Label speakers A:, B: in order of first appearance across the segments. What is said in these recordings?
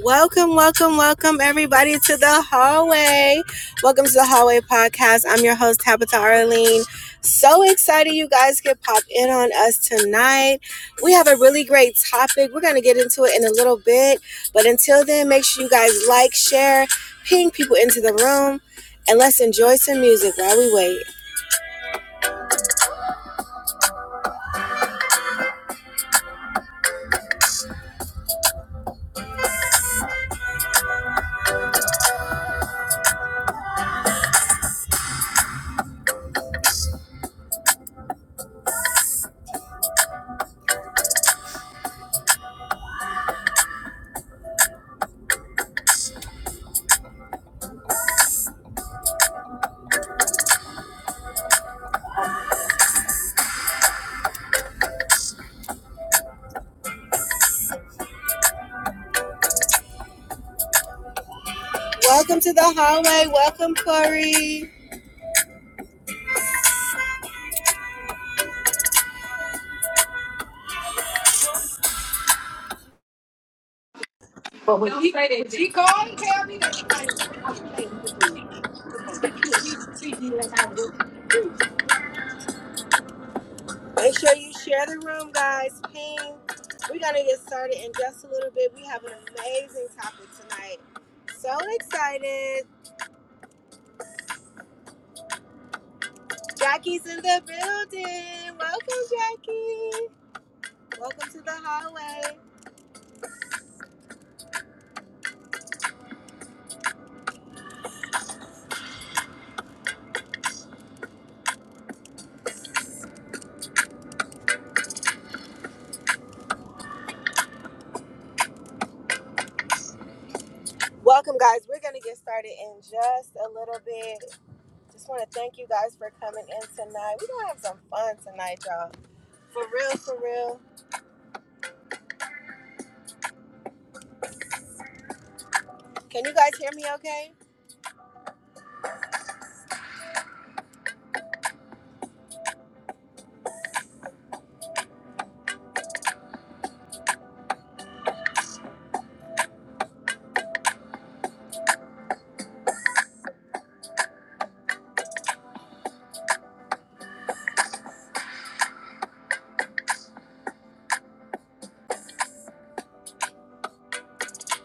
A: Welcome, welcome, welcome, everybody, to the hallway. Welcome to the hallway podcast. I'm your host, Tabitha Arlene. So excited you guys could pop in on us tonight. We have a really great topic. We're going to get into it in a little bit. But until then, make sure you guys like, share, ping people into the room, and let's enjoy some music while we wait. Welcome to the hallway. Welcome, Corey.
B: But when he, when he called and tell me that I was I was playing with me, so he he treats me like I was working at Grace.
A: Make sure you share the room, guys. Ping. We're gonna get started in just a little bit. We have an amazing topic tonight. So excited. Jackie's in the building. Welcome, Jackie. Welcome to the hallway. Welcome, guys. We're gonna get started in just a little bit. Just wanna thank you guys for coming in tonight. We're gonna have some fun tonight, y'all. For real, for real. Can you guys hear me okay?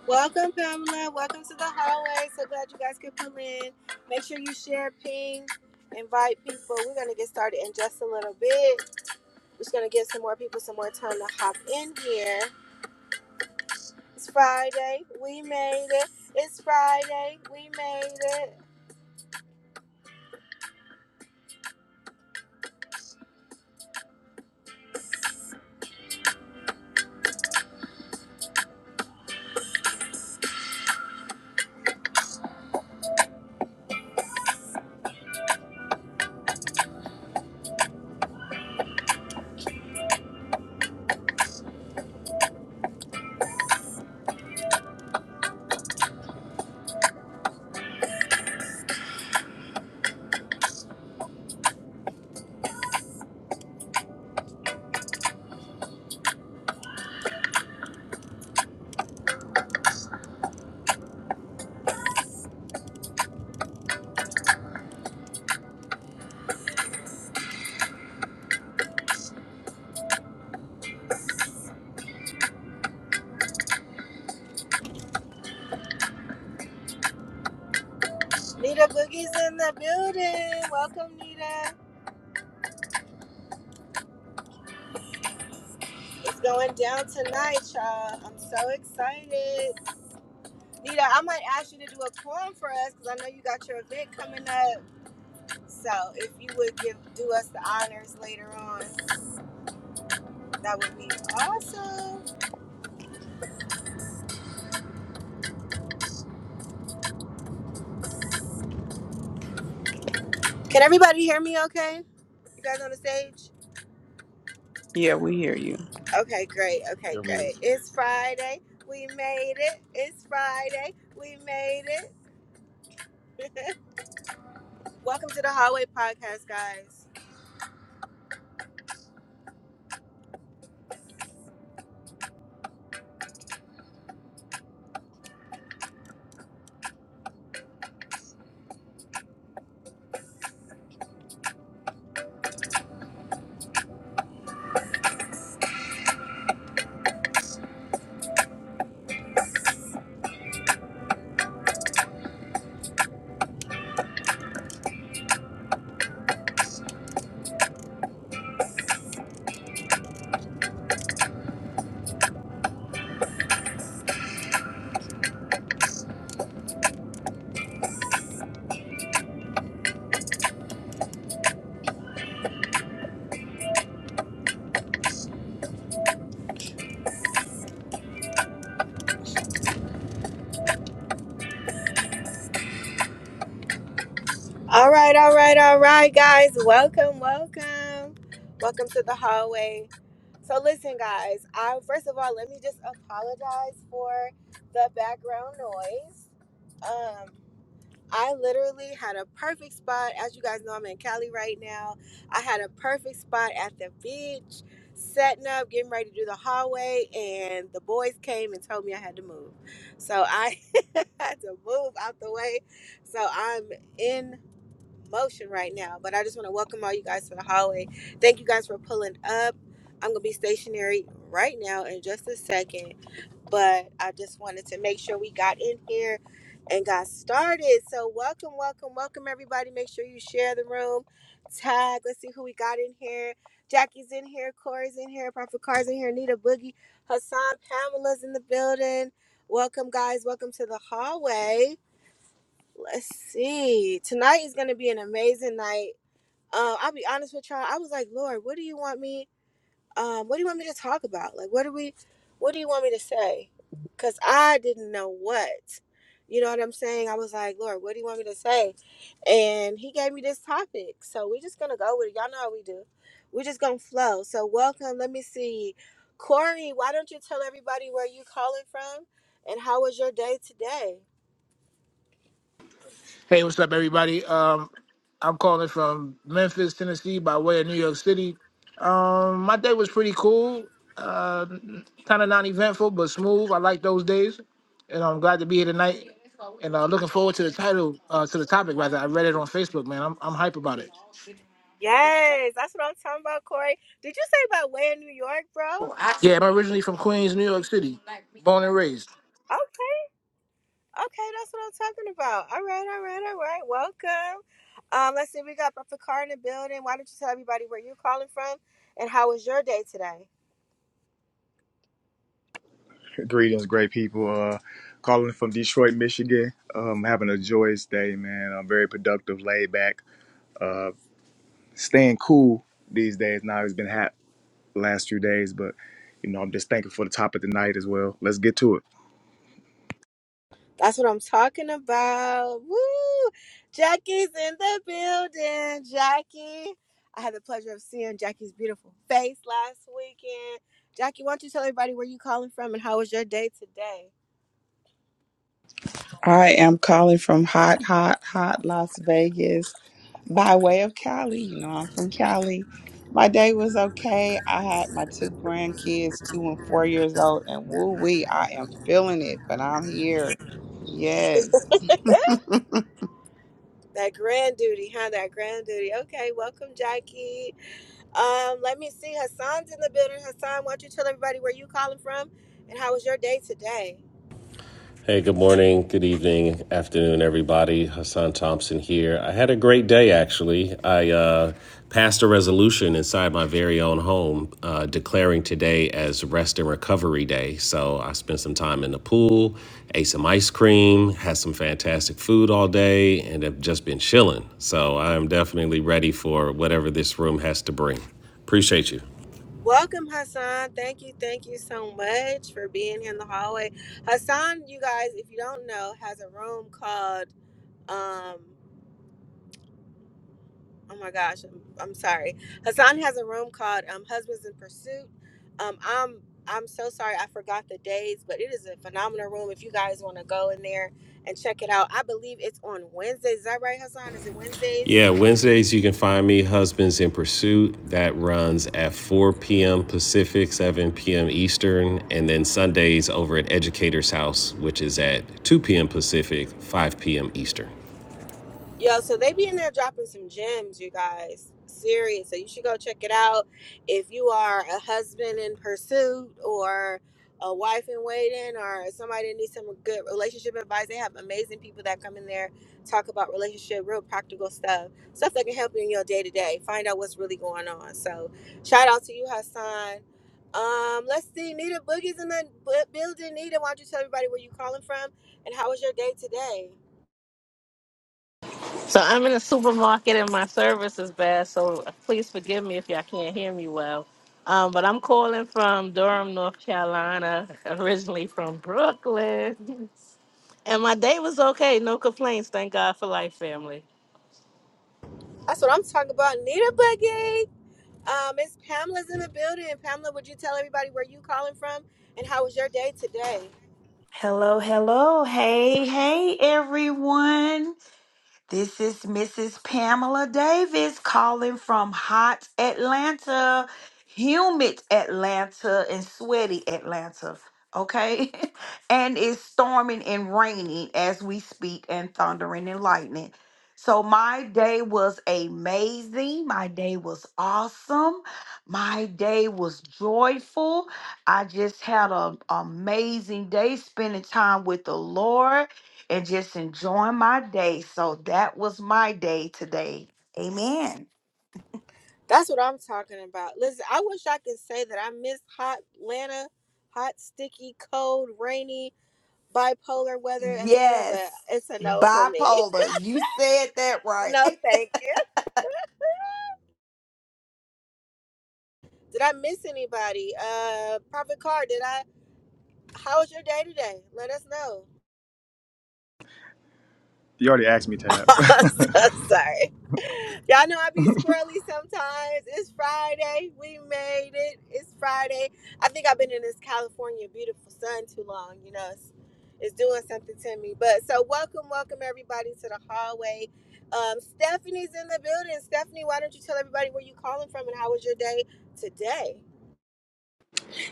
A: Welcome, Pamela. Welcome to the hallway. So glad you guys could come in. Make sure you share, ping, invite people. We're going to get started in just a little bit. We're just going to give some more people some more time to hop in here. It's Friday. We made it. It's Friday. We made it. Nita Boogie's in the building. Welcome, Nita. It's going down tonight, y'all. I'm so excited. Nita, I might ask you to do a poem for us because I know you got your event coming up. So if you would give do us the honors later on, that would be awesome. Can everybody hear me okay? You guys on the stage?
C: Yeah, we hear you.
A: Okay, great. Okay, great. It's Friday. We made it. It's Friday. We made it. Welcome to the Hallway Podcast, guys. All right, all right, all right, guys. Welcome, welcome. Welcome to the hallway. So, listen, guys, I first of all, let me just apologize for the background noise. Um, I literally had a perfect spot. As you guys know, I'm in Cali right now. I had a perfect spot at the beach, setting up, getting ready to do the hallway, and the boys came and told me I had to move. So, I had to move out the way. So, I'm in motion right now. But I just want to welcome all you guys to the hallway. Thank you guys for pulling up. I'm gonna be stationary right now in just a second, but I just wanted to make sure we got in here and got started. So welcome, welcome, welcome everybody. Make sure you share the room. Tag. Let's see who we got in here. Jackie's in here. Corey's in here. Prophet Car's in here. Nita Boogie. Hassan Pamela's in the building. Welcome, guys. Welcome to the hallway let's see. Tonight is gonna be an amazing night. Um, I'll be honest with y'all. I was like, Lord, what do you want me? Um, what do you want me to talk about? Like, what do we? What do you want me to say? Cause I didn't know what. You know what I'm saying? I was like, Lord, what do you want me to say? And He gave me this topic, so we're just gonna go with it. Y'all know how we do. We're just gonna flow. So welcome. Let me see, Corey. Why don't you tell everybody where you calling from and how was your day today?
B: Hey, what's up, everybody? Um, I'm calling from Memphis, Tennessee, by way of New York City. Um, my day was pretty cool, uh, kind of non-eventful but smooth. I like those days, and I'm glad to be here tonight. And uh, looking forward to the title, uh, to the topic rather. I read it on Facebook, man. I'm I'm hype about it.
A: Yes, that's what I'm talking about, Corey. Did you say about way in New York, bro?
B: Oh, I Yeah, I'm originally from Queens, New York City, born and raised.
A: Okay, okay, that's what I'm talking about. All right, all right, all right. Welcome. Um, let's see, we got Brother Car in the building. Why don't you tell everybody where you're calling from and how was your day today?
D: Greetings, great people. Uh, calling from Detroit, Michigan. Um, having a joyous day, man. I'm very productive, laid back. Uh, staying cool these days. Now it's been hot the last few days, but you know I'm just thankful for the top of the night as well. Let's get to it.
A: That's what I'm talking about. Woo! Jackie's in the building. Jackie. I had the pleasure of seeing Jackie's beautiful face last weekend. Jackie, why don't you tell everybody where you calling from and how was your day today?
C: I am calling from hot, hot, hot Las Vegas by way of Cali. You know, I'm from Cali. My day was okay. I had my two grandkids, two and four years old, and woo wee, I am feeling it, but I'm here. Yes.
A: That grand duty, huh? That grand duty. Okay, welcome, Jackie. Um, let me see. Hassan's in the building. Hassan, why don't you tell everybody where you calling from and how was your day today?
E: Hey, good morning, good evening, afternoon, everybody. Hassan Thompson here. I had a great day, actually. I uh, passed a resolution inside my very own home uh, declaring today as Rest and Recovery Day. So I spent some time in the pool, ate some ice cream, had some fantastic food all day, and have just been chilling. So I am definitely ready for whatever this room has to bring. Appreciate you.
A: Welcome, Hassan. Thank you, thank you so much for being here in the hallway. Hassan, you guys, if you don't know, has a room called um oh my gosh, I'm, I'm sorry. Hassan has a room called um, Husbands in Pursuit. Um, I'm I'm so sorry I forgot the days, but it is a phenomenal room. If you guys want to go in there and check it out, I believe it's on Wednesdays. Is that right, Hassan? Is it Wednesdays?
E: Yeah, Wednesdays you can find me Husbands in Pursuit. That runs at 4 p.m. Pacific, 7 p.m. Eastern, and then Sundays over at Educator's House, which is at 2 p.m. Pacific, 5 p.m. Eastern.
A: Yo, so they be in there dropping some gems, you guys. Serious. So you should go check it out. If you are a husband in pursuit or a wife in waiting or somebody that needs some good relationship advice, they have amazing people that come in there, talk about relationship, real practical stuff, stuff that can help you in your day to day. Find out what's really going on. So shout out to you, Hassan. Um, let's see, Nita Boogie's in the bu- building. Nita, why don't you tell everybody where you calling from and how was your day today?
F: So I'm in a supermarket and my service is bad, so please forgive me if y'all can't hear me well. Um, but I'm calling from Durham, North Carolina, originally from Brooklyn. And my day was okay, no complaints. Thank God for life, family.
A: That's what I'm talking about. Need a boogie. Um, Miss Pamela's in the building. Pamela, would you tell everybody where you calling from and how was your day today?
G: Hello, hello. Hey, hey, everyone. This is Mrs. Pamela Davis calling from hot Atlanta, humid Atlanta, and sweaty Atlanta. Okay. and it's storming and raining as we speak, and thundering and lightning. So, my day was amazing. My day was awesome. My day was joyful. I just had an amazing day spending time with the Lord and just enjoying my day. So that was my day today. Amen.
A: That's what I'm talking about. Listen, I wish I could say that I miss hot Atlanta, hot, sticky, cold, rainy, bipolar weather Atlanta, but
G: Yes,
A: it's a no for me.
G: bipolar. You said that right.
A: No, thank you. Did I miss anybody? Uh, Prophet Car, did I? How was your day today? Let us know.
D: You already asked me, Tab.
A: I'm so sorry. Y'all know I be squirrely sometimes. It's Friday. We made it. It's Friday. I think I've been in this California beautiful sun too long. You know, it's, it's doing something to me. But so welcome, welcome everybody to the hallway. Um, Stephanie's in the building. Stephanie, why don't you tell everybody where you calling from and how was your day today?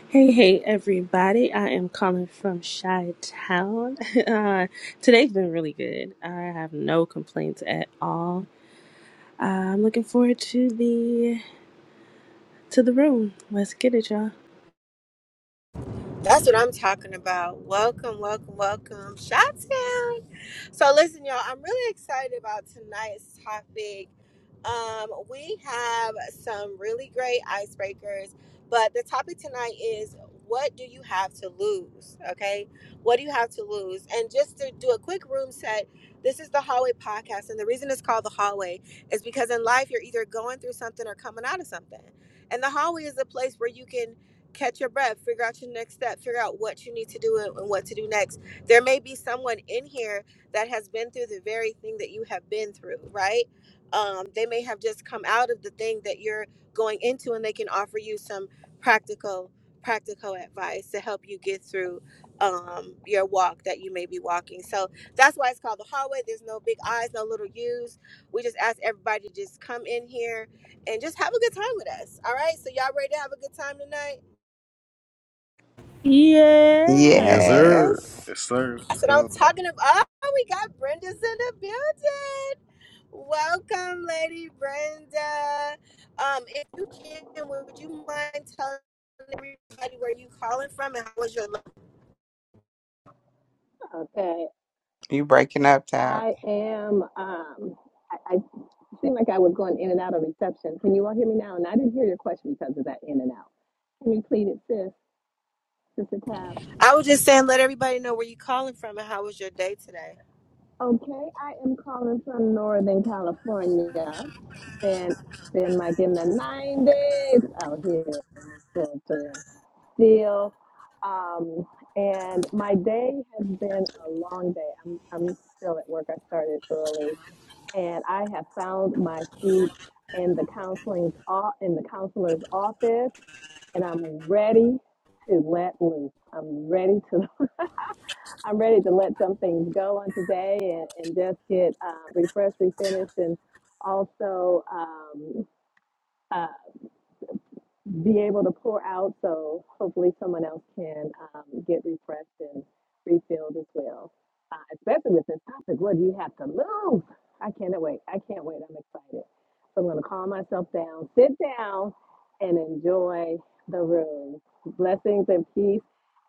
H: Hey, hey, everybody. I am calling from Chi Town. Uh, today's been really good. I have no complaints at all. Uh, I'm looking forward to the to the room. Let's get it, y'all.
A: That's what I'm talking about. Welcome, welcome, welcome. Shots down. So listen, y'all, I'm really excited about tonight's topic. Um, we have some really great icebreakers, but the topic tonight is what do you have to lose? Okay. What do you have to lose? And just to do a quick room set, this is the hallway podcast. And the reason it's called the hallway is because in life you're either going through something or coming out of something. And the hallway is a place where you can catch your breath, figure out your next step, figure out what you need to do and what to do next. There may be someone in here that has been through the very thing that you have been through, right? Um, they may have just come out of the thing that you're going into, and they can offer you some practical, practical advice to help you get through um, your walk that you may be walking. So that's why it's called the hallway. There's no big I's, no little U's. We just ask everybody to just come in here and just have a good time with us. All right. So y'all ready to have a good time tonight?
H: Yeah.
E: Yes, sir.
C: Yes.
D: yes, sir.
A: That's
D: Let's
A: what
D: go.
A: I'm talking about. Oh, we got Brenda's in the building. Welcome, Lady Brenda. Um, if you can, would you mind telling everybody where you calling from and how was your?
I: Okay,
C: You breaking up, Tab.
I: I am. Um, I, I seem like I was going in and out of reception. Can you all hear me now? And I didn't hear your question because of that in and out. Can you plead it, sis, Sister Tab?
A: I was just saying, let everybody know where you calling from and how was your day today.
I: Okay, I am calling from Northern California, and it's been like in the nineties out here in this sweltering still. Um, and my day has been a long day. I'm I'm still at work. I started early and I have found my seat in the counseling's o- in the counselor's office, and I'm ready to let loose. I'm ready to I'm ready to let some things go on today and, and just get uh, refreshed, refinished, and also. Um, uh, be able to pour out so hopefully someone else can um, get refreshed and refilled as well. Uh, especially with this topic, what do you have to lose? I cannot wait. I can't wait. I'm excited. So I'm going to calm myself down, sit down, and enjoy the room. Blessings and peace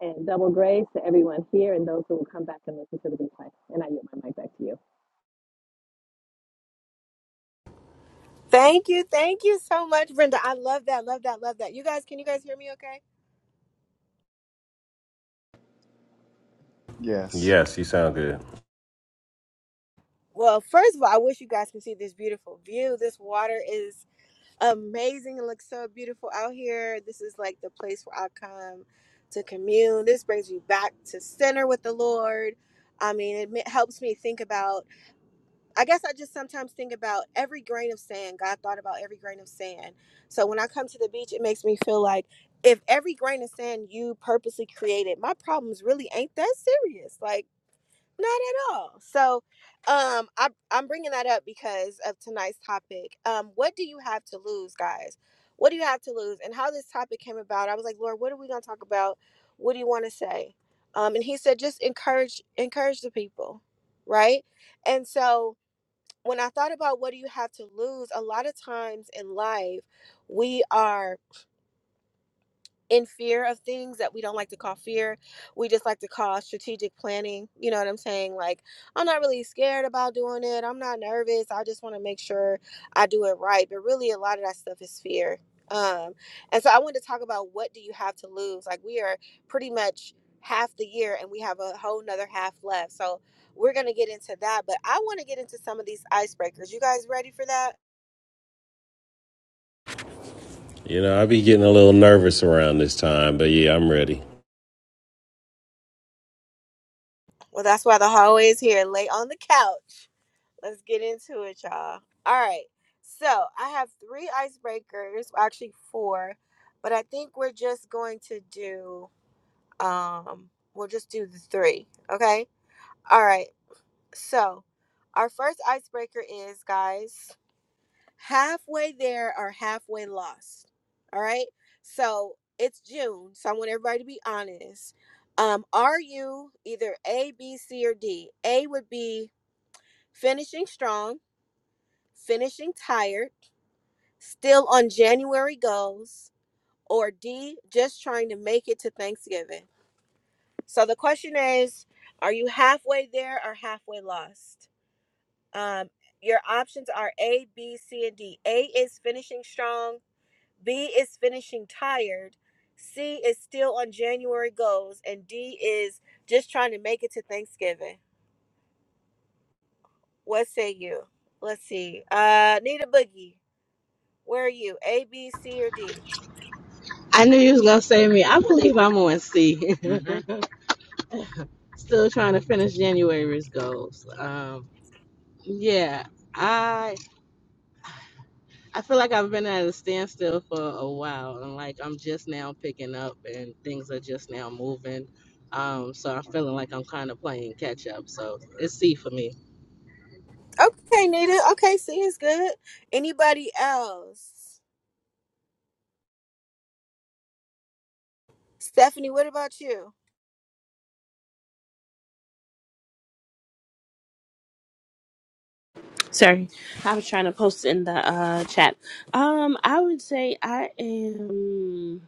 I: and double grace to everyone here and those who will come back and listen to the replay. And I yield my mic back to you.
A: Thank you, thank you so much, Brenda. I love that, love that, love that. You guys, can you guys hear me? Okay.
D: Yes.
E: Yes, you sound good.
A: Well, first of all, I wish you guys can see this beautiful view. This water is amazing. It looks so beautiful out here. This is like the place where I come to commune. This brings me back to center with the Lord. I mean, it ma- helps me think about, I guess I just sometimes think about every grain of sand. God thought about every grain of sand. So when I come to the beach, it makes me feel like if every grain of sand you purposely created, my problems really ain't that serious. Like, not at all. So, um, I'm I'm bringing that up because of tonight's topic. Um, what do you have to lose, guys? What do you have to lose? And how this topic came about, I was like, Lord, what are we gonna talk about? What do you want to say? Um, and He said, just encourage encourage the people, right? And so when I thought about what do you have to lose, a lot of times in life, we are in fear of things that we don't like to call fear. We just like to call strategic planning. You know what I'm saying? Like, I'm not really scared about doing it. I'm not nervous. I just want to make sure I do it right. But really, a lot of that stuff is fear. Um, and so I wanted to talk about what do you have to lose? Like, we are pretty much half the year and we have a whole nother half left. So we're going to get into that. But I want to get into some of these icebreakers. You guys ready for that?
E: You know, I be getting a little nervous around this time, but yeah, I'm ready.
A: Well, that's why the hallway is here. Lay on the couch Let's get into it, y'all. All right. So I have three icebreakers, well, actually four, but I think we're just going to do um we'll just do the three. Okay? All right. So our first icebreaker is guys, halfway there or halfway lost. All right. So it's June, so I want everybody to be honest. Um, are you either A, B, C, or D? A would be finishing strong, finishing tired still on January goals, or D, just trying to make it to Thanksgiving. So the question is are you halfway there or halfway lost? Um, your options are A, B, C, and D. A is finishing strong, B is finishing tired, C is still on January goals, and D is just trying to make it to Thanksgiving. What say you? Let's see. Uh, Nita Boogie, where are you? A, B, C, or D?
F: I knew you was gonna say me. I believe I'm on C. Still trying to finish January's goals. Um, yeah, I feel like I've been at a standstill for a while and like I'm just now picking up and things are just now moving. Um, so I'm feeling like I'm kind of playing catch up. So it's C for me.
A: Okay, Nita. Okay, see, it's good. Anybody else? Stephanie, what about you?
H: Sorry. I was trying to post in the uh chat. Um, I would say I am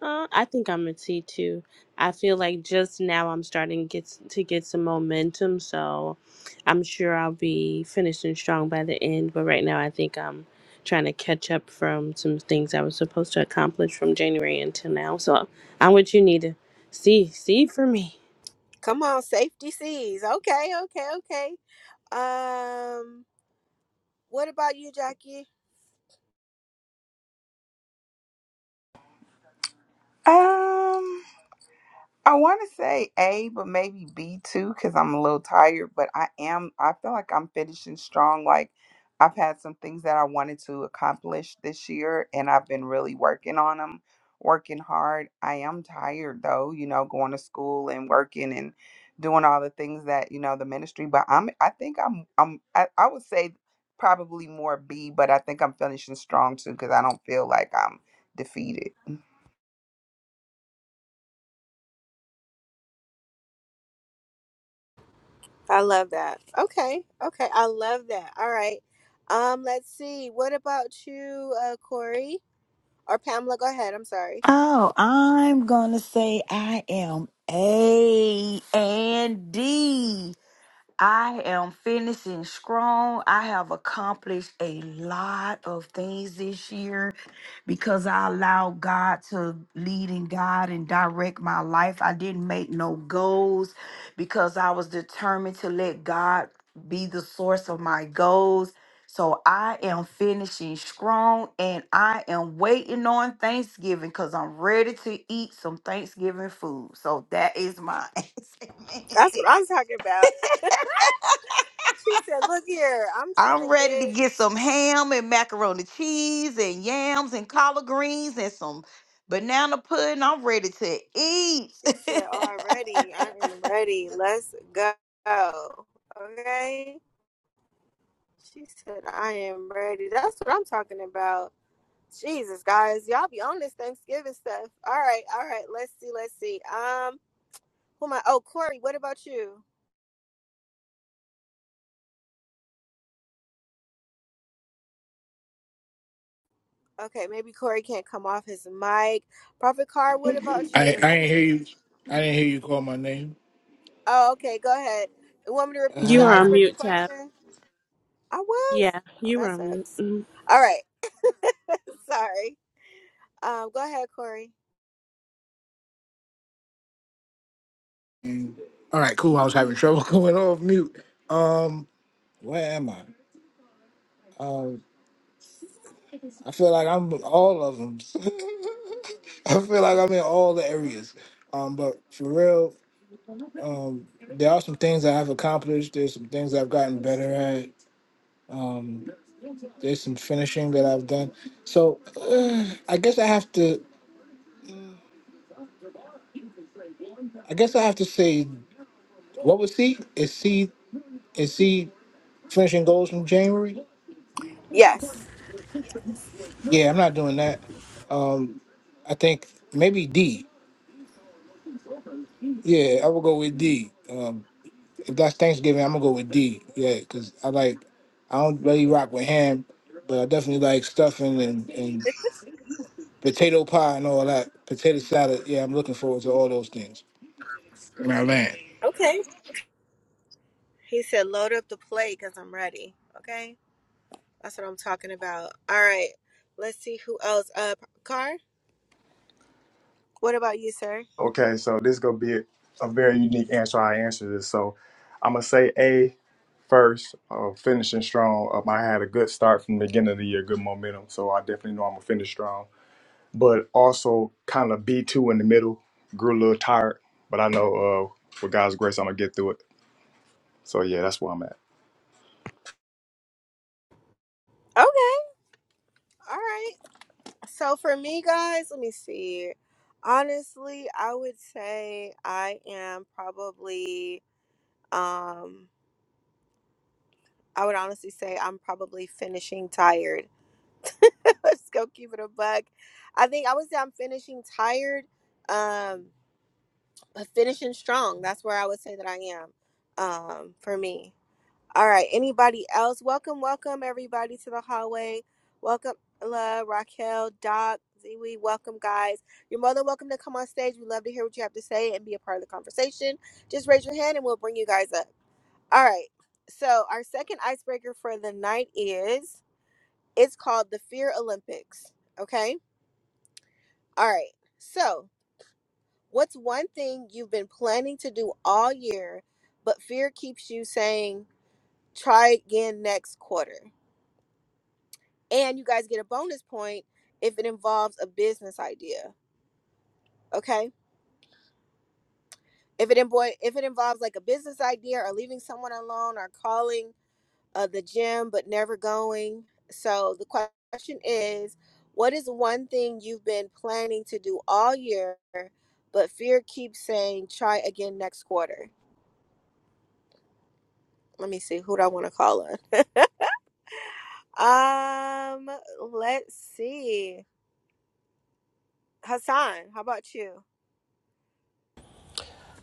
H: Uh, I think I'm a T too. I feel like just now I'm starting to get s- to get some momentum, so I'm sure I'll be finishing strong by the end. But right now, I think I'm trying to catch up from some things I was supposed to accomplish from January until now. So I'm what you need to see see for me.
A: Come on, safety seas. Okay, okay, okay. Um, what about you, Jackie?
C: Um, I want to say A, but maybe B too, because I'm a little tired. But I am, I feel like I'm finishing strong. Like I've had some things that I wanted to accomplish this year, and I've been really working on them, working hard. I am tired though, you know, going to school and working and doing all the things that you know the ministry. But I'm, I think I'm, I'm, I, I would say probably more B, but I think I'm finishing strong too, because I don't feel like I'm defeated.
A: I love that. Okay, okay, I love that. All right. Um, let's see. What about you, uh, Corey or Pamela? Go ahead. I'm sorry.
G: Oh, I'm going to say I am A and D. I am finishing strong. I have accomplished a lot of things this year because I allowed God to lead and guide and direct my life. I didn't make no goals because I was determined to let God be the source of my goals. So I am finishing strong and I am waiting on Thanksgiving because I'm ready to eat some Thanksgiving food. So that is mine.
A: That's what I'm talking about. She said, "Look here, I'm trying
G: I'm
A: to
G: ready to
A: get."
G: get some ham and macaroni cheese and yams and collard greens and some banana pudding. I'm ready to eat.
A: She said, "Already, I am ready. Let's go." Okay. She said, I am ready. That's what I'm talking about. Jesus, guys. Y'all be on this Thanksgiving stuff. All right, all right. Let's see, let's see. Um, who am I? Oh, Corey, what about you? Okay, maybe Corey can't come off his mic. Prophet Carr, what about
B: I I
A: you?
B: didn't hear you. I didn't hear you call my name.
A: Oh, okay, go ahead. You want me to repeat
H: You
A: the
H: are
B: Uh,
H: on
A: icebreaker
H: mute, Tab.
A: question? I was?
H: Yeah,
A: Oh,
H: you were
A: that
H: on mute.
A: sucks.
H: Mhm.
A: All right. Sorry. Um, go ahead, Corey.
B: And, all right, cool. I was having trouble going off mute. Um, where am I? Um, I feel like I'm in all of them. I feel like I'm in all the areas. Um, but for real, um, there are some things that I've accomplished. There's some things that I've gotten better at. Um, there's some finishing that I've done. So uh, I guess I have to. I guess I have to say, what was C? Is C? Is C? finishing goals from January?
A: Yes.
B: Yeah, I'm not doing that. Um, I think maybe D. Yeah, I will go with D. Um, if that's Thanksgiving, I'm gonna go with D. Yeah, because I like I don't really rock with ham, but I definitely like stuffing and, and potato pie and all that. Potato salad. Yeah, I'm looking forward to all those things. My I land.
A: Okay. He said, load up the plate because I'm ready. Okay. That's what I'm talking about. All right. Let's see who else. Uh, Car. What about you, sir?
D: Okay, so this is gonna be a, a very unique answer. I answer this, so I'm gonna say A first, uh, finishing strong. Um, I had a good start from the beginning of the year, good momentum. So I definitely know I'm gonna finish strong. But also kind of B two in the middle. Grew a little tired, but I know uh, with God's grace, I'm gonna get through it. So yeah, that's where I'm at.
A: Okay. All right. So for me, guys, let me see. Honestly, I would say I am probably. Um, I would honestly say I'm probably finishing tired. Let's go keep it a buck. I think I would say I'm finishing tired. Um, but finishing strong. That's where I would say that I am. Um, for me. All right. Anybody else? Welcome, welcome everybody to the hallway. Welcome, La, Raquel, Doc, Ziwi. Welcome, guys. You're more than welcome to come on stage. We love to hear what you have to say and be a part of the conversation. Just raise your hand and we'll bring you guys up. All right. So our second icebreaker for the night is it's called the Fear Olympics. Okay. All right. So what's one thing you've been planning to do all year, but fear keeps you saying try again next quarter? and you guys get a bonus point if it involves a business idea okay if it invo- if it involves like a business idea or leaving someone alone or calling uh, the gym but never going so the question is what is one thing you've been planning to do all year but fear keeps saying try again next quarter let me see who do i want to call on um let's see hassan how about you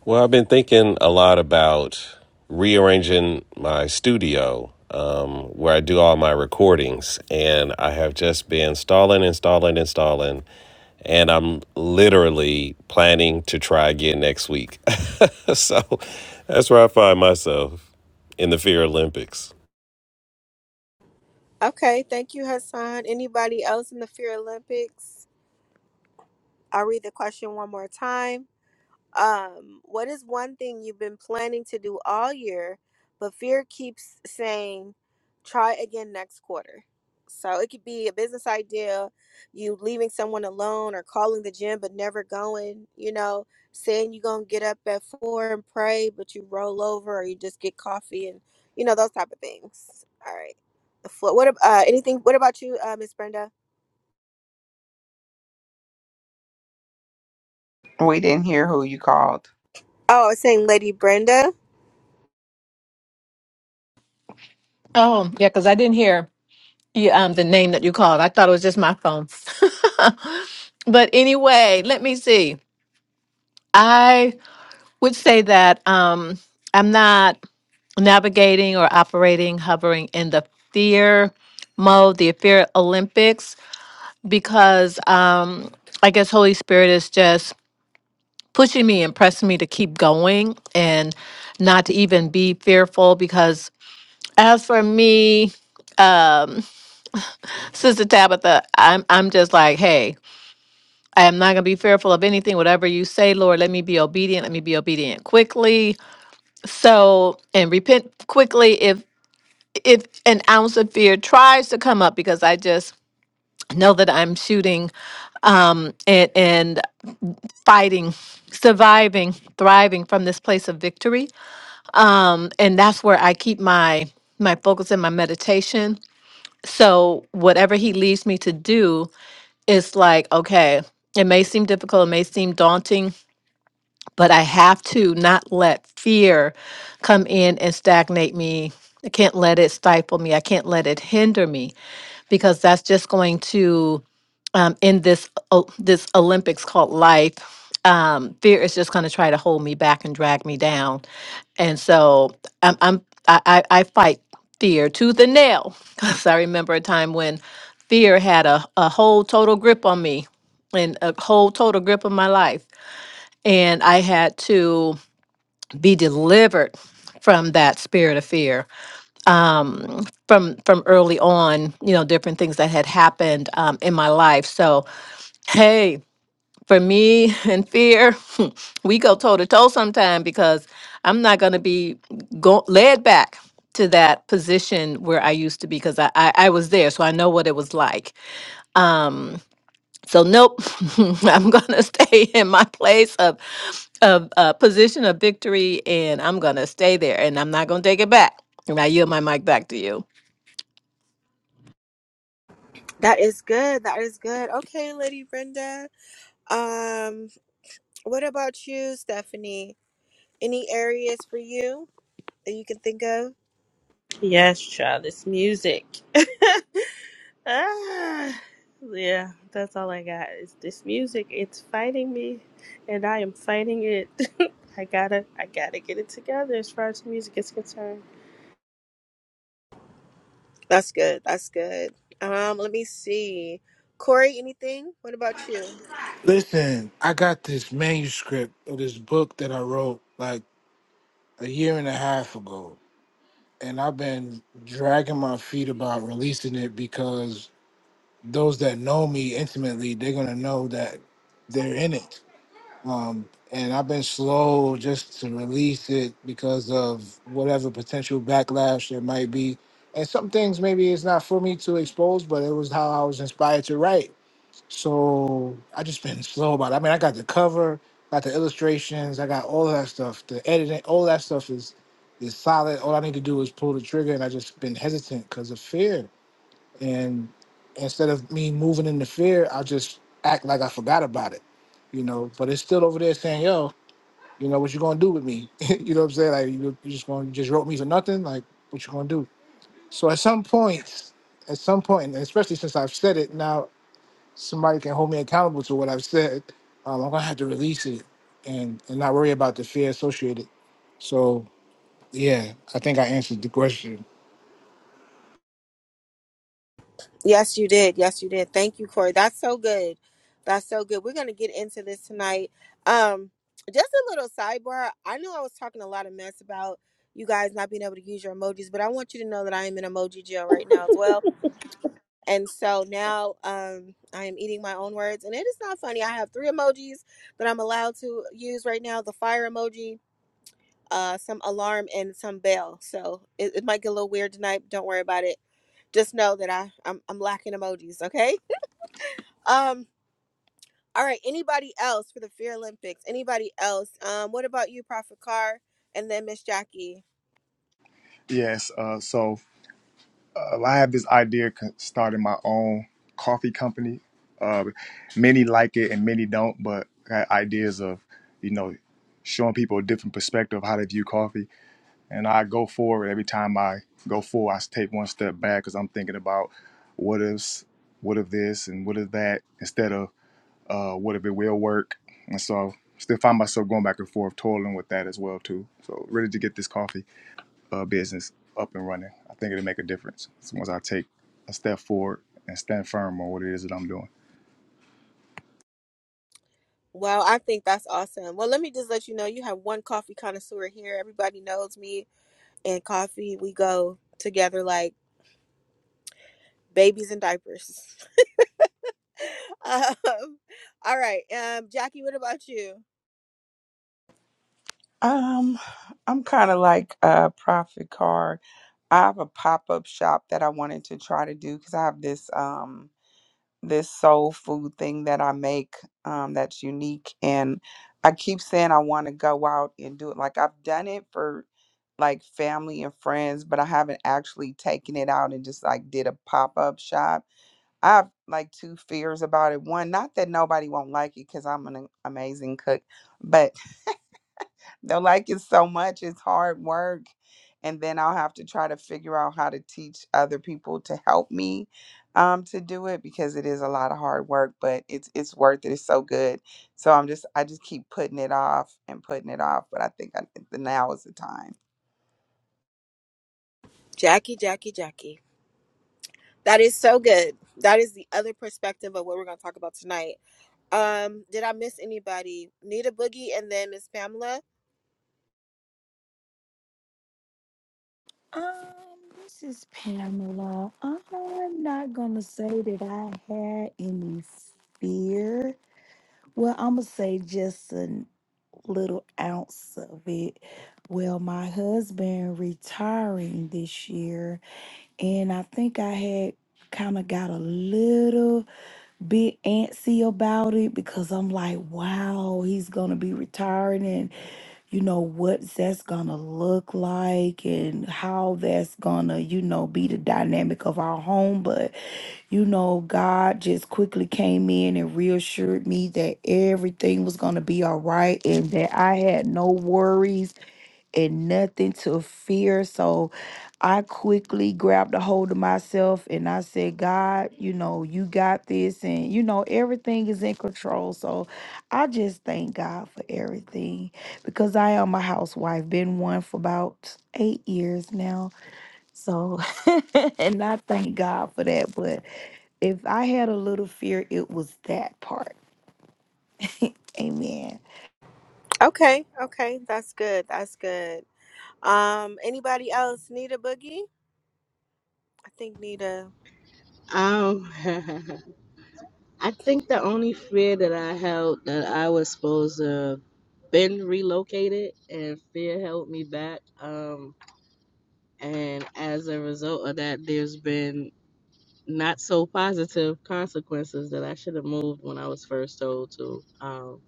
E: Well, I've been thinking a lot about rearranging my studio um, where I do all my recordings, and I have just been stalling, installing, installing, and I'm literally planning to try again next week. so that's where I find myself in the Fear Olympics.
A: Okay, thank you, Hassan. Anybody else in the Fear Olympics? I'll read the question one more time. Um, what is one thing you've been planning to do all year, but fear keeps saying, try again next quarter? So it could be a business idea, you leaving someone alone or calling the gym but never going, you know, saying you're going to get up at four and pray, but you roll over or you just get coffee and, you know, those type of things. All right. The floor. What, ab- uh, anything, what about you, uh, Miss Brenda?
C: We didn't hear who you called.
A: Oh, I was saying Lady Brenda.
I: Oh, yeah, because I didn't hear. Yeah, um, the name that you called. I thought it was just my phone. but anyway, let me see. I would say that um, I'm not navigating or operating, hovering in the fear mode, the fear Olympics, because um, I guess Holy Spirit is just pushing me and pressing me to keep going and not to even be fearful. Because as for me, um, Sister Tabitha, I'm I'm just like, hey. I am not going to be fearful of anything, whatever you say, Lord. Let me be obedient. Let me be obedient quickly. So, and repent quickly if if an ounce of fear tries to come up, because I just know that I'm shooting um, and and fighting, surviving, thriving from this place of victory. Um, and that's where I keep my my focus and my meditation. So whatever He leads me to do, it's like okay. It may seem difficult. It may seem daunting but I have to not let fear come in and stagnate me. I can't let it stifle me. I can't let it hinder me because that's just going to um, in this o- this Olympics called life. Um, fear is just going to try to hold me back and drag me down, and so I'm, I'm I, I I fight fear to the nail because I remember a time when fear had a, a whole total grip on me and a whole total grip on my life and I had to be delivered from that spirit of fear um, from from early on. You know, different things that had happened um, in my life. So, hey, for me and fear, we go toe to toe sometime because I'm not going to be go- led back to that position where I used to be because I, I I was there, so I know what it was like. Um, so nope, I'm gonna stay in my place of of uh, position of victory, and I'm gonna stay there, and I'm not gonna take it back. And I yield my mic back to you.
A: That is good. That is good. Okay, Lady Brenda. Um, what about you, Stephanie? Any areas for you that you can think of?
H: Yes, child. It's music. Ah, yeah, that's all I got. Is this music? It's fighting me, and I am fighting it. I gotta, I gotta get it together as far as music is concerned.
A: That's good. That's good. Um, let me see. Corey, anything? What about you?
B: Listen, I got this manuscript of this book that I wrote like a year and a half ago, and I've been dragging my feet about releasing it because those that know me intimately, they're gonna know that they're in it. Um, and I've been slow just to release it because of whatever potential backlash there might be. And some things maybe it's not for me to expose, but it was how I was inspired to write. So I just been slow about it. I mean, I got the cover, got the illustrations, I got all of that stuff. The editing, all that stuff is is solid. All I need to do is pull the trigger, and I just been hesitant because of fear and instead of me moving into fear, I just act like I forgot about it, you know. But it's still over there saying, "Yo, you know what you gonna do with me?" you know what I'm saying? Like you, you just gonna you just wrote me for nothing. Like what you gonna do? So at some point, at some point, and especially since I've said it now, somebody can hold me accountable to what I've said. Um, I'm gonna have to release it and and not worry about the fear associated. So yeah, I think I answered the question.
A: Yes, you did. Yes, you did. Thank you, Corey. That's so good. That's so good. We're gonna get into this tonight. Um, just a little sidebar. I know I was talking a lot of mess about you guys not being able to use your emojis, but I want you to know that I am in emoji jail right now as well. And so now um, I am eating my own words. And it is not funny. I have three emojis that I'm allowed to use right now the fire emoji, uh, some alarm, and some bell. So it, it might get a little weird tonight. But don't worry about it. Just know that I, I'm, I'm lacking emojis, okay? Um, all right. Anybody else for the Fear Olympics? Anybody else? Um, what about you, Prophet Carr? And then Miss Jackie.
D: Yes. Uh, so uh, I have this idea of starting my own coffee company. Uh, many like it and many don't, but I got ideas of you know showing people a different perspective of how they view coffee and I go forward every time I go forward. I take one step back because I'm thinking about what if, what if this, and what if that, instead of uh, what if it will work. And so, still find myself going back and forth, toiling with that as well too. So, really to get this coffee uh, business up and running, I think it'll make a difference So once I take a step forward and stand firm on what it is that I'm doing.
A: Wow, I think that's awesome. Well, let me just let you know you have one coffee connoisseur here. Everybody knows me. and coffee we go together like babies in diapers um, all right um jackie what about you
C: Um, I'm kind of like a profit card. I have a pop up shop that I wanted to try to do because I have this um this soul food thing that I make um that's unique, and I keep saying I want to go out and do it. Like I've done it for like family and friends, but I haven't actually taken it out and just like did a pop up shop. I have like two fears about it. One, not that nobody won't like it because I'm an amazing cook, but They'll like it so much. It's hard work. And then I'll have to try to figure out how to teach other people to help me um, to do it because it is a lot of hard work, but it's it's worth it. It's so good. So I'm just I just keep putting it off and putting it off. But I think I, now is the time.
A: jackie jackie jackie that is so good that is the other perspective of what we're going to talk about tonight um did i miss anybody nita boogie and then miss pamela
G: Um, this is Pamela. I'm not gonna say that I had any fear. Well, I'm gonna say just a little ounce of it. Well, my husband retiring this year, and I think I had kind of got a little. bit antsy about it because I'm like, wow, he's gonna be retiring and you know what's that's gonna look like and how that's gonna, you know, be the dynamic of our home. But you know, God just quickly came in and reassured me that everything was gonna be all right and that I had no worries and nothing to fear. So I quickly grabbed a hold of myself and I said, God, you know, you got this. And, you know, everything is in control. So I just thank God for everything because I am a housewife, been one for about eight years now. So, and I thank God for that. But if I had a little fear, it was that part. Amen.
A: okay okay that's good that's good um anybody else nita boogie i think nita
F: Um, I think the only fear that I held that I was supposed to been relocated and fear held me back. Um, and as a result of that, there's been not so positive consequences that I should have moved when I was first told to. Um,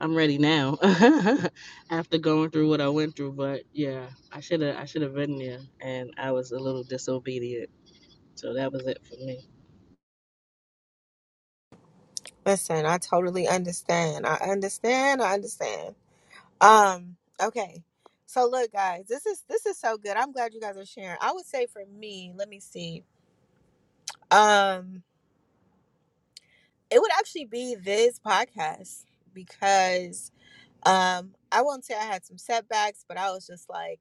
F: I'm ready now after going through what I went through. But yeah, I should have I should have been there, and I was a little disobedient. So that was it for me.
A: listen i totally understand i understand i understand Um, okay. So look guys, this is this is so good. I'm glad you guys are sharing. I would say for me, let me see. Um, it would actually be this podcast because um I won't say I had some setbacks, but I was just like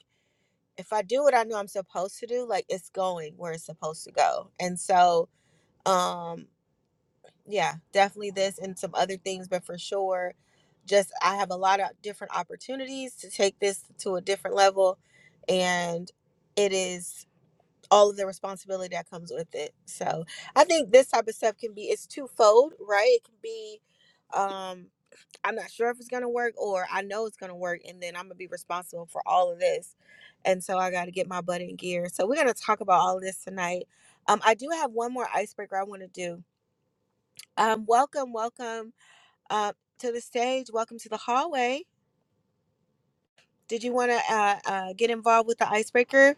A: if I do what I know I'm supposed to do, like it's going where it's supposed to go. And so um yeah, definitely this and some other things, but for sure, just I have a lot of different opportunities to take this to a different level, and it is all of the responsibility that comes with it. So I think this type of stuff can be it's twofold, right? It can be um I'm not sure if it's gonna work or I know it's gonna work and then I'm gonna be responsible for all of this. And so I gotta get my butt in gear. So we're gonna talk about all of this tonight. Um I do have one more icebreaker I wanna do um, welcome, welcome uh, to the stage. Welcome to the hallway. Did you want to uh, uh, get involved with the icebreaker?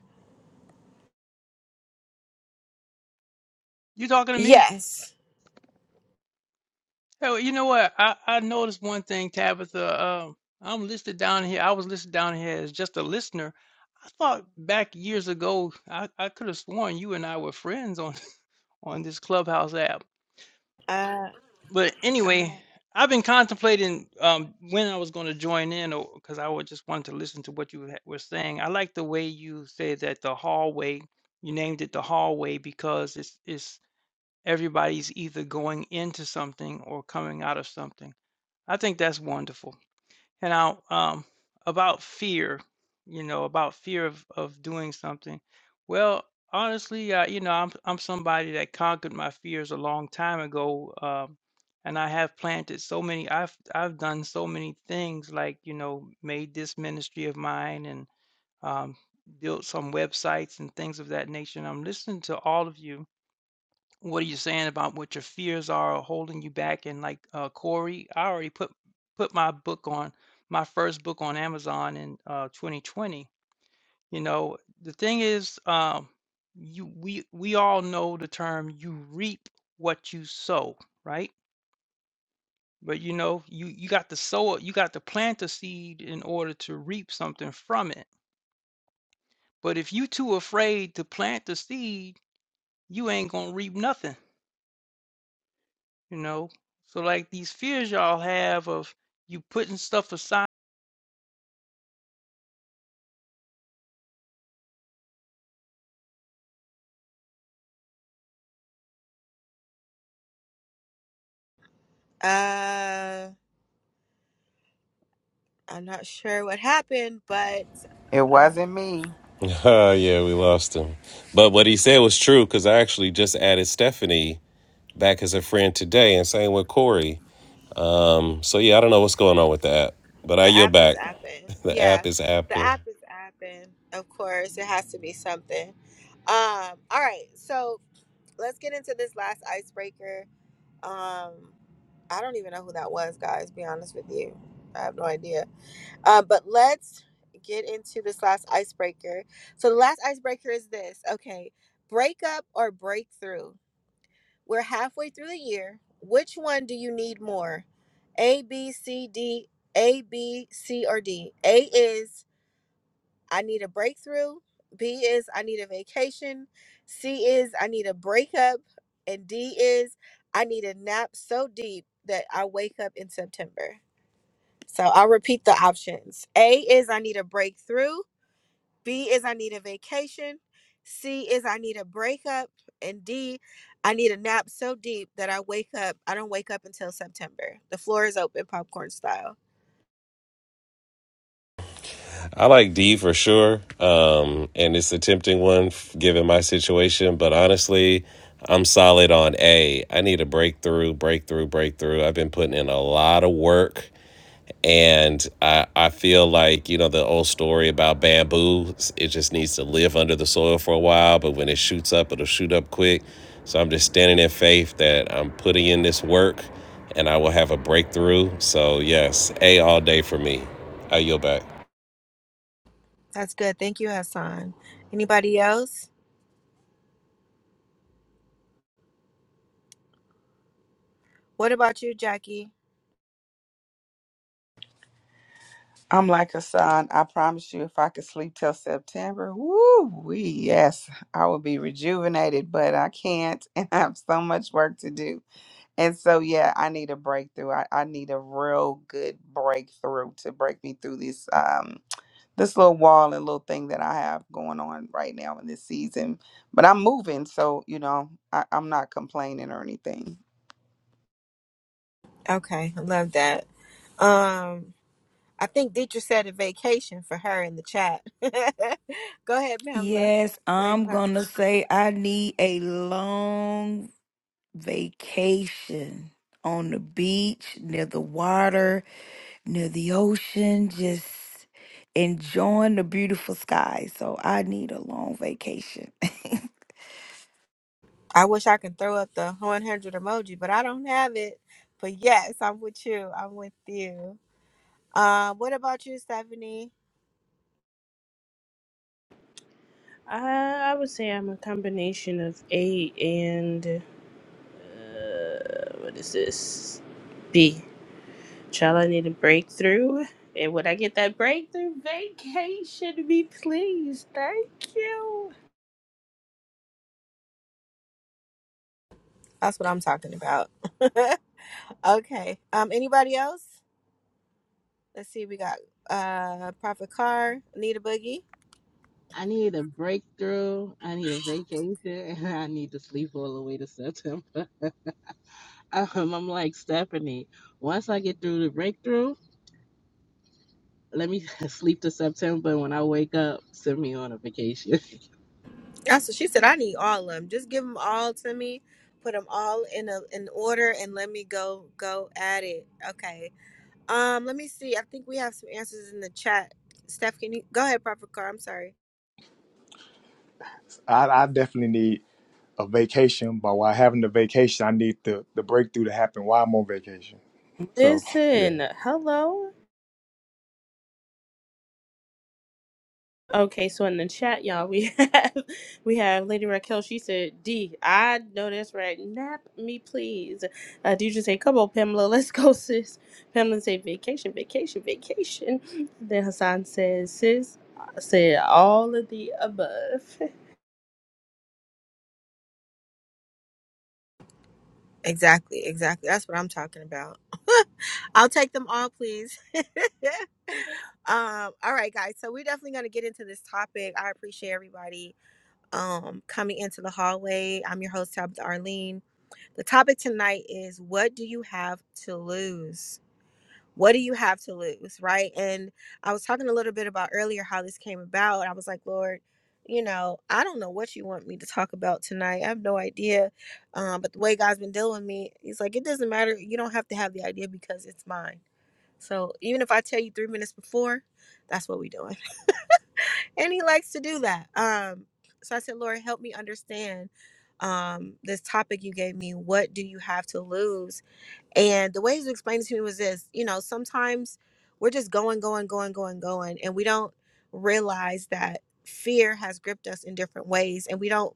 J: You talking to me?
A: Yes.
J: Hell, you know what? I, I noticed one thing, Tabitha. Um, I'm listed down here. I was listed down here as just a listener. I thought back years ago, I, I could have sworn you and I were friends on on this Clubhouse app.
A: Uh,
J: But anyway, I've been contemplating um when I was going to join in, or because I wa- just wanted to listen to what you ha- were saying. I like the way you say that the hallway. You named it the hallway because it's it's everybody's either going into something or coming out of something I think that's wonderful. And now, um, about fear, you know, about fear of, of doing something. Well, honestly, uh, you know, I'm I'm somebody that conquered my fears a long time ago, um, and I have planted so many. I've I've done so many things, like you know, made this ministry of mine and um, built some websites and things of that nature. And I'm listening to all of you, what are you saying about what your fears are holding you back and like uh corey i already put put my book on my first book on amazon in uh 2020 you know the thing is um you we we all know the term you reap what you sow right but you know you you got to sow it you got to plant the seed in order to reap something from it but if you too afraid to plant the seed you ain't gonna reap nothing you know? So like these fears y'all have of you putting stuff aside
A: uh, I'm not sure what happened, but
C: It
A: uh,
C: wasn't me.
E: Oh, yeah, we lost him. But what he said was true because I actually just added Stephanie back as a friend today, and same with Corey. Um, so yeah, I don't know what's going on with the app, but I
A: the
E: yield
A: app is
E: back.
A: apping.
E: The
A: Yeah,
E: app is
A: the
E: apping.
A: app is apping. Of course, it has to be something. Um, all right, so let's get into this last icebreaker. Um, I don't even know who that was, guys. Be honest with you, I have no idea Um, but let's get into this last icebreaker. So the last icebreaker is this. Okay, breakup or breakthrough. We're halfway through the year. Which one do you need more? A, B, C, D, A, B, C, or D? A is I need a breakthrough. B is I need a vacation. C is I need a breakup. And D is I need a nap so deep that I wake up in September. So I'll repeat the options. A is I need a breakthrough. B is I need a vacation. C is I need a breakup. And D, I need a nap so deep that I wake up. I don't wake up until September. The floor is open, popcorn style.
E: I like D for sure, um, and it's a tempting one f- given my situation. But honestly, I'm solid on A. I need a breakthrough, breakthrough, breakthrough. I've been putting in a lot of work And I, I feel like, you know, the old story about bamboo, it just needs to live under the soil for a while, but when it shoots up, it'll shoot up quick. So I'm just standing in faith that I'm putting in this work and I will have a breakthrough. So, yes, A all day for me. I yield back.
A: That's good. Thank you, Hassan. Anybody else? What about you, Jackie?
C: I'm like Hassan. I promise you, if I could sleep till September, woo wee, yes, I would be rejuvenated, but I can't, and I have so much work to do. And so, yeah, I need a breakthrough. I, I need a real good breakthrough to break me through this um this little wall and little thing that I have going on right now in this season. But I'm moving, so you know, I, I'm not complaining or anything.
A: Okay, I love that. Um, I think Dietrich said a vacation for her in the chat. Go ahead, Pamela.
G: Yes,
A: Lady
G: I'm
A: Pamela.
G: going to say I need a long vacation on the beach, near the water, near the ocean, just enjoying the beautiful sky. So I need a long vacation.
A: I wish I could throw up the 100 emoji, but I don't have it. But yes, I'm with you. I'm with you. Uh, what about you, Stephanie?
H: I, I would say I'm a combination of A and uh, what is this? B. Shall I need a breakthrough? And when I get that breakthrough, vacation me, please. Thank you.
A: That's what I'm talking about. okay. Um, anybody else? Let's see. We got uh Prophet Carr, Anita Boogie.
F: I need a breakthrough. I need a vacation, and I need to sleep all the way to September. Um, I'm like Stephanie. Once I get through the breakthrough, let me sleep to September. And When I wake up, send me on a vacation.
A: That's what she said. I need all of them. Just give them all to me. Put them all in a in order and let me go go at it. Okay. Um, let me see. I think we have some answers in the chat. Steph, can you go ahead, Prophet Carr? I'm sorry.
D: I, I definitely need a vacation, but while having the vacation, I need the the breakthrough to happen while I'm on vacation. So, yeah.
H: Listen, hello. Okay, so in the chat, y'all, we have we have Lady Raquel. She said, "D, I know that's right. Nap me, please." Uh, Deidre say, "Come on, Pamela, let's go, sis." Pamela say, "Vacation, vacation, vacation." Then Hassan says, "Sis, I said all of the above."
A: Exactly, exactly. That's what I'm talking about. I'll take them all, please. um, all right, guys. So we're definitely gonna get into this topic. I appreciate everybody um coming into the hallway. I'm your host, Tabitha Arlene. The topic tonight is what do you have to lose? what do you have to lose right and i was talking a little bit about earlier how this came about i was like lord you know i don't know what you want me to talk about tonight i have no idea um, but the way god's been dealing with me he's like it doesn't matter you don't have to have the idea because it's mine so even if i tell you three minutes before that's what we're doing and he likes to do that um, so i said lord help me understand um, this topic you gave me what do you have to lose and the way he explained it to me was this, you know, sometimes we're just going, going, going, going, going, and we don't realize that fear has gripped us in different ways. And we don't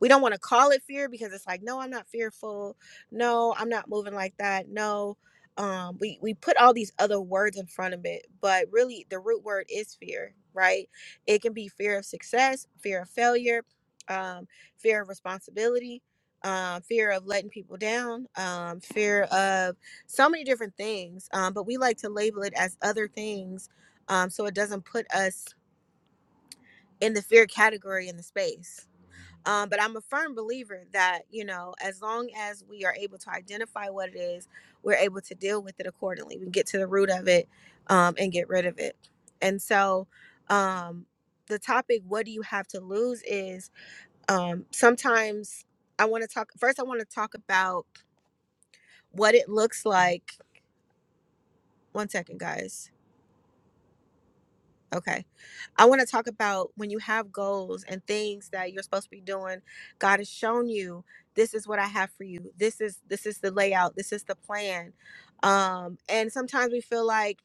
A: we don't want to call it fear because it's like, no, I'm not fearful. No, I'm not moving like that. No. Um, we, we put all these other words in front of it, but really the root word is fear, right? It can be fear of success, fear of failure, um, fear of responsibility, um, fear of letting people down, um, fear of so many different things. Um, but we like to label it as other things um, so it doesn't put us in the fear category in the space. Um, but I'm a firm believer that, you know, as long as we are able to identify what it is, we're able to deal with it accordingly. We can get to the root of it um, and get rid of it. And so um, the topic, what do you have to lose, is um, sometimes I want to talk, first, I want to talk about what it looks like. One second, guys. Okay. I want to talk about when you have goals and things that you're supposed to be doing. God has shown you this is what I have for you. This is this is the layout. This is the plan. Um, and sometimes we feel like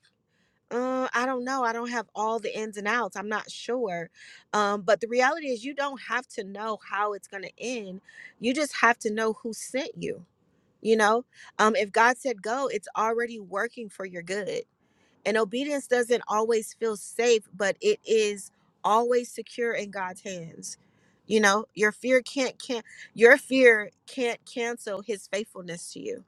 A: uh, I don't know. I don't have all the ins and outs. I'm not sure. Um, but the reality is, you don't have to know how it's going to end. You just have to know who sent you. You know, um, if God said go, it's already working for your good And obedience doesn't always feel safe, but it is always secure in God's hands. You know, your fear can't can your fear can't cancel his faithfulness to you.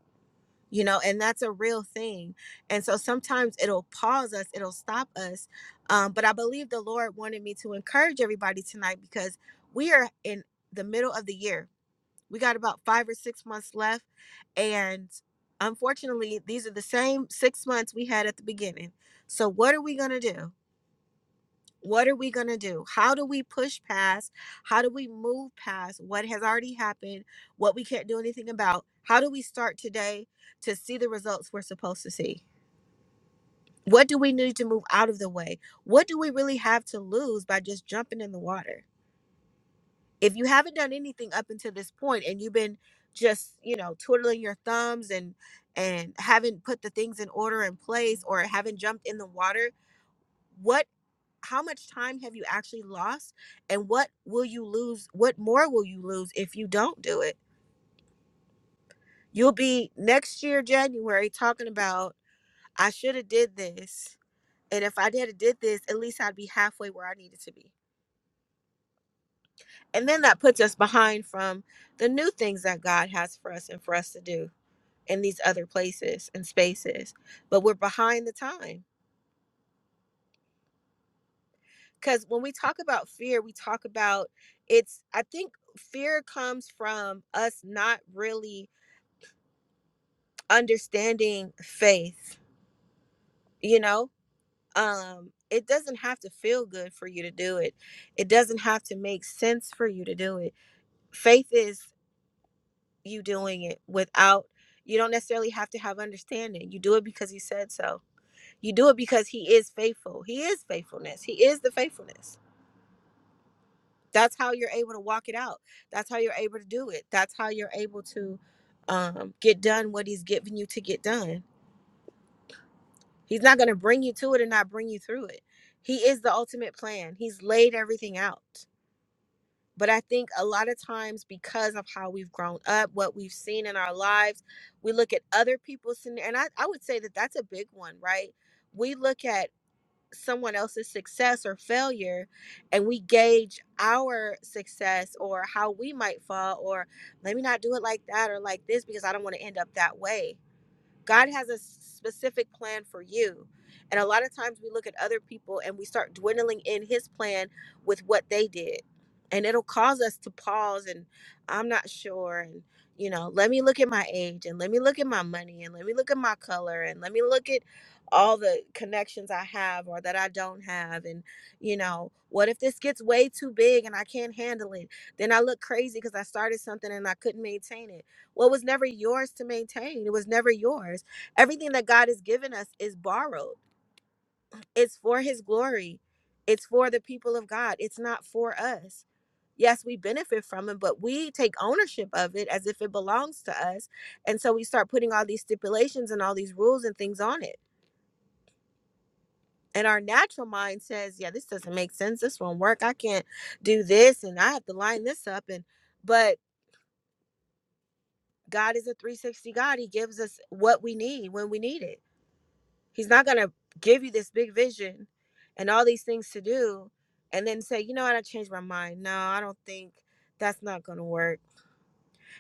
A: You know, and that's a real thing. And so sometimes it'll pause us, it'll stop us. Um, but I believe the Lord wanted me to encourage everybody tonight because we are in the middle of the year we got about five or six months left. And unfortunately, these are the same six months we had at the beginning. So, what are we going to do? What are we going to do? How do we push past? How do we move past what has already happened, what we can't do anything about? How do we start today to see the results we're supposed to see? What do we need to move out of the way? What do we really have to lose by just jumping in the water? if you haven't done anything up until this point and you've been just you know twiddling your thumbs and and haven't put the things in order in place or haven't jumped in the water what how much time have you actually lost and what will you lose what more will you lose if you don't do it you'll be next year january talking about i should have did this and if i did have did this at least i'd be halfway where i needed to be and then that puts us behind from the new things that god has for us and for us to do in these other places and spaces, but we're behind the time. Because when we talk about fear, we talk about it's, I think fear comes from us not really understanding faith, you know? Um, it doesn't have to feel good for you to do it, it doesn't have to make sense for you to do it. Faith is you doing it without, you don't necessarily have to have understanding. You do it because He said so You do it because he is faithful. He is faithfulness. He is the faithfulness. That's how you're able to walk it out. That's how you're able to do it. That's how you're able to um, get done what he's giving you to get done. He's not going to bring you to it and not bring you through it. He is the ultimate plan. He's laid everything out. But I think a lot of times, because of how we've grown up, what we've seen in our lives, we look at other people's, and I, I would say that that's a big one, right? We look at someone else's success or failure and we gauge our success or how we might fall or let me not do it like that or like this because I don't want to end up that way God has a specific plan for you. And a lot of times we look at other people and we start dwindling in his plan with what they did. And it'll cause us to pause and I'm not sure. And, you know, let me look at my age and let me look at my money and let me look at my color and let me look at all the connections I have or that I don't have. And, you know, what if this gets way too big and I can't handle it? Then I look crazy because I started something and I couldn't maintain it what was never yours to maintain. It was never yours. Everything that God has given us is borrowed. It's for His glory. It's for the people of God. It's not for us. Yes, we benefit from it, but we take ownership of it as if it belongs to us. And so we start putting all these stipulations and all these rules and things on it. And our natural mind says, yeah, this doesn't make sense. This won't work. I can't do this and I have to line this up and but God is a 360 God. He gives us what we need when we need it He's not going to give you this big vision and all these things to do and then say, you know what, I changed my mind. No, I don't think that's not going to work.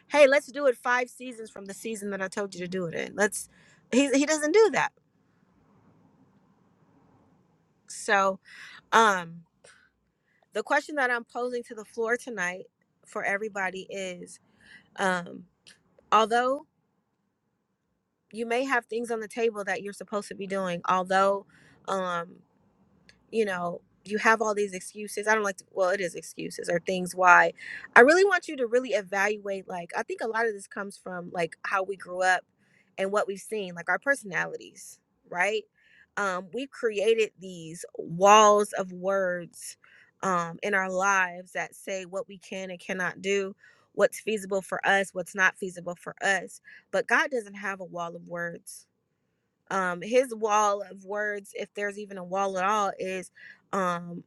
A: Hey, let's do it five seasons from the season that I told you to do it in. Let's, he, he doesn't do that. So, um, the question that I'm posing to the floor tonight for everybody is, um, although you may have things on the table that you're supposed to be doing, although, um you know, you have all these excuses. I don't like to, well, it is excuses or things why. I really want you to really evaluate like I think a lot of this comes from like how we grew up and what we've seen, like our personalities, right? Um we've created these walls of words um in our lives that say what we can and cannot do, what's feasible for us, what's not feasible for us. But God doesn't have a wall of words um his wall of words if there's even a wall at all is um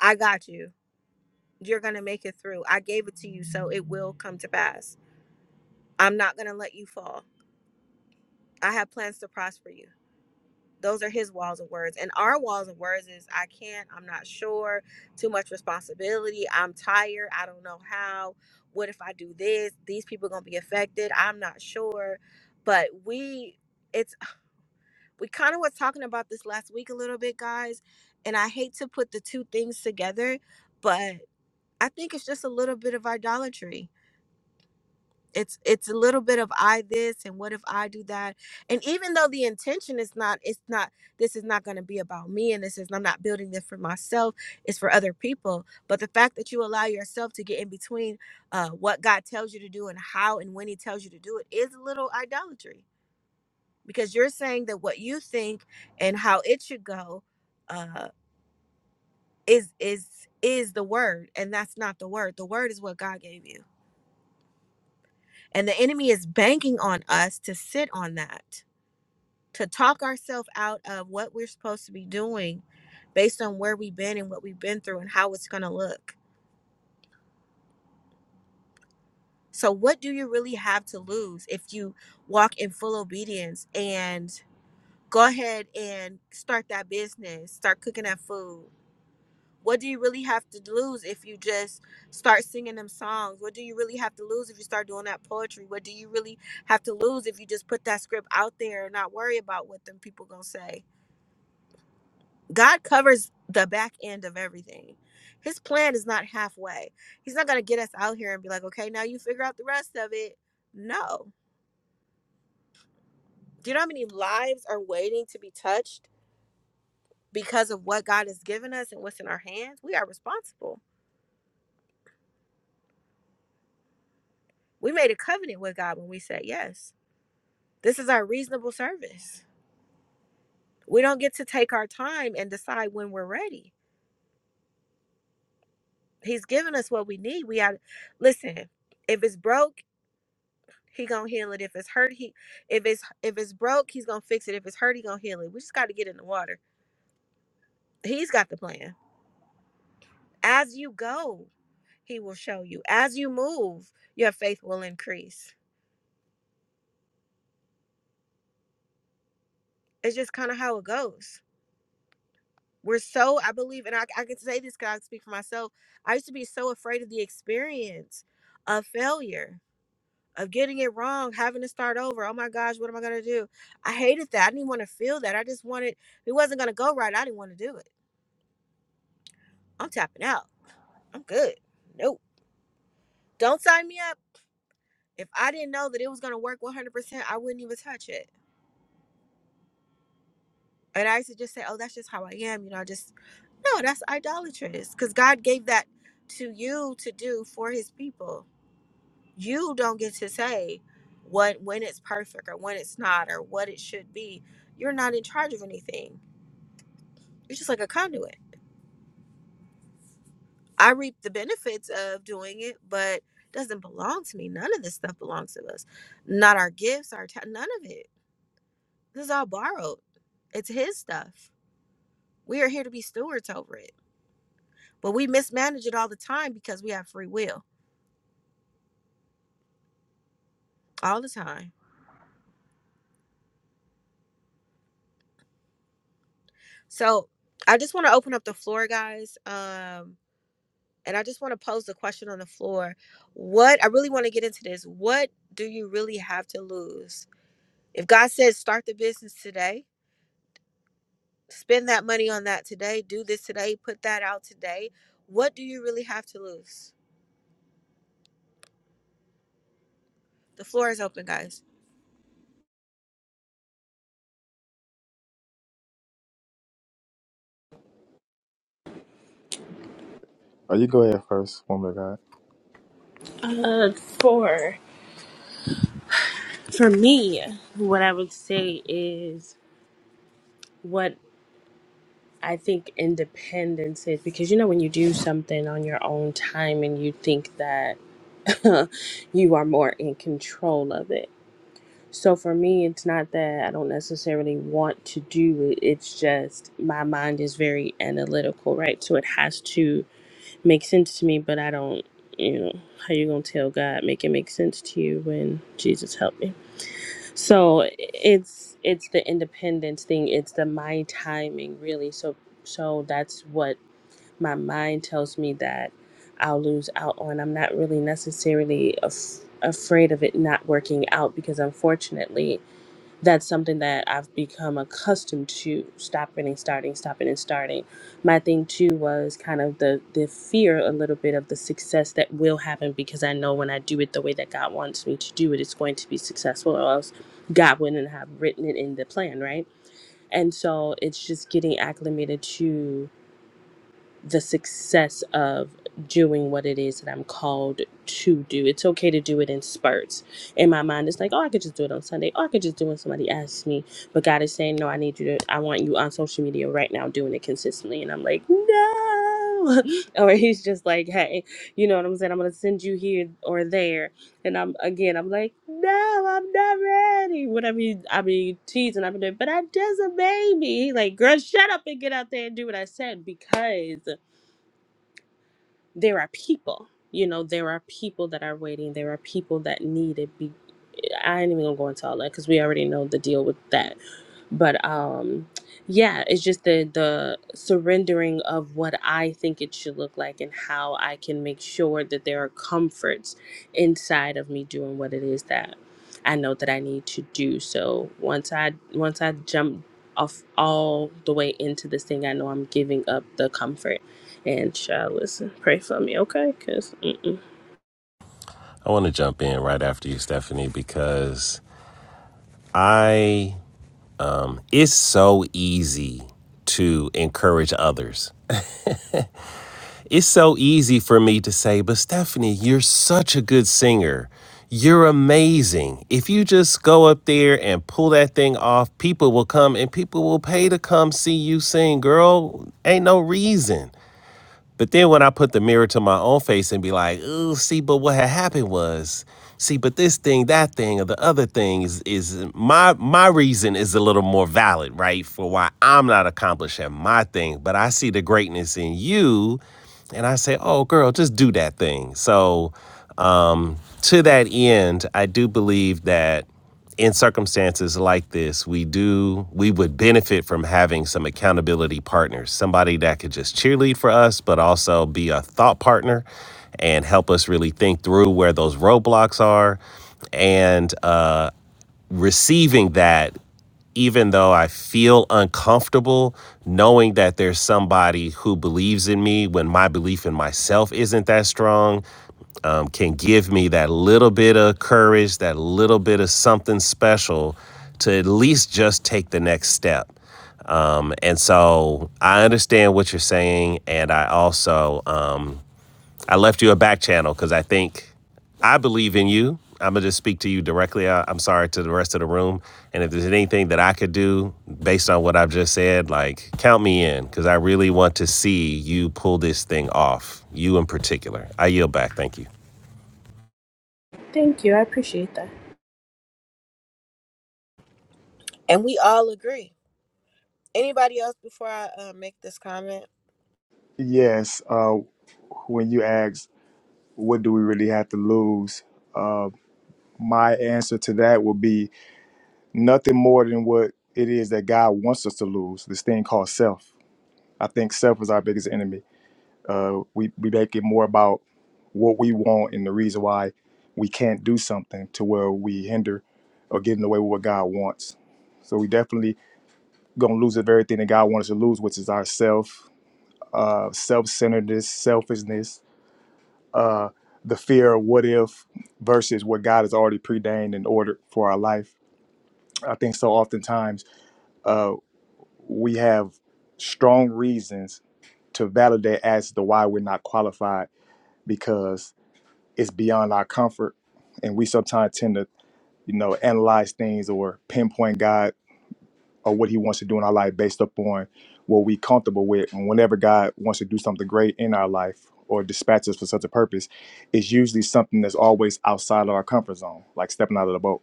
A: i got you you're gonna make it through i gave it to you so it will come to pass i'm not gonna let you fall i have plans to prosper you those are his walls of words and our walls of words is i can't i'm not sure too much responsibility i'm tired i don't know how what if i do this these people gonna be affected i'm not sure but we It's. we kind of was talking about this last week a little bit, guys, and I hate to put the two things together, but I think it's just a little bit of idolatry. It's it's a little bit of I this and what if I do that. And even though the intention is not it's not this is not going to be about me and this is I'm not building this for myself, it's for other people, but the fact that you allow yourself to get in between uh what God tells you to do and how and when he tells you to do it is a little idolatry because you're saying that what you think and how it should go uh is is is the word and that's not the word the word is what god gave you and the enemy is banking on us to sit on that to talk ourselves out of what we're supposed to be doing based on where we've been and what we've been through and how it's going to look so what do you really have to lose if you walk in full obedience and go ahead and start that business start cooking that food What do you really have to lose if you just start singing them songs? What do you really have to lose if you start doing that poetry? What do you really have to lose if you just put that script out there and not worry about what them people gonna say? God covers the back end of everything. His plan is not halfway. He's not gonna get us out here and be like, okay, now you figure out the rest of it. No. Do you know how many lives are waiting to be touched because of what God has given us and what's in our hands? We are responsible. We made a covenant with God when we said yes This is our reasonable service. We don't get to take our time and decide when we're ready. He's given us what we need. We got listen. If it's broke, he gonna heal it. If it's hurt, he if it's if it's broke, he's gonna fix it. If it's hurt, he gonna heal it. We just got to get in the water. He's got the plan. As you go, he will show you. As you move, your faith will increase. It's just kind of how it goes. We're so I believe, and I I can say this because I speak for myself. I used to be so afraid of the experience of failure of getting it wrong, having to start over. Oh my gosh, what am I gonna do? I hated that. I didn't want to feel that. I just wanted if it wasn't gonna go right. I didn't want to do it. I'm tapping out. I'm good. Nope. Don't sign me up. If I didn't know that it was gonna work 100, percent I wouldn't even touch it. And I used to just say, oh, that's just how I am. You know, I just no, that's idolatrous because God gave that to you to do for His people. You don't get to say what when it's perfect or when it's not or what it should be. You're not in charge of anything You're just like a conduit. I reap the benefits of doing it, but it doesn't belong to me. None of this stuff belongs to us. Not our gifts, our ta- none of it. This is all borrowed. It's his stuff. We are here to be stewards over it. But we mismanage it all the time because we have free will all the time. So I just want to open up the floor, guys. Um, and I just want to pose the question on the floor. What I really want to get into this. What do you really have to lose? If God says start the business today, Spend that money on that today. Do this today. Put that out today. What do you really have to lose? The floor is open, guys.
D: Oh, you go ahead first, woman of God.
H: Uh, for for me, what I would say is what I think independence is because you know when you do something on your own time and you think that you are more in control of it. So for me, it's not that I don't necessarily want to do it. It's just my mind is very analytical, right? So it has to make sense to me, but I don't, you know, how you gonna tell God make it make sense to you when Jesus helped me? So it's it's the independence thing. It's the mind timing really. So so that's what my mind tells me that I'll lose out on. I'm not really necessarily af- afraid of it not working out because unfortunately that's something that I've become accustomed to stopping and starting, stopping and starting. My thing too was kind of the the fear a little bit of the success that will happen because I know when I do it the way that God wants me to do it, it's going to be successful or else God wouldn't have written it in the plan, right? And so it's just getting acclimated to the success of doing what it is that I'm called to do. It's okay to do it in spurts. In my mind, it's like, oh, I could just do it on Sunday. Oh, I could just do it when somebody asks me. But God is saying, no, I need you to, I want you on social media right now doing it consistently. And I'm like, no. or he's just like, hey, you know what I'm saying? I'm going to send you here or there. And I'm, again, I'm like, no, I'm not ready. Whatever you, I be teasing, I've been doing, but I just a baby. Like, girl, shut up and get out there and do what I said because there are people you know there are people that are waiting there are people that need it be, I ain't even gonna go into all that because we already know the deal with that. But um, yeah, it's just the the surrendering of what I think it should look like and how I can make sure that there are comforts inside of me doing what it is that I know that I need to do. So once I once I jump off all the way into this thing, I know I'm giving up the comfort. And child, listen, pray for me, okay? Cause mm-mm.
E: I want to jump in right after you, Stephanie, because I, it's so easy to encourage others It's so easy for me to say, but Stephanie, you're such a good singer. You're amazing. If you just go up there and pull that thing off, people will come and people will pay to come see you sing, girl. Ain't no reason. But then when I put the mirror to my own face and be like, "Ooh, see, but what had happened was, see, but this thing, that thing, or the other thing is is my my reason is a little more valid, right, for why I'm not accomplishing my thing. But I see the greatness in you, and I say, "Oh, girl, just do that thing." So to that end, I do believe that in circumstances like this, we do we would benefit from having some accountability partners, somebody that could just cheerlead for us, but also be a thought partner and help us really think through where those roadblocks are. And uh, receiving that even though I feel uncomfortable knowing that there's somebody who believes in me when my belief in myself isn't that strong, um, can give me that little bit of courage, that little bit of something special to at least just take the next step. Um, and so I understand what you're saying. And I also, um, I left you a back channel because I think I believe in you. I'm gonna just speak to you directly. I, I'm sorry to the rest of the room, and if there's anything that I could do based on what I've just said, like count me in because I really want to see you pull this thing off. You in particular. I yield back. Thank you.
H: thank you, I appreciate that.
A: And we all agree. Anybody else before I uh, make this comment?
D: Yes, uh, when you ask, what do we really have to lose? Uh, my answer to that would be nothing more than what it is that God wants us to lose this thing called self. I think self is our biggest enemy. Uh, we, we make it more about what we want and the reason why we can't do something to where we hinder or get in the way with what God wants. So we definitely gonna lose the very thing that God wants us to lose, which is our self. uh, self-centeredness, selfishness, uh, the fear of what if versus what God has already preordained and ordered for our life. I think so oftentimes uh, we have strong reasons to validate as to why we're not qualified because it's beyond our comfort. And we sometimes tend to, you know, analyze things or pinpoint God or what he wants to do in our life based upon what we comfortable with. And whenever God wants to do something great in our life or dispatch us for such a purpose, it's usually something that's always outside of our comfort zone, like stepping out of the boat.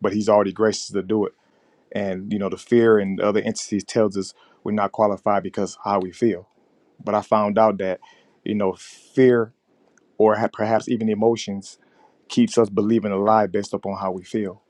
D: But he's already gracious to do it. And you know, the fear and other entities tells us we're not qualified because how we feel. But I found out that, you know, fear or ha- perhaps even emotions keeps us believing a lie based upon how we feel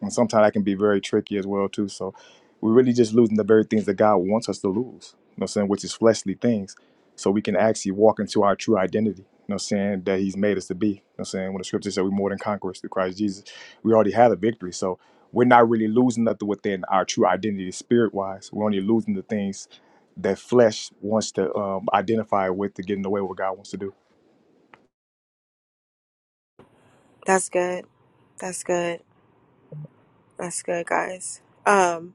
D: and sometimes that can be very tricky as well too. So we're really just losing the very things that God wants us to lose. You know what I'm saying? Which is fleshly things. So we can actually walk into our true identity. You know what I'm saying? That He's made us to be. You know what I'm saying? When the scriptures say we're more than conquerors through Christ Jesus, we already have a victory. So we're not really losing nothing within our true identity spirit wise. We're only losing the things that flesh wants to um, identify with to get in the way of what God wants to do.
A: That's good. That's good. That's good, guys. Um,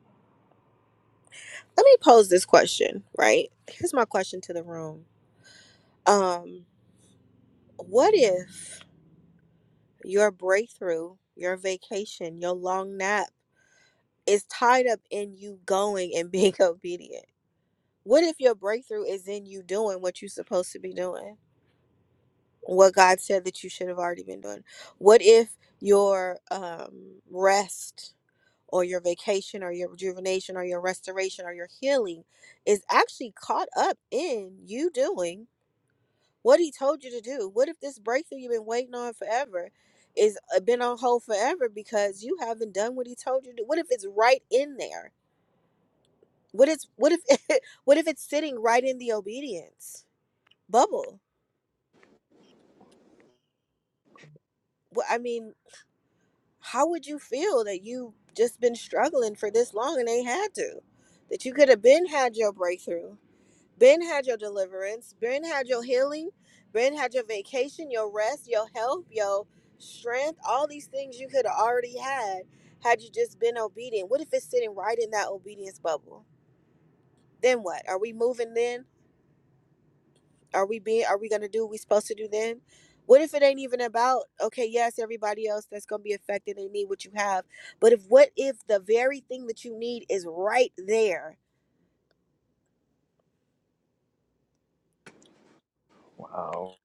A: Let me pose this question, right? Here's my question to the room. Um, what if your breakthrough, your vacation, your long nap is tied up in you going and being obedient? What if your breakthrough is in you doing what you're supposed to be doing? What God said that you should have already been doing? What if your um, rest or your vacation or your rejuvenation or your restoration or your healing is actually caught up in you doing what He told you to do? What if this breakthrough you've been waiting on forever is uh, been on hold forever because you haven't done what He told you to? do? What if it's right in there? What is what if what if it's sitting right in the obedience bubble? Well, I mean, how would you feel that you just been struggling for this long and ain't had to? That you could have been had your breakthrough, been had your deliverance, been had your healing, been had your vacation, your rest, your health, your strength, all these things you could have already had had you just been obedient. What if it's sitting right in that obedience bubble? Then what? Are we moving then? Are we being are we gonna do what we supposed to do then? What if it ain't even about okay, yes, everybody else that's gonna be affected, they need what you have. But if what if the very thing that you need is right there?
D: Wow.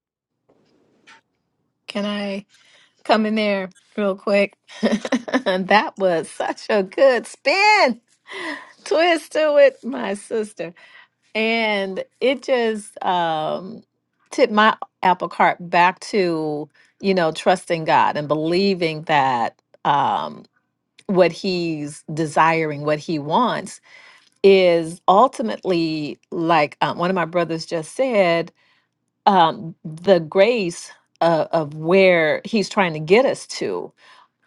I: Can I come in there real quick? that was such a good spin, twist to it, my sister, and it just um, tipped my apple cart back to you know trusting God and believing that. Um, what he's desiring, what he wants, is ultimately like um, one of my brothers just said, um, the grace of, of where he's trying to get us to.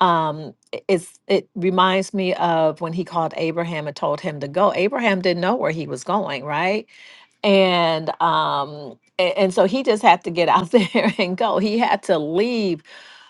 I: Um, i- it's, it reminds me of when he called Abraham and told him to go. Abraham didn't know where he was going, right? And um, a- and so he just had to get out there and go. He had to leave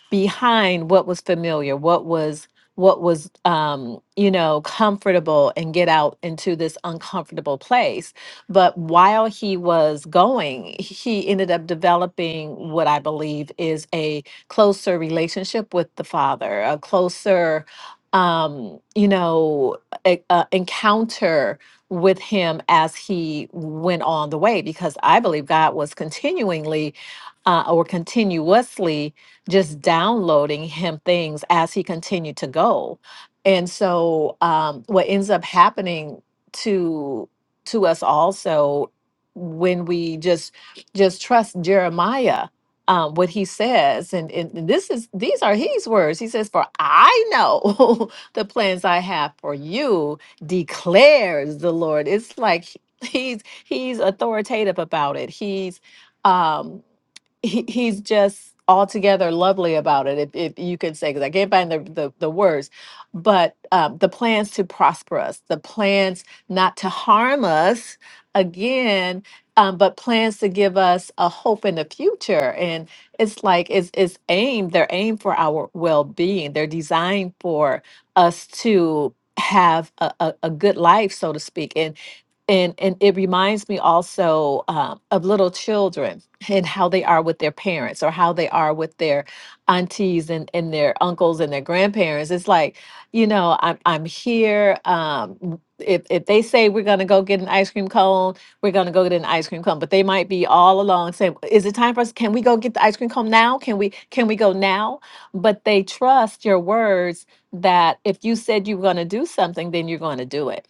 I: behind what was familiar, what was what was um you know comfortable and get out into this uncomfortable place but while he was going he ended up developing what i believe is a closer relationship with the father a closer um you know e- uh, encounter with him as he went on the way because i believe god was continually uh, or continuously just downloading him things as he continued to go. And so um, what ends up happening to to us also when we just just trust Jeremiah um, what he says and, and this is these are his words he says for i know the plans i have for you declares the lord it's like he- he's he's authoritative about it he's um he, he's just altogether lovely about it if, if you could say because i can't find the, the, the words but um, the plans to prosper us the plans not to harm us again um, but plans to give us a hope in the future and it's like it's, it's aimed they're aimed for our well-being they're designed for us to have a, a, a good life so to speak And and and it reminds me also um, of little children and how they are with their parents or how they are with their aunties and, and their uncles and their grandparents it's like you know i'm, I'm here um, if, if they say we're going to go get an ice cream cone we're going to go get an ice cream cone but they might be all along saying is it time for us can we go get the ice cream cone now can we can we go now but they trust your words that if you said you were going to do something then you're going to do it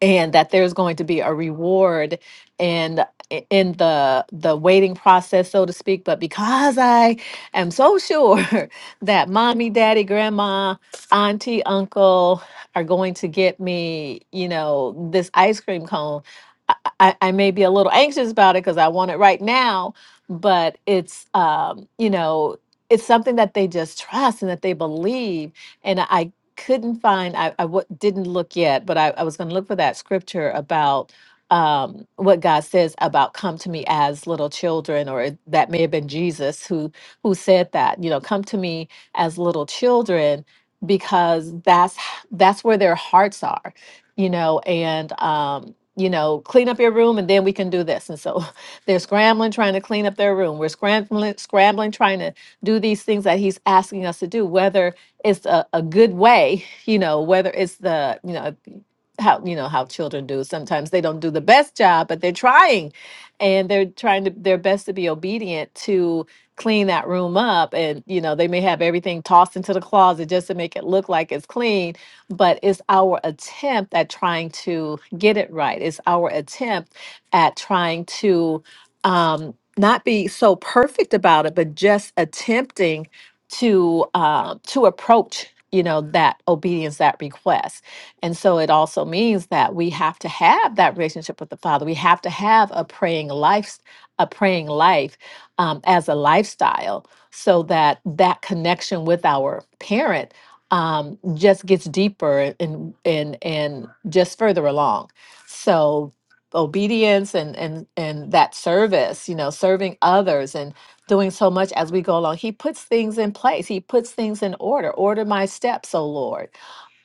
I: and that there's going to be a reward and in in the the waiting process so to speak but because i am so sure that mommy daddy grandma auntie uncle are going to get me you know this ice cream cone i, I, I may be a little anxious about it because i want it right now but it's um you know it's something that they just trust and that they believe and i couldn't find I I w- didn't look yet but i, I was going to look for that scripture about um, what god says about come to me as little children or it- that may have been jesus who who said that you know come to me as little children because that's h- that's where their hearts are you know and um you know clean up your room and then we can do this and so they're scrambling trying to clean up their room we're scrambling scrambling trying to do these things that he's asking us to do whether it's a, a good way, you know, whether it's the, you know, how you know how children do sometimes they don't do the best job but they're trying and they're trying to their best to be obedient to clean that room up and you know they may have everything tossed into the closet just to make it look like it's clean but it's our attempt at trying to get it right it's our attempt at trying to um not be so perfect about it but just attempting to uh, to approach you know that obedience that request and so it also means that we have to have that relationship with the father we have to have a praying life a praying life um, as a lifestyle so that that connection with our parent um, just gets deeper and and and just further along so obedience and and and that service you know serving others and doing so much as we go along. He puts things in place. He puts things in order. Order my steps, O Lord.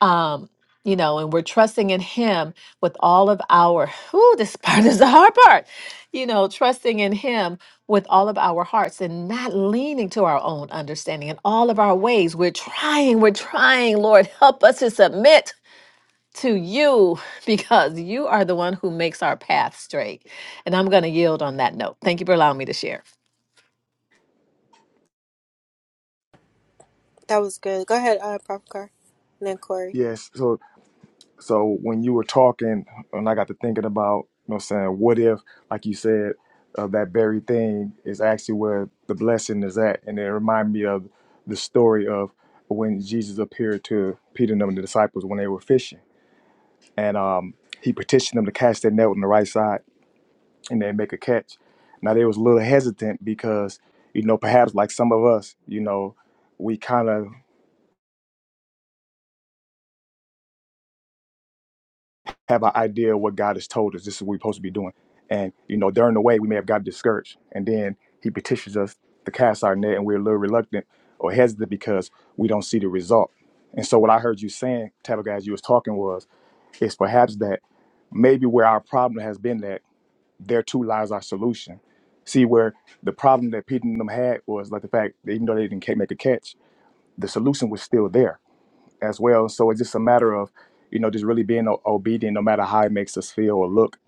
I: Um, you know, and we're trusting in Him with all of our. Ooh, this part is the hard part. You know, trusting in Him with all of our hearts and not leaning to our own understanding in all of our ways. We're trying. We're trying. Lord, help us to submit to you because you are the one who makes our path straight. And I'm going to yield on that note. Thank you for allowing me to share.
A: That was good. Go ahead, uh Pop Car. And then Corey.
D: Yes. So. So when you were talking, and I got to thinking about, you know, what I'm saying, what if, like you said, uh, that very thing is actually where the blessing is at, and it reminded me of the story of when Jesus appeared to Peter and them, the disciples when they were fishing, and um, he petitioned them to cast their net on the right side, and they make a catch. Now they was a little hesitant because, you know, perhaps like some of us, you know, we kind of have an idea of what God has told us. This is what we're supposed to be doing. And you know, during the way we may have got discouraged, and then He petitions us to cast our net, and we're a little reluctant or hesitant because we don't see the result. And so, what I heard you saying, Tabitha, as you was talking, was it's perhaps that maybe where our problem has been that there too lies our solution. See, where the problem that Pete and them had was like the fact that even though they didn't ca- make a catch, the solution was still there as well. So it's just a matter of, you know, just really being o- obedient, no matter how it makes us feel or look.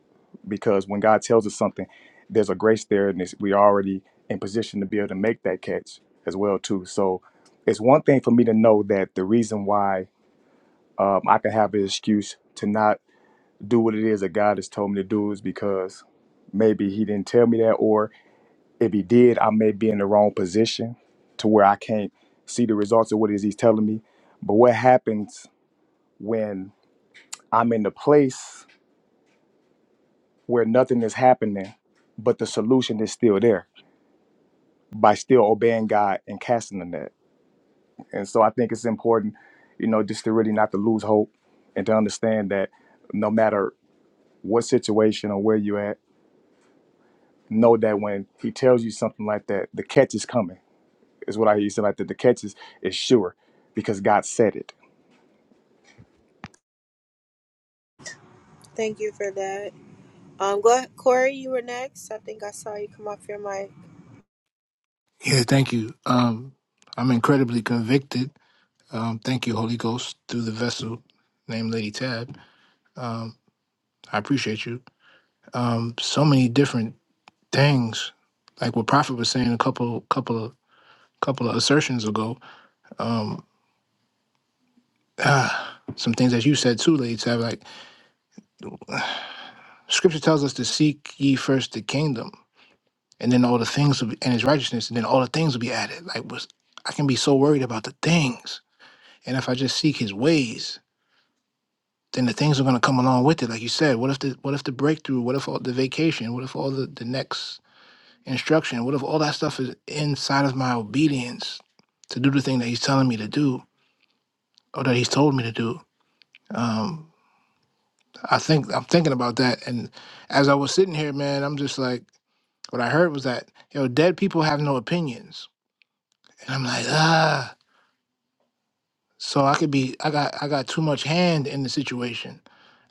D: Because when God tells us something, there's a grace there, and it's, we're already in position to be able to make that catch as well too. So it's one thing for me to know that the reason why um, I can have an excuse to not do what it is that God has told me to do is because maybe He didn't tell me that, or if He did, I may be in the wrong position to where I can't see the results of what it is He's telling me. But what happens? when I'm in the place where nothing is happening, but the solution is still there by still obeying God and casting the net. And so I think it's important, you know, just to really not to lose hope and to understand that no matter what situation or where you're at, know that when he tells you something like that, the catch is coming. Is what I used to like that the catch is, is sure because God said it.
A: Thank you for that. Um go ahead, Corey, you were next. I think I saw you come off your mic.
B: Yeah, thank you. Um, I'm incredibly convicted Um, thank you, Holy Ghost, through the vessel named Lady Tab. Um, I appreciate you. Um, so many different things, like what Prophet was saying a couple, couple of, couple of assertions ago. Um, ah, some things that you said too, Lady Tab. Like Scripture tells us to seek ye first the kingdom, and then all the things will be, and His righteousness, and then all the things will be added. Like was I can be so worried about the things, and if I just seek His ways. then the things are going to come along with it like you said what if the what if the breakthrough what if all the vacation what if all the, the next instruction what if all that stuff is inside of my obedience to do the thing that he's telling me to do or that he's told me to do um i think i'm thinking about that and as i was sitting here man i'm just like what i heard was that you know dead people have no opinions and i'm like ah So I could be I got I got too much hand in the situation.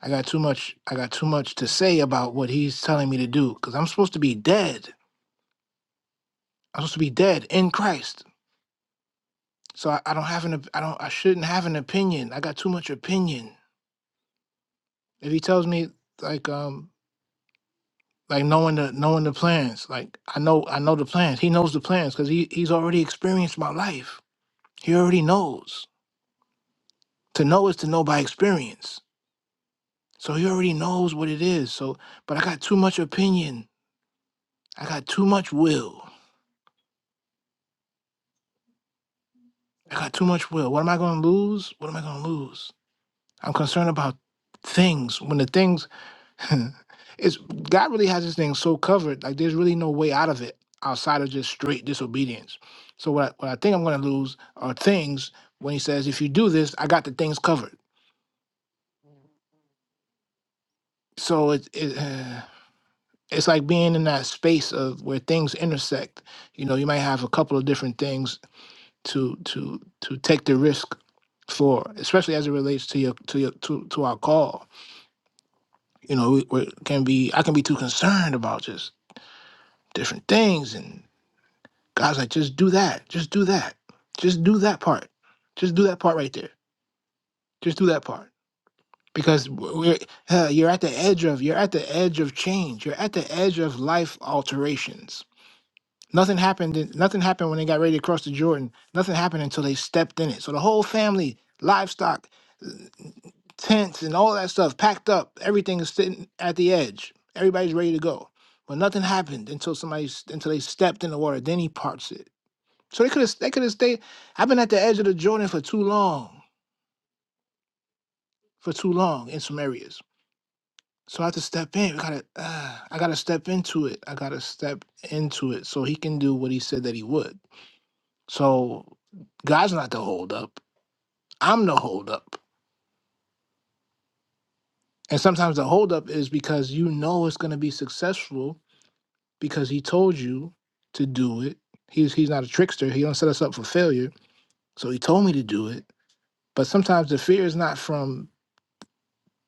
B: I got too much I got too much to say about what he's telling me to do cuz I'm supposed to be dead. I'm supposed to be dead in Christ. So I, I don't have an op- I don't I shouldn't have an opinion. I got too much opinion. If he tells me like um like knowing the knowing the plans, like I know I know the plans. He knows the plans cuz he he's already experienced my life. He already knows. To know is to know by experience. So he already knows what it is. So but I got too much opinion I got too much will. I got too much will. What am I going to lose? What am I going to lose? I'm concerned about things when the things it's God really has this thing so covered. Like there's really no way out of it outside of just straight disobedience. So what I, what I think I'm going to lose are things when He says, "If you do this, I got the things covered." So it it. Uh, it's like being in that space of where things intersect. You know, you might have a couple of different things to to to take the risk for, especially as it relates to your to your to, to our call. You know, we, we can be I can be too concerned about just different things, and God's like, just do that, just do that, just do that part, just do that part right there, just do that part because we're uh, you're at the edge of you're at the edge of change, you're at the edge of life alterations Nothing happened. Nothing happened when they got ready to cross the Jordan. Nothing happened until they stepped in it. So the whole family, livestock, tents, and all that stuff packed up. Everything is sitting at the edge. Everybody's ready to go, but nothing happened until somebody s- until they stepped in the water. Then he parts it. So they could have they could have stayed. I've been at the edge of the Jordan for too long, for too long in some areas. So I have to step in. We gotta, uh, I gotta step into it. I gotta step into it so he can do what he said that he would. So God's not the holdup. I'm the holdup. And sometimes the holdup is because you know it's going to be successful because He told you to do it. He's He's not a trickster. He don't set us up for failure. So He told me to do it. But sometimes the fear is not from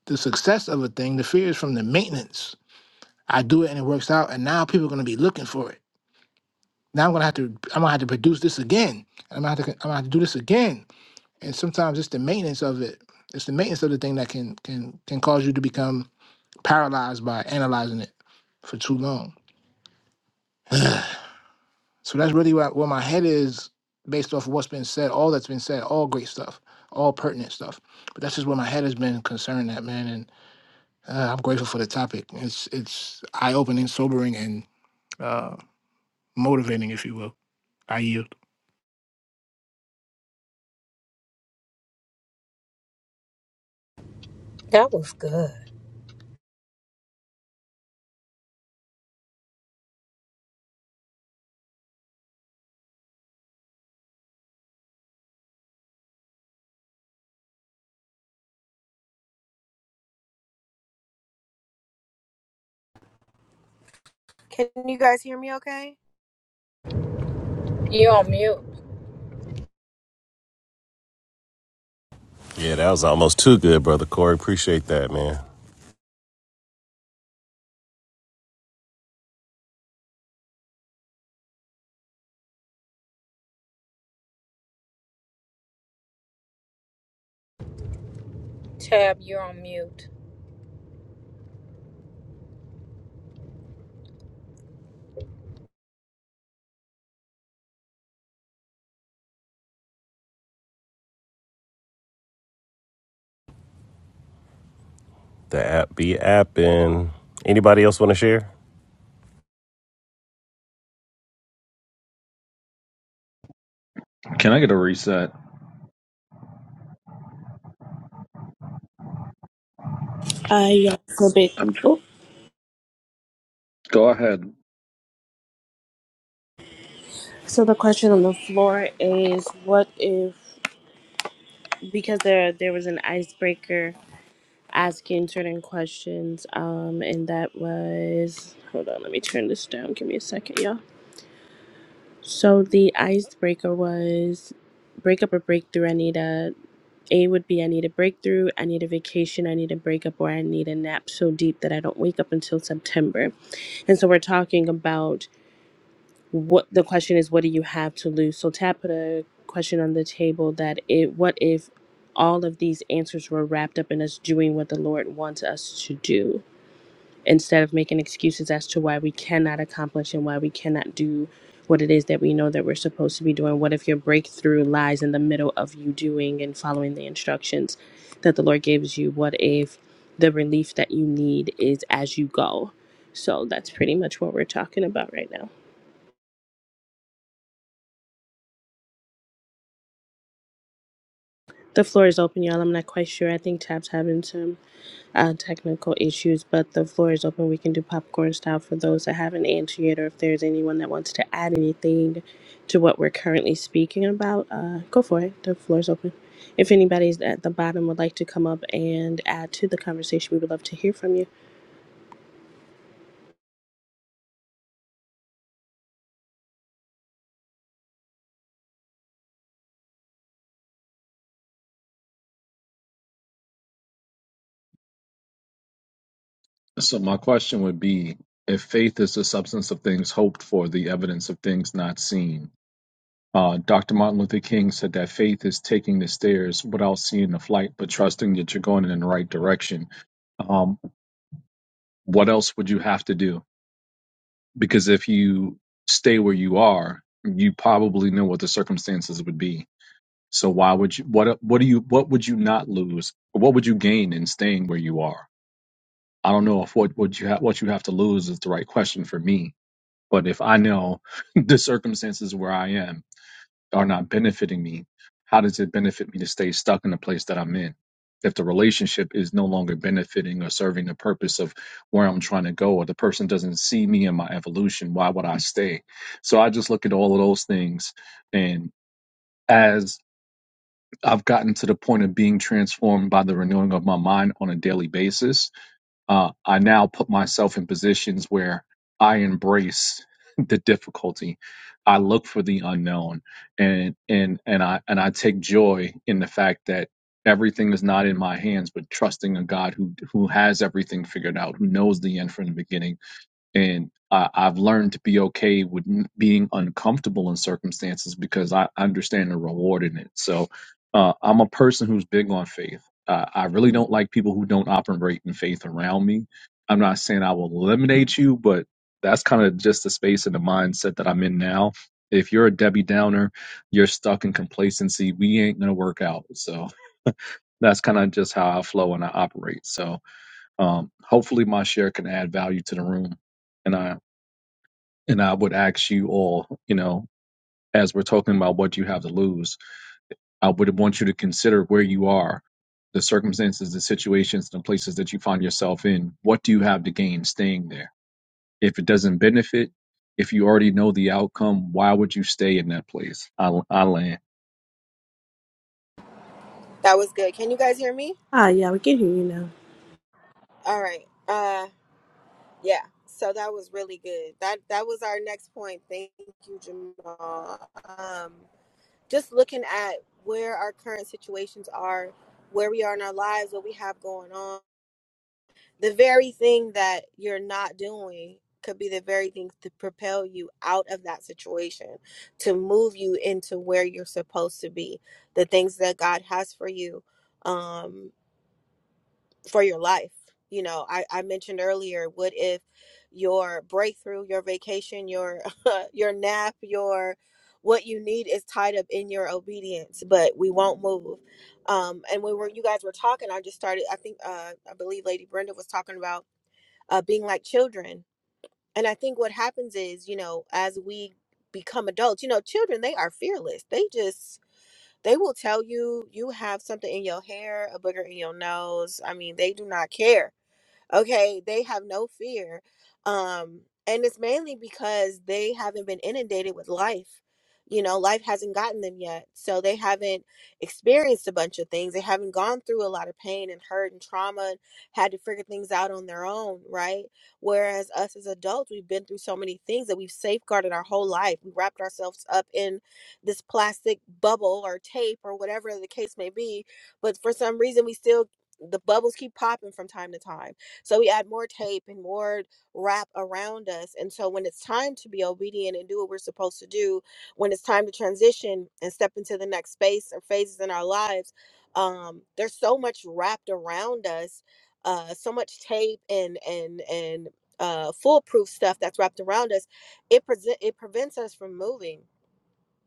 B: the success of a thing. The fear is from the maintenance. I do it and it works out, and now people are going to be looking for it. Now I'm going to have to I'm going to have to produce this again. And I'm going to have to I'm going to have to do this again and sometimes it's the maintenance of it it's the maintenance of the thing that can can can cause you to become paralyzed by analyzing it for too long so that's really where, where my head is based off of what's been said all that's been said all great stuff all pertinent stuff but that's just where my head has been concerned at man and uh, i'm grateful for the topic it's it's eye-opening sobering and uh motivating if you will i yield
K: That was good.
A: Can you guys hear me okay?
K: You're on mute.
E: Yeah, that was almost too good, brother Corey. Appreciate that, man.
K: Tab, you're on mute.
E: The app be appin'. Anybody else want to share?
L: Can I get a reset?
H: I uh, yeah, for
L: I'm tr-
H: big.
L: go ahead.
H: So the question on the floor is what if because there there was an icebreaker asking certain questions um and that was hold on let me turn this down give me a second y'all so the icebreaker was break up or breakthrough I need a A would be I need a breakthrough I need a vacation I need a breakup or I need a nap so deep that I don't wake up until September and so we're talking about what the question is what do you have to lose so tab put a question on the table that it what if all of these answers were wrapped up in us doing what the lord wants us to do instead of making excuses as to why we cannot accomplish and why we cannot do what it is that we know that we're supposed to be doing what if your breakthrough lies in the middle of you doing and following the instructions that the lord gives you what if the relief that you need is as you go so that's pretty much what we're talking about right now The floor is open, y'all. I'm not quite sure. I think Tap's having some uh, technical issues, but the floor is open. We can do popcorn style for those that haven't answered yet, or if there's anyone that wants to add anything to what we're currently speaking about, uh, go for it. The floor is open. If anybody's at the bottom would like to come up and add to the conversation, we would love to hear from you.
L: So my question would be if faith is the substance of things hoped for, the evidence of things not seen. Uh, Dr. Martin Luther King said that faith is taking the stairs without seeing the flight, but trusting that you're going in the right direction. Um, what else would you have to do? Because if you stay where you are, you probably know what the circumstances would be. So why would you? What what do you? What would you not lose? What would you gain in staying where you are? I don't know if what what you have what you have to lose is the right question for me. But if I know the circumstances where I am are not benefiting me, how does it benefit me to stay stuck in the place that I'm in? If the relationship is no longer benefiting or serving the purpose of where I'm trying to go, or the person doesn't see me in my evolution, why would I stay? So I just look at all of those things. And as I've gotten to the point of being transformed by the renewing of my mind on a daily basis, uh, I now put myself in positions where I embrace the difficulty. I look for the unknown, and and and I and I take joy in the fact that everything is not in my hands, but trusting a God who who has everything figured out, who knows the end from the beginning and I, I've learned to be okay with n- being uncomfortable in circumstances because I understand the reward in it. So uh, I'm a person who's big on faith. Uh, I really don't like people who don't operate in faith around me. I'm not saying I will eliminate you, but that's kind of just the space and the mindset that I'm in now. If you're a Debbie Downer, you're stuck in complacency. We ain't gonna work out. So that's kind of just how I flow and I operate. So um, hopefully my share can add value to the room, and I and I would ask you all, you know, as we're talking about what you have to lose, I would want you to consider where you are, the circumstances, the situations, the places that you find yourself in. What do you have to gain staying there? If it doesn't benefit, if you already know the outcome, why would you stay in that place? I, I land.
A: That was good. Can you guys hear me?
H: Ah, yeah, we can hear you now.
A: All right. Uh yeah. So that was really good. That that was our next point. Thank you, Jamal. Um just looking at where our current situations are, where we are in our lives, what we have going on, the very thing that you're not doing could be the very thing to propel you out of that situation, to move you into where you're supposed to be, the things that God has for you. Um, for your life. You know, I, I mentioned earlier, what if your breakthrough, your vacation, your your nap, your what you need is tied up in your obedience, but we won't move. Um, and when we were, you guys were talking, I just started. I think uh, I believe Lady Brenda was talking about uh, being like children, and I think what happens is, you know, as we become adults, you know, children they are fearless. They just they will tell you you have something in your hair, a booger in your nose. I mean, they do not care okay they have no fear um and it's mainly because they haven't been inundated with life you know life hasn't gotten them yet so they haven't experienced a bunch of things they haven't gone through a lot of pain and hurt and trauma and had to figure things out on their own right whereas us as adults we've been through so many things that we've safeguarded our whole life we wrapped ourselves up in this plastic bubble or tape or whatever the case may be but for some reason we still the bubbles keep popping from time to time so we add more tape and more wrap around us. And so when it's time to be obedient and do what we're supposed to do, when it's time to transition and step into the next space or phases in our lives, um, there's so much wrapped around us, uh, so much tape and and and uh, foolproof stuff that's wrapped around us. It present it prevents us from moving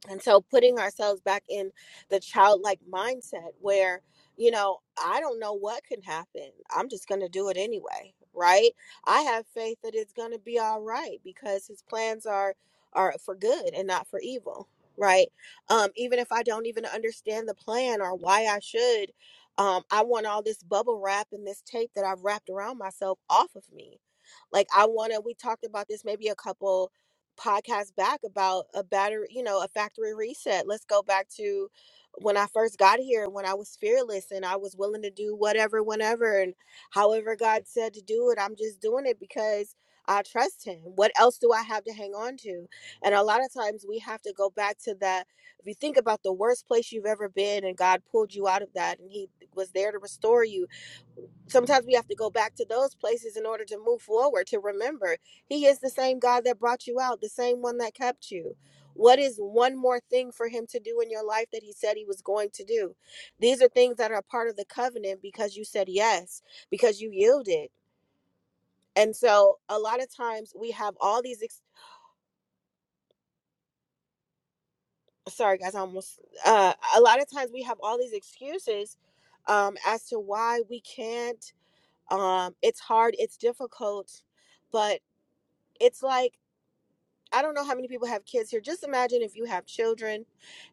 A: and so putting ourselves back in the childlike mindset where, you know, I don't know what can happen. I'm just going to do it anyway, right? I have faith that it's going to be all right because his plans are are for good and not for evil, right? Um even if I don't even understand the plan or why I should um I want all this bubble wrap and this tape that I've wrapped around myself off of me. Like I want to we talked about this maybe a couple podcast back about a battery, you know, a factory reset. Let's go back to when I first got here, when I was fearless and I was willing to do whatever, whenever, and however God said to do it, I'm just doing it because I trust Him. What else do I have to hang on to? And a lot of times we have to go back to that. If you think about the worst place you've ever been and God pulled you out of that and He was there to restore you sometimes we have to go back to those places in order to move forward to remember he is the same god that brought you out the same one that kept you what is one more thing for him to do in your life that he said he was going to do these are things that are part of the covenant because you said yes because you yielded and so a lot of times we have all these ex- sorry guys I almost uh a lot of times we have all these excuses um as to why we can't um it's hard it's difficult but it's like I don't know how many people have kids here. Just imagine if you have children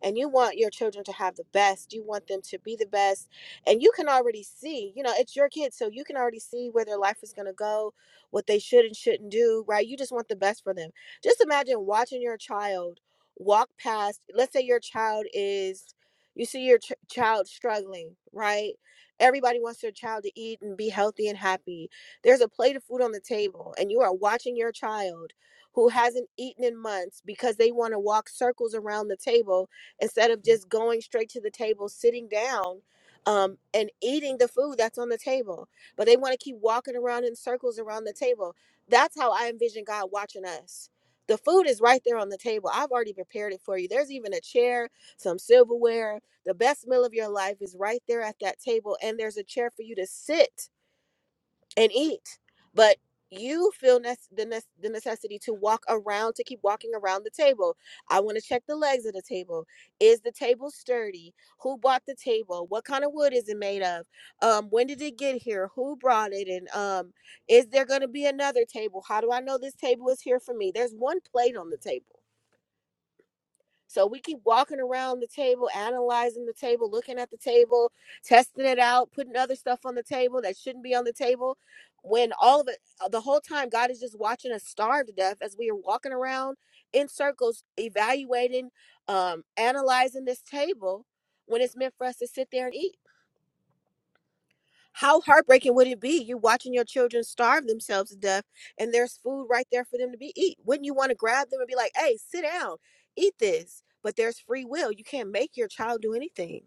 A: and you want your children to have the best, you want them to be the best, and you can already see, you know, it's your kids, so you can already see where their life is going to go, what they should and shouldn't do, right? You just want the best for them. Just imagine watching your child walk past, let's say your child is, you see your ch- child struggling, right? Everybody wants their child to eat and be healthy and happy. There's a plate of food on the table, and you are watching your child who hasn't eaten in months because they want to walk circles around the table instead of just going straight to the table, sitting down um, and eating the food that's on the table. But they want to keep walking around in circles around the table. That's how I envision God watching us. The food is right there on the table. I've already prepared it for you. There's even a chair, some silverware. The best meal of your life is right there at that table, and there's a chair for you to sit and eat. But you feel nec- the, nec- the necessity to walk around, to keep walking around the table. I want to check the legs of the table. Is the table sturdy? Who bought the table? What kind of wood is it made of? Um, when did it get here? Who brought it? And um, is there going to be another table? How do I know this table is here for me? There's one plate on the table so we keep walking around the table, analyzing the table, looking at the table, testing it out, putting other stuff on the table that shouldn't be on the table. When all of it, uh, the whole time, God is just watching us starve to death as we are walking around in circles, evaluating, um, analyzing this table when it's meant for us to sit there and eat. How heartbreaking would it be? You're watching your children starve themselves to death and there's food right there for them to be eat. Wouldn't you want to grab them and be like, hey, sit down, eat this? But there's free will. You can't make your child do anything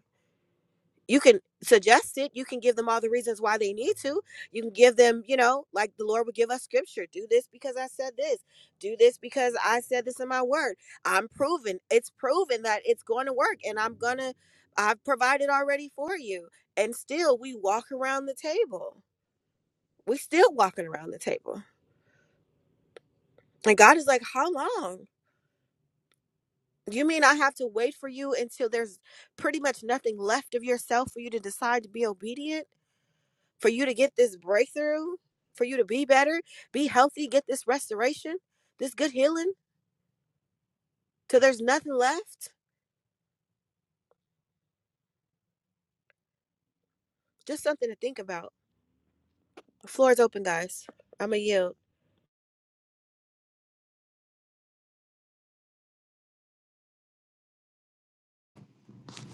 A: you can suggest it you can give them all the reasons why they need to you can give them you know like the lord would give us scripture do this because i said this do this because i said this in my word i'm proven it's proven that it's going to work and i'm gonna i've provided already for you and still we walk around the table we still walking around the table and god is like how long you mean i have to wait for you until there's pretty much nothing left of yourself for you to decide to be obedient for you to get this breakthrough, for you to be better, be healthy, get this restoration, this good healing, till there's nothing left. Just something to think about. The floor is open, guys. I'm going to yield.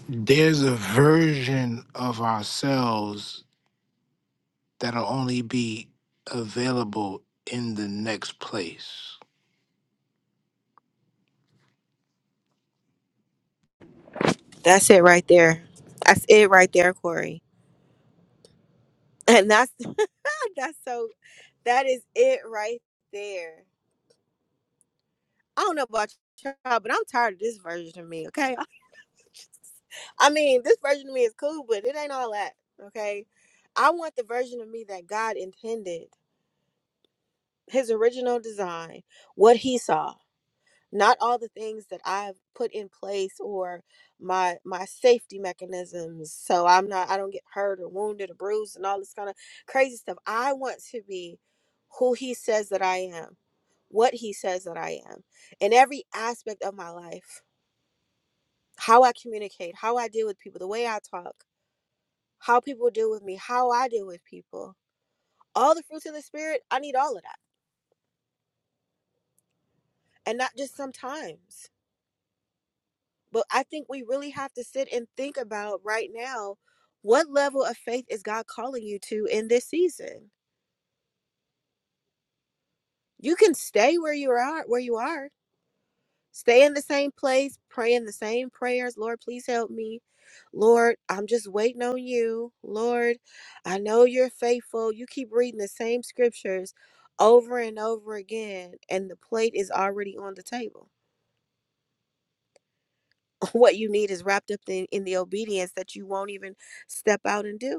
B: there's a version of ourselves that'll only be available in the next place.
A: That's it right there. That's it right there, Corey. And that's that's so. That is it right there. I don't know about y'all, but I'm tired of this version of me. Okay, I mean, this version of me is cool, but it ain't all that. Okay, I want the version of me that God intended. his original design, what he saw, not all the things that I've put in place or my my safety mechanisms so I'm not I don't get hurt or wounded or bruised and all this kind of crazy stuff. I want to be who he says that I am, what he says that I am in every aspect of my life. How I communicate, how I deal with people, the way I talk, how people deal with me, how I deal with people. All the fruits of the spirit, I need all of that. And not just sometimes. But I think we really have to sit and think about right now what level of faith is God calling you to in this season? You can stay where you are, where you are. Stay in the same place, praying the same prayers. Lord, please help me. Lord, I'm just waiting on you. Lord, I know you're faithful. You keep reading the same scriptures over and over again, and the plate is already on the table. What you need is wrapped up in, in the obedience that you won't even step out and do.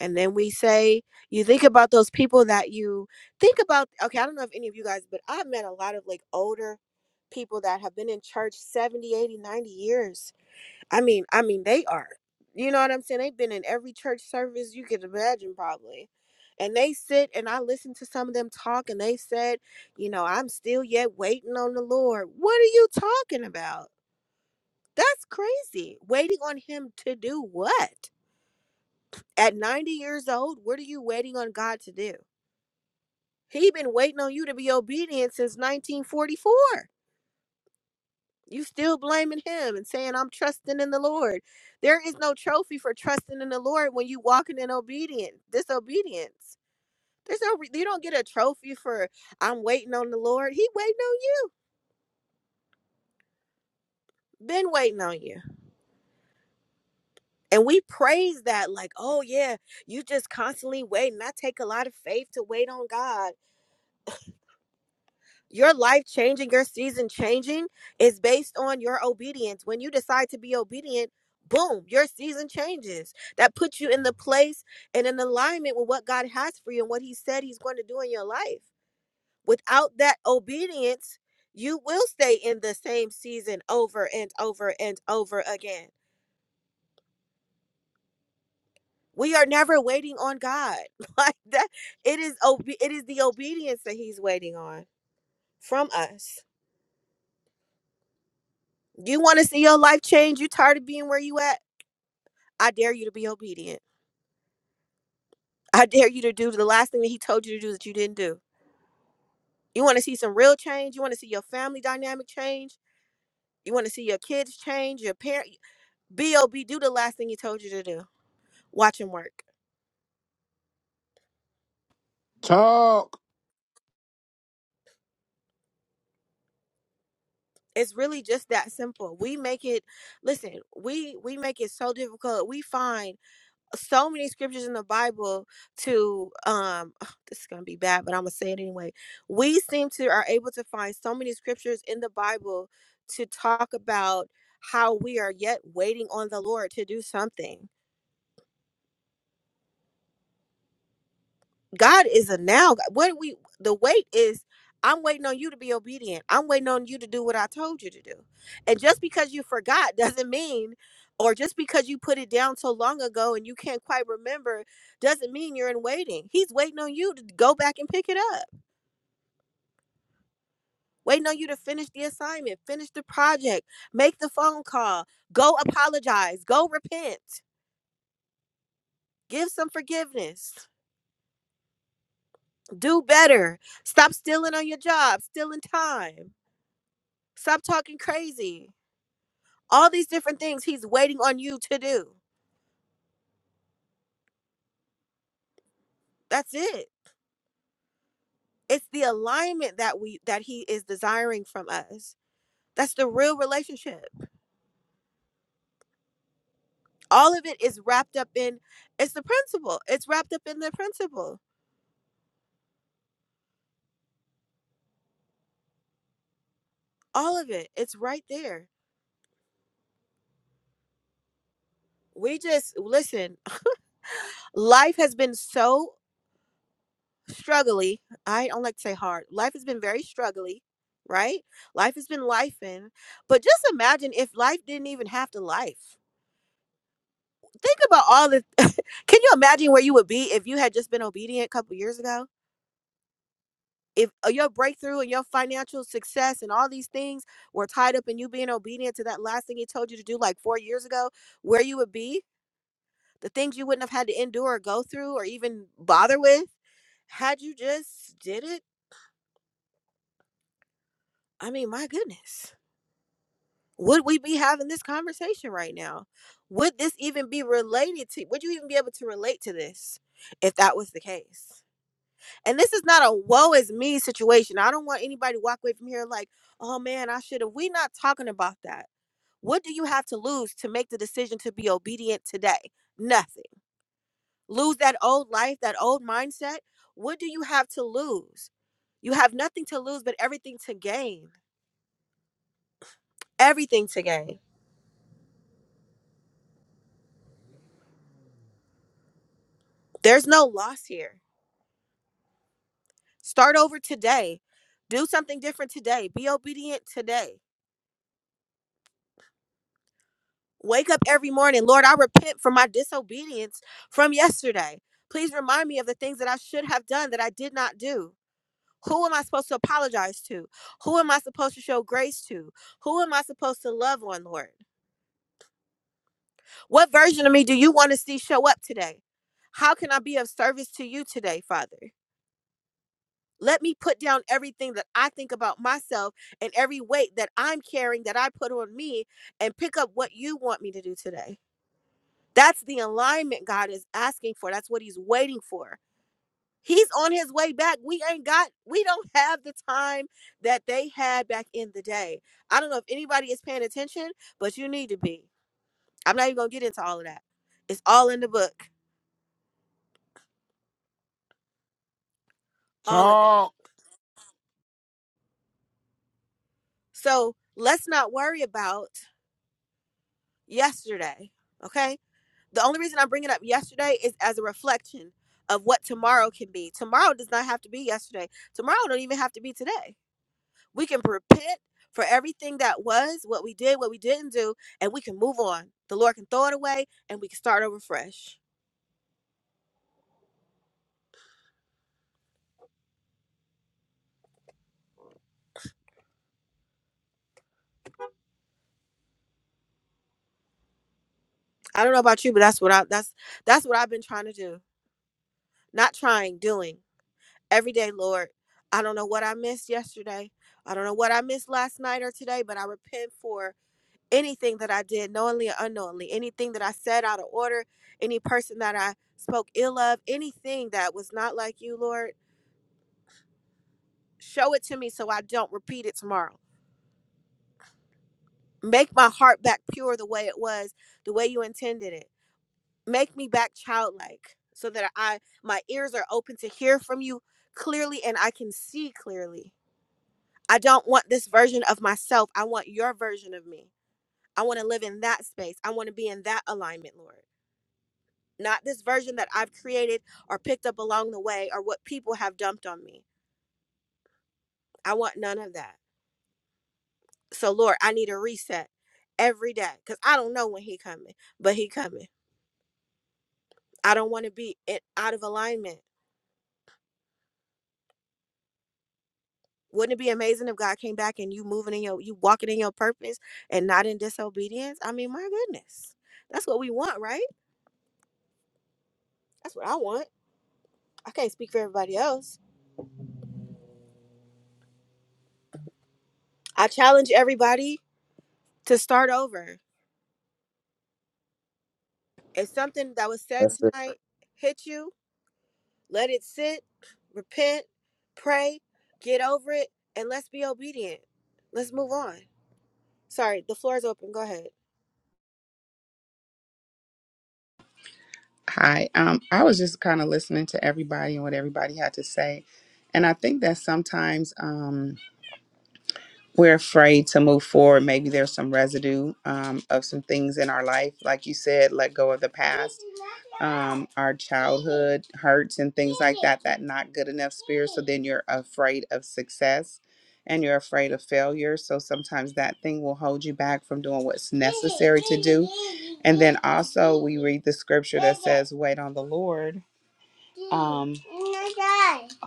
A: And then we say, you think about those people that you think about. Okay, I don't know if any of you guys, but I've met a lot of like older people that have been in church 70, 80, ninety years. I mean, I mean, they are. You know what I'm saying? They've been in every church service you could imagine, probably. And they sit and I listen to some of them talk and they said, you know, I'm still yet waiting on the Lord. What are you talking about? That's crazy. Waiting on him to do what? At 90 years old, what are you waiting on God to do? He been waiting on you to be obedient since 1944. You still blaming him and saying I'm trusting in the Lord. There is no trophy for trusting in the Lord when you walking in obedience, disobedience. There's no re- you don't get a trophy for I'm waiting on the Lord. He waiting on you. Been waiting on you. And we praise that like, "Oh yeah, you just constantly waiting. I take a lot of faith to wait on God." your life changing, your season changing is based on your obedience. When you decide to be obedient, boom, your season changes. That puts you in the place and in alignment with what God has for you and what He said He's going to do in your life. Without that obedience, you will stay in the same season over and over and over again. We are never waiting on God. Like that it is obe- it is the obedience that he's waiting on from us. You want to see your life change? You tired of being where you at? I dare you to be obedient. I dare you to do the last thing that he told you to do that you didn't do. You want to see some real change? You want to see your family dynamic change? You want to see your kids change? Your parent be ob do the last thing he told you to do. Watch him work.
B: Talk,
A: It's really just that simple. We make it listen, we we make it so difficult. We find so many scriptures in the Bible to um oh, this is gonna be bad, but I'm gonna say it anyway. We seem to are able to find so many scriptures in the Bible to talk about how we are yet waiting on the Lord to do something. God is a now. God. What we the wait is I'm waiting on you to be obedient. I'm waiting on you to do what I told you to do. And just because you forgot doesn't mean or just because you put it down so long ago and you can't quite remember doesn't mean you're in waiting. He's waiting on you to go back and pick it up. Waiting on you to finish the assignment, finish the project, make the phone call, go apologize, go repent, give some forgiveness, do better, stop stealing on your job, stealing time Stop talking crazy. All these different things he's waiting on you to do. That's it. It's the alignment that we that he is desiring from us. That's the real relationship. All of it is wrapped up in it's the principle. It's wrapped up in the principle. All of it. It's right there. We just listen, life has been so struggly. I don't like to say hard. Life has been very struggly, right? Life has been life in. But just imagine if life didn't even have to life think about all the can you imagine where you would be if you had just been obedient a couple years ago if uh, your breakthrough and your financial success and all these things were tied up in you being obedient to that last thing he told you to do like four years ago where you would be the things you wouldn't have had to endure or go through or even bother with had you just did it i mean my goodness would we be having this conversation right now would this even be related to would you even be able to relate to this if that was the case And this is not a woe is me situation. I don't want anybody to walk away from here like, oh man, I should have. We're not talking about that. What do you have to lose to make the decision to be obedient today? Nothing. Lose that old life, that old mindset. What do you have to lose? You have nothing to lose, but everything to gain. Everything to gain. There's no loss here. Start over today. Do something different today. Be obedient today Wake up every morning. Lord, I repent for my disobedience from yesterday. Please remind me of the things that I should have done that I did not do. Who am I supposed to apologize to? Who am I supposed to show grace to? Who am I supposed to love on, Lord? What version of me do you want to see show up today? How can I be of service to you today, Father? Let me put down everything that I think about myself and every weight that I'm carrying that I put on me and pick up what you want me to do today. That's the alignment God is asking for. That's what he's waiting for. He's on his way back. We ain't got we don't have the time that they had back in the day. I don't know if anybody is paying attention, but you need to be. I'm not even going to get into all of that. It's all in the book, all of it.
B: talk.
A: So, let's not worry about yesterday, okay? The only reason I'm bringing up yesterday is as a reflection of what tomorrow can be. Tomorrow does not have to be yesterday. Tomorrow don't even have to be today We can repent for everything that was, what we did, what we didn't do, and we can move on. The Lord can throw it away and we can start over fresh. I don't know about you, but that's what I that's that's what I've been trying to do. Not trying, doing. Every day, Lord. I don't know what I missed yesterday. I don't know what I missed last night or today, but I repent for anything that I did knowingly or unknowingly, anything that I said out of order, any person that I spoke ill of, anything that was not like you, Lord. Show it to me so I don't repeat it tomorrow. Make my heart back pure the way it was, the way you intended it. Make me back childlike so that I my ears are open to hear from you clearly and I can see clearly. I don't want this version of myself. I want your version of me. I want to live in that space. I want to be in that alignment, Lord. Not this version that I've created or picked up along the way or what people have dumped on me. I want none of that. So Lord, I need a reset every day cuz I don't know when he coming, but he coming. I don't want to be in, out of alignment. Wouldn't it be amazing if God came back and you moving in your, you walking in your purpose and not in disobedience? I mean, my goodness, that's what we want, right? That's what I want. I can't speak for everybody else. I challenge everybody to start over. If something that was said
D: That's it.
A: tonight hit you, let it sit, repent, pray, get over it, and let's be obedient. Let's move on. Sorry, the floor is open. Go ahead.
C: Hi. Um, I was just kind of listening to everybody and what everybody had to say. And I think that sometimes um, we're afraid to move forward. Maybe there's some residue um, of some things in our life. Like you said, let go of the past, um, our childhood hurts and things like that, that not good enough spirit. So then you're afraid of success and you're afraid of failure. So sometimes that thing will hold you back from doing what's necessary to do. And then also, we read the scripture that says, Wait on the Lord um,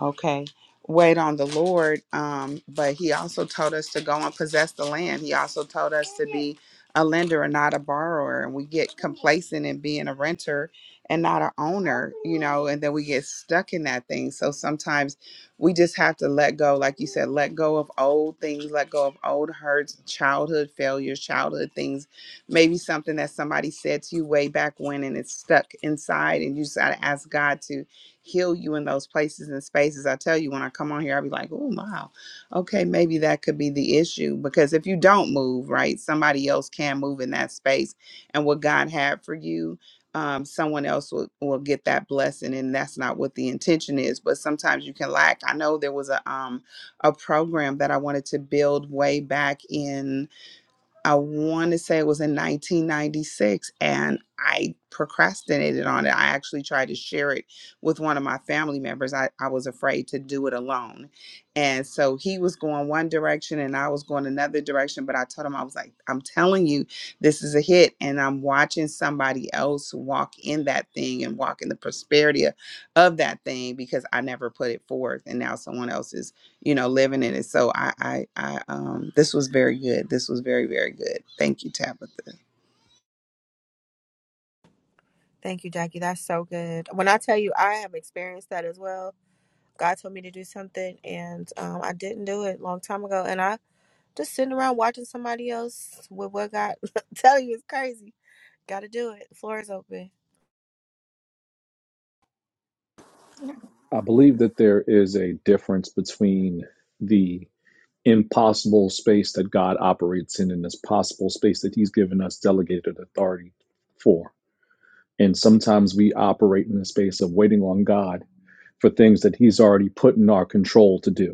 C: okay wait on the lord um but he also told us to go and possess the land he also told us to be a lender and not a borrower and we get complacent in being a renter and not an owner you know and then we get stuck in that thing so sometimes we just have to let go like you said let go of old things let go of old hurts childhood failures childhood things maybe something that somebody said to you way back when and it's stuck inside and you just got to ask god to heal you in those places and spaces. I tell you, when I come on here, I'll be like, oh, wow, okay, maybe that could be the issue. Because if you don't move, right, somebody else can move in that space. And what God had for you, um, someone else will, will get that blessing. And that's not what the intention is. But sometimes you can lack. I know there was a, um, a program that I wanted to build way back in. I want to say it was in 1996, and I procrastinated on it. I actually tried to share it with one of my family members. I, I was afraid to do it alone. And so he was going one direction and I was going another direction. But I told him, I was like, I'm telling you, this is a hit. And I'm watching somebody else walk in that thing and walk in the prosperity of, of that thing because I never put it forth. And now someone else is you know, living in it. So I, I, I, um, this was very good. This was very, very good. Thank you, Tabitha.
A: Thank you, Jackie. That's so good. When I tell you, I have experienced that as well. God told me to do something, and um, I didn't do it a long time ago. And I just sitting around watching somebody else with what God tell you is crazy. Got to do it. Floor is open.
L: I believe that there is a difference between the impossible space that God operates in and this possible space that He's given us delegated authority for And sometimes we operate in the space of waiting on God for things that He's already put in our control to do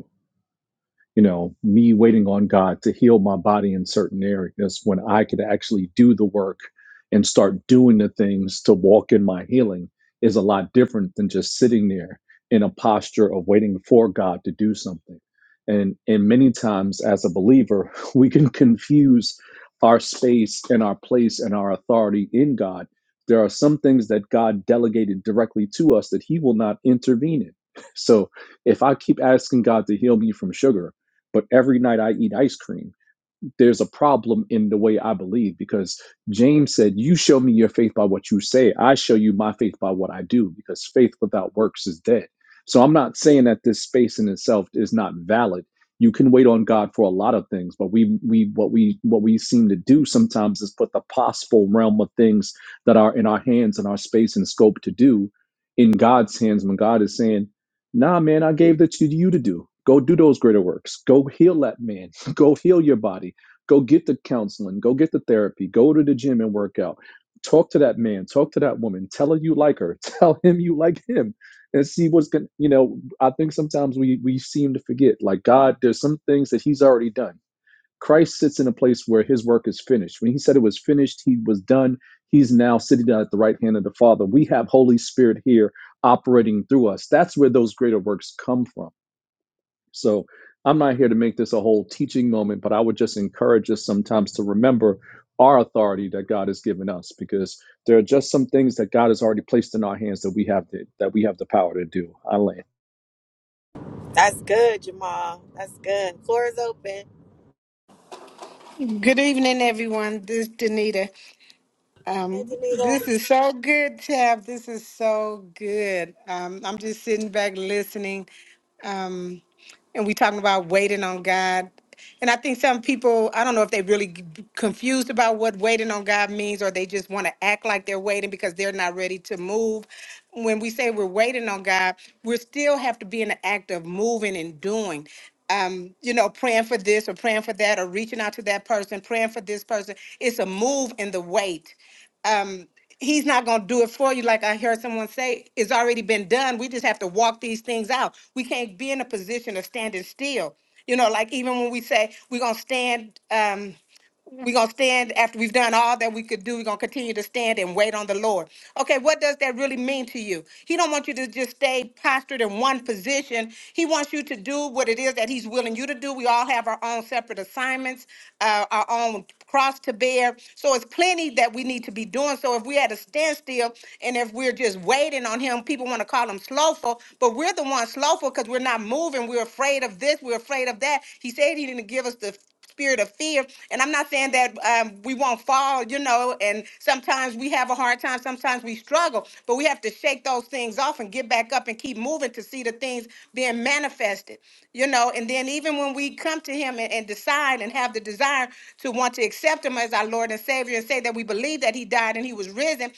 L: you know, me waiting on God to heal my body in certain areas when I could actually do the work and start doing the things to walk in my healing is a lot different than just sitting there in a posture of waiting for God to do something. And and many times as a believer, we can confuse our space and our place and our authority in God. There are some things that God delegated directly to us that he will not intervene in. So if I keep asking God to heal me from sugar, but every night I eat ice cream there's a problem in the way I believe because James said, You show me your faith by what you say. I show you my faith by what I do because faith without works is dead. So I'm not saying that this space in itself is not valid. You can wait on God for a lot of things, but we we what we what we seem to do sometimes is put the possible realm of things that are in our hands and our space and scope to do in God's hands when God is saying, nah, man, I gave that to you to do. Go do those greater works. Go heal that man. Go heal your body Go get the counseling, go get the therapy, go to the gym and work out. Talk to that man, talk to that woman, tell her you like her, tell him you like him, and see what's going to, you know. I think sometimes we, we seem to forget, like, God, there's some things that He's already done. Christ sits in a place where His work is finished. When He said it was finished, He was done. He's now sitting down at the right hand of the Father. We have Holy Spirit here operating through us. That's where those greater works come from so I'm not here to make this a whole teaching moment, but I would just encourage us sometimes to remember our authority that God has given us because there are just some things that God has already placed in our hands that we have to, that we have the power to do. I land.
A: That's good, Jamal. That's good. Floor is open.
M: Good evening, everyone. This is Danita.
A: Hey,
M: Um, this
A: Danita.
M: is so good, Tab. This is so good. Um, I'm just sitting back listening. Um, and we talking about waiting on God. And I think some people, I don't know if they really g- confused about what waiting on God means, or they just want to act like they're waiting because they're not ready to move. When we say we're waiting on God, we still have to be in the act of moving and doing. Um, you know, praying for this or praying for that or reaching out to that person, praying for this person. It's a move in the wait um he's not going to do it for you like i heard someone say it's already been done we just have to walk these things out we can't be in a position of standing still you know like even when we say we're going to stand um we're going to stand after we've done all that we could do. We're going to continue to stand and wait on the Lord. Okay, what does that really mean to you? He don't want you to just stay postured in one position. He wants you to do what it is that he's willing you to do. We all have our own separate assignments, uh, our own cross to bear. So it's plenty that we need to be doing. So if we're at a standstill and if we're just waiting on him, people want to call him slowful, but we're the ones slowful because we're not moving. We're afraid of this. We're afraid of that. He said he didn't give us the spirit of fear. And I'm not saying that um, we won't fall, you know, and sometimes we have a hard time, sometimes we struggle, but we have to shake those things off and get back up and keep moving to see the things being manifested, you know. And then even when we come to Him and, and decide and have the desire to want to accept Him as our Lord and Savior and say that we believe that He died and He was risen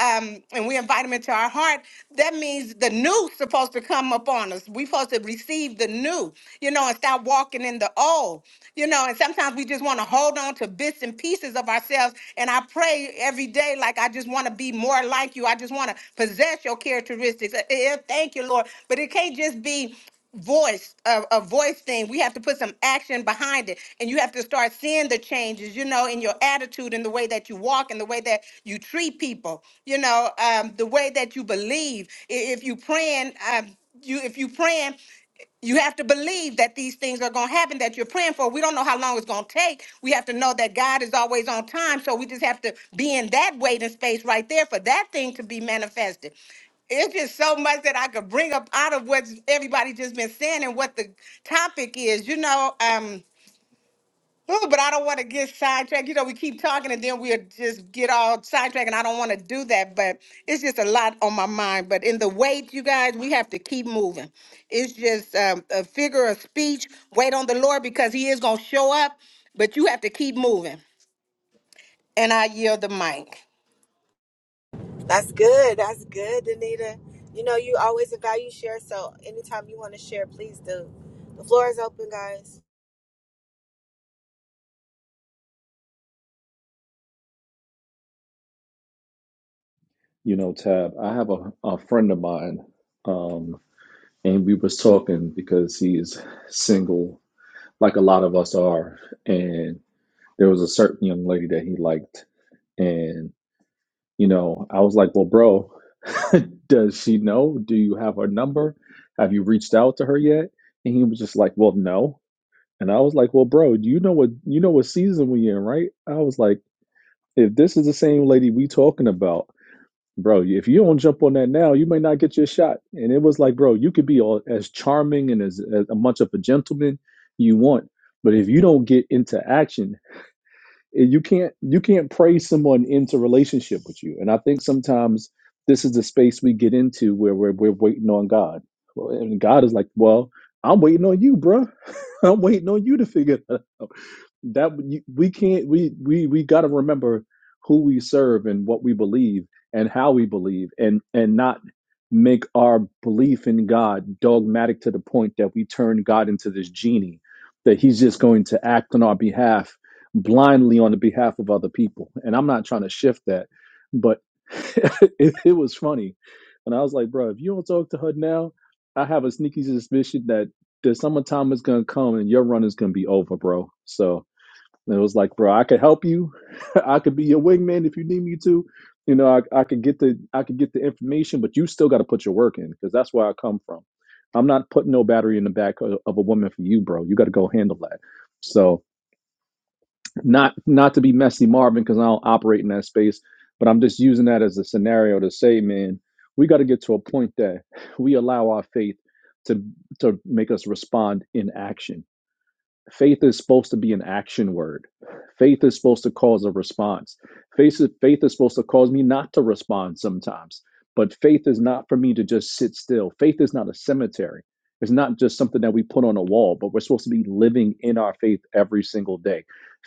M: um, and we invite them into our heart, that means the new's supposed to come upon us. We're supposed to receive the new, you know, and stop walking in the old, you know. And sometimes we just want to hold on to bits and pieces of ourselves. And I pray every day, like, I just want to be more like you. I just want to possess your characteristics. Eh, eh, eh, Thank you, Lord. But it can't just be voice a, a voice thing we have to put some action behind it and you have to start seeing the changes you know in your attitude in the way that you walk in the way that you treat people you know um the way that you believe I- if you praying um you if you praying you have to believe that these things are going to happen that you're praying for. We don't know how long it's going to take. We have to know that God is always on time. So we just have to be in that waiting space right there for that thing to be manifested it's just so much that I could bring up out of what everybody just been saying and what the topic is, you know. Um, ooh, but I don't want to get sidetracked. You know, we keep talking and then we'll just get all sidetracked, and I don't want to do that. But it's just a lot on my mind. But in the wait, you guys, we have to keep moving. It's just um, a figure of speech. Wait on the Lord because He is gonna show up, but you have to keep moving. And I yield the mic.
A: That's good. That's good, Danita. You know, you always a value share, so anytime you want to share, please do. The floor is open, guys.
L: You know, Tab, I have a, a friend of mine, um, and we was talking because he is single, like a lot of us are, and there was a certain young lady that he liked, and you know, I was like, well, bro, Does she know? Do you have her number? Have you reached out to her yet? And he was just like, Well, no. And I was like, Well, bro, you know what you know what season we in, right? I was like, if this is the same lady we talking about, bro, if you don't jump on that now, you may not get your shot. And it was like, bro, you could be all, as charming and as, as much of a gentleman you want, but if you don't get into action eh, you can't you can't praise someone into relationship with you. And I think sometimes this is the space we get into where we're we're waiting on God. Well, And God is like, well, I'm waiting on you, bruh. I'm waiting on you to figure it out that you- we can't we we we got to remember who we serve and what we believe and how we believe and and not make our belief in God dogmatic to the point that we turn God into this genie that he's just going to act on our behalf blindly on the behalf of other people and I'm not trying to shift that but it, it was funny and I was like bro if you don't talk to her now I have a sneaky suspicion that the summertime is gonna come and your run is gonna be over bro so and it was like, bro, I could help you. I could be your wingman if you need me to. You know, I, I could get the I could get the information, but you still got to put your work in because that's where I come from. I'm not putting no battery in the back of, of a woman for you, bro. You got to go handle that. So not not to be messy, Marvin, because I don't operate in that space, but I'm just using that as a scenario to say, man, we got to get to a point that we allow our faith to to make us respond in action faith is supposed to be an action word. Faith is supposed to cause a response. Faith is, faith is supposed to cause me not to respond sometimes. But faith is not for me to just sit still. Faith is not a cemetery. It's not just something that we put on a wall, but we're supposed to be living in our faith every single day.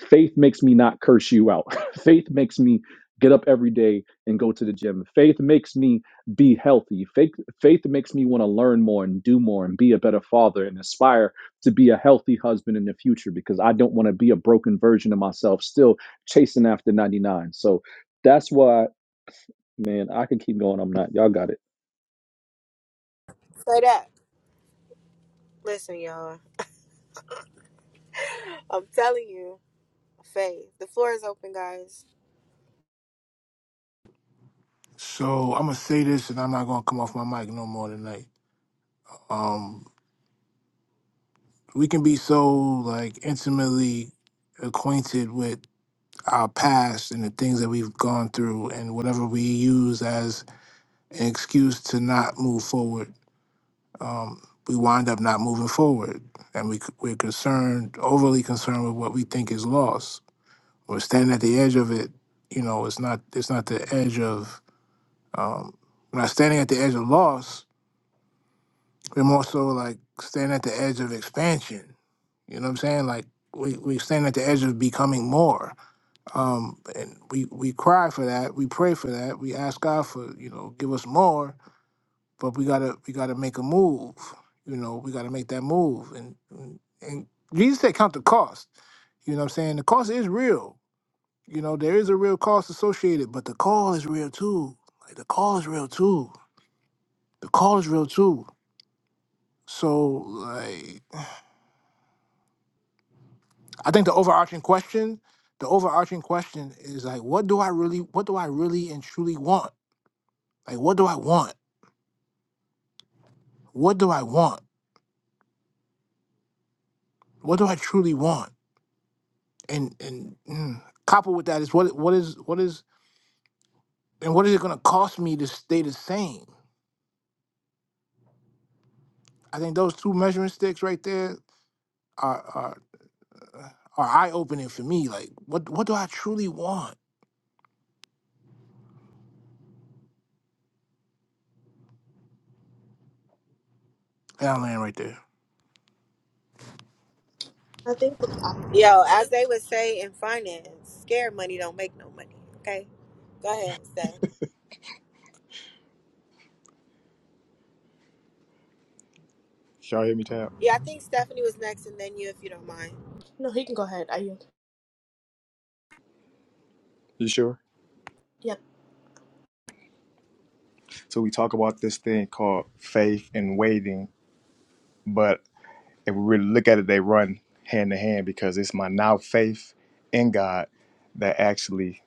L: Faith makes me not curse you out. faith makes me get up every day and go to the gym. Faith makes me be healthy. Faith, faith makes me want to learn more and do more and be a better father and aspire to be a healthy husband in the future because I don't want to be a broken version of myself still chasing after 99. So that's why, man, I can keep going. I'm not. Y'all got it.
A: Say that. Listen, y'all. I'm telling you. Faye, the floor is open, guys.
B: So I'm gonna say this, and I'm not gonna come off my mic no more tonight. Um, we can be so like intimately acquainted with our past and the things that we've gone through, and whatever we use as an excuse to not move forward, um, we wind up not moving forward, and we c- we're concerned, overly concerned with what we think is lost. or standing at the edge of it, you know, it's not it's not the edge of um we're not standing at the edge of loss, we're more so like standing at the edge of expansion. You know what I'm saying? Like we we stand at the edge of becoming more. Um and we we cry for that, we pray for that, we ask God for, you know, give us more, but we gotta we gotta make a move. You know, we gotta make that move. And and and Jesus said count the cost. You know what I'm saying? The cost is real You know, there is a real cost associated, but the call is real too. Like the call is real too. The call is real too. So like I think the overarching question, the overarching question is like what do I really what do I really and truly want? Like what do I want? What do I want? What do I truly want? And and mm, coupled with that is what what is what is and what is it gonna cost me to stay the same? I think those two measuring sticks right there are are eye opening for me. Like, what what do I truly want? And I land right there.
A: Yo, as they would say in finance, scared money don't make no money. Okay, go ahead, Steph.
D: Y'all hear me, Tab?
A: Yeah, I think Stephanie was next, and then you, if you don't mind.
H: No, you.
D: You sure?
H: Yep.
D: So we talk about this thing called faith and waiting, but If we really look at it, they run hand in hand because it's my now faith in God that actually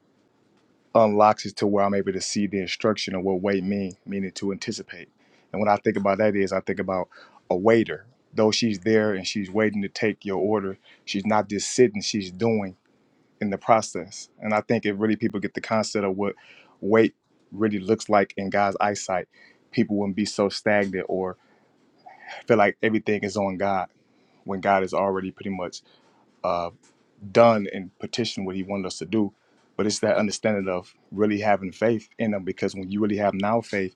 D: unlocks it to where I'm able to see the instruction of what wait mean, meaning to anticipate. And when I think about that is I think about a waiter. Though she's there and she's waiting to take your order, she's not just sitting, she's doing in the process. And I think if really people get the concept of what wait really looks like in God's eyesight, people wouldn't be so stagnant or feel like everything is on God when God is already pretty much uh, done and petitioned what he wanted us to do. But it's that understanding of really having faith in them because when you really have now faith,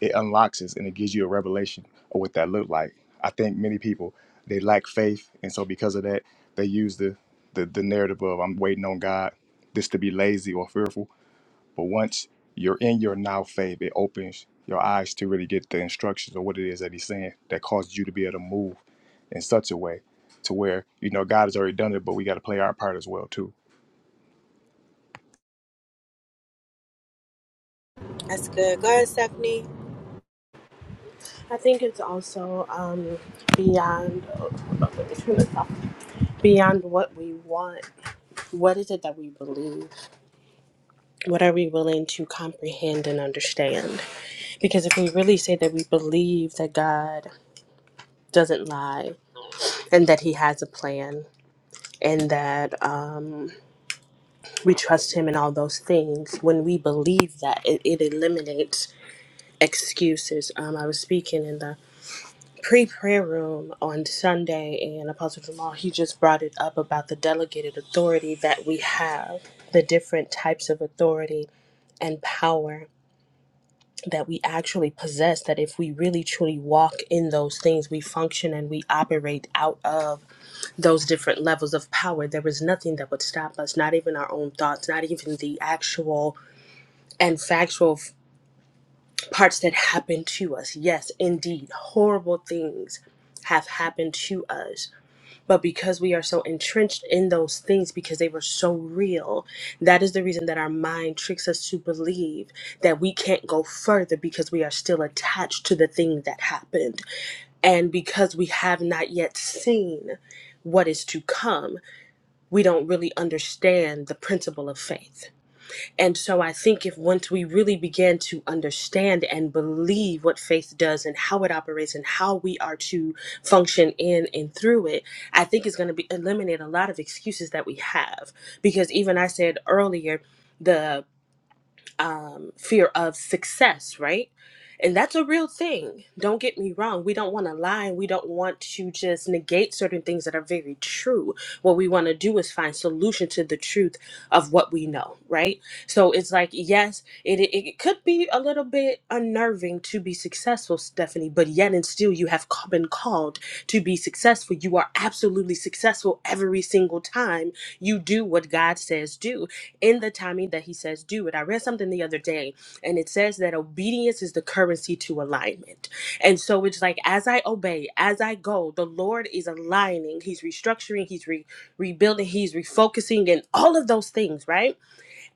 D: it unlocks us and it gives you a revelation of what that looked like. I think many people they lack faith, and so because of that, they use the the, the narrative of I'm waiting on God, this to be lazy or fearful but once you're in your now faith, it opens your eyes to really get the instructions or what it is that he's saying that causes you to be able to move in such a way to where, you know, God has already done it, but we got to play our part as well, too.
A: That's good. Go ahead, Stephanie.
H: I think it's also um, beyond Oh, hold on, let me turn this off. beyond what we want. What is it that we believe? What are we willing to comprehend and understand? Because if we really say that we believe that God doesn't lie and that He has a plan and that um, we trust Him in all those things, when we believe that, it, it eliminates excuses. Um, I was speaking in the pre prayer room on Sunday, and Apostle Jamal, he just brought it up about the delegated authority that we have, the different types of authority and power that we actually possess that if we really truly walk in those things we function and we operate out of those different levels of power there is nothing that would stop us not even our own thoughts not even the actual and factual f- parts that happen to us yes indeed horrible things have happened to us but because we are so entrenched in those things, because they were so real, that is the reason that our mind tricks us to believe that we can't go further because we are still attached to the thing that happened. And because we have not yet seen what is to come, we don't really understand the principle of faith. And so I think if once we really began to understand and believe what faith does and how it operates and how we are to function in and through it, I think it's going to be eliminate a lot of excuses that we have. Because even I said earlier, the um, fear of success, right? And that's a real thing. Don't get me wrong. We don't want to lie and we don't want to just negate certain things that are very true. What we want to do is find solution to the truth of what we know, right? So it's like, yes, it, it, it could be a little bit unnerving to be successful, Stephanie, but yet and still you have ca- been called to be successful. You are absolutely successful every single time you do what God says do in the timing that he says do it. I read something the other day and it says that obedience is the currency to alignment. And so it's like as I obey, as I go, the Lord is aligning, he's restructuring, he's re- rebuilding, he's refocusing and all of those things, right?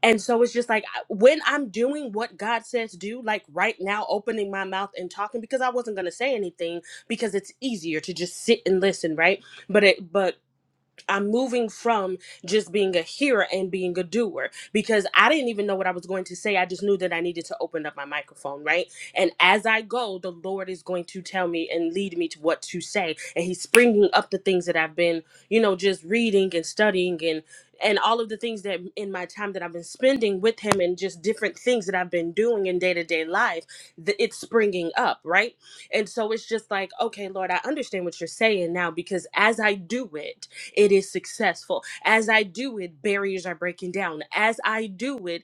H: And so it's just like I- when I'm doing what God says do, like right now opening my mouth and talking because I wasn't going to say anything because it's easier to just sit and listen, right? But it but I'm moving from just being a hearer and being a doer because I didn't even know what I was going to say. I just knew that I needed to open up my microphone, right? And as I go, the Lord is going to tell me and lead me to what to say. And He's springing up the things that I've been, you know, just reading and studying and and all of the things that in my time that I've been spending with him and just different things that I've been doing in day-to-day life that it's springing up, right? And so it's just like, okay, Lord, I understand what you're saying now because as I do it, it is successful. As I do it, barriers are breaking down. As I do it,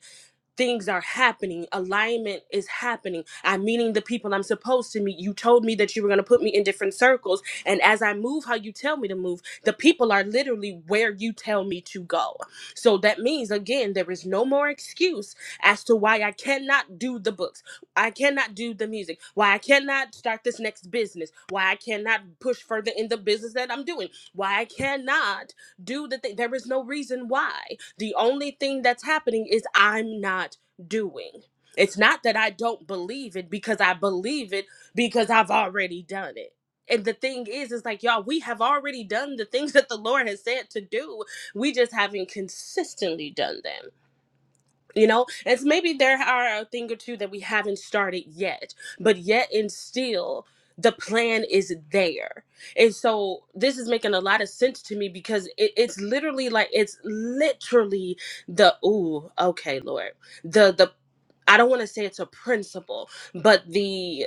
H: things are happening alignment is happening i'm meeting the people i'm supposed to meet you told me that you were going to put me in different circles and as i move how you tell me to move the people are literally where you tell me to go so that means again there is no more excuse as to why i cannot do the books i cannot do the music why i cannot start this next business why i cannot push further in the business that i'm doing why i cannot do the thing there is no reason why the only thing that's happening is I'm not doing. It's not that I don't believe it because I believe it because I've already done it. And the thing is, is like, y'all, we have already done the things that the Lord has said to do. We just haven't consistently done them you know and so maybe there are a thing or two that we haven't started yet but yet and still the plan is there and so this is making a lot of sense to me because it, it's literally like it's literally the ooh okay lord the the i don't want to say it's a principle but the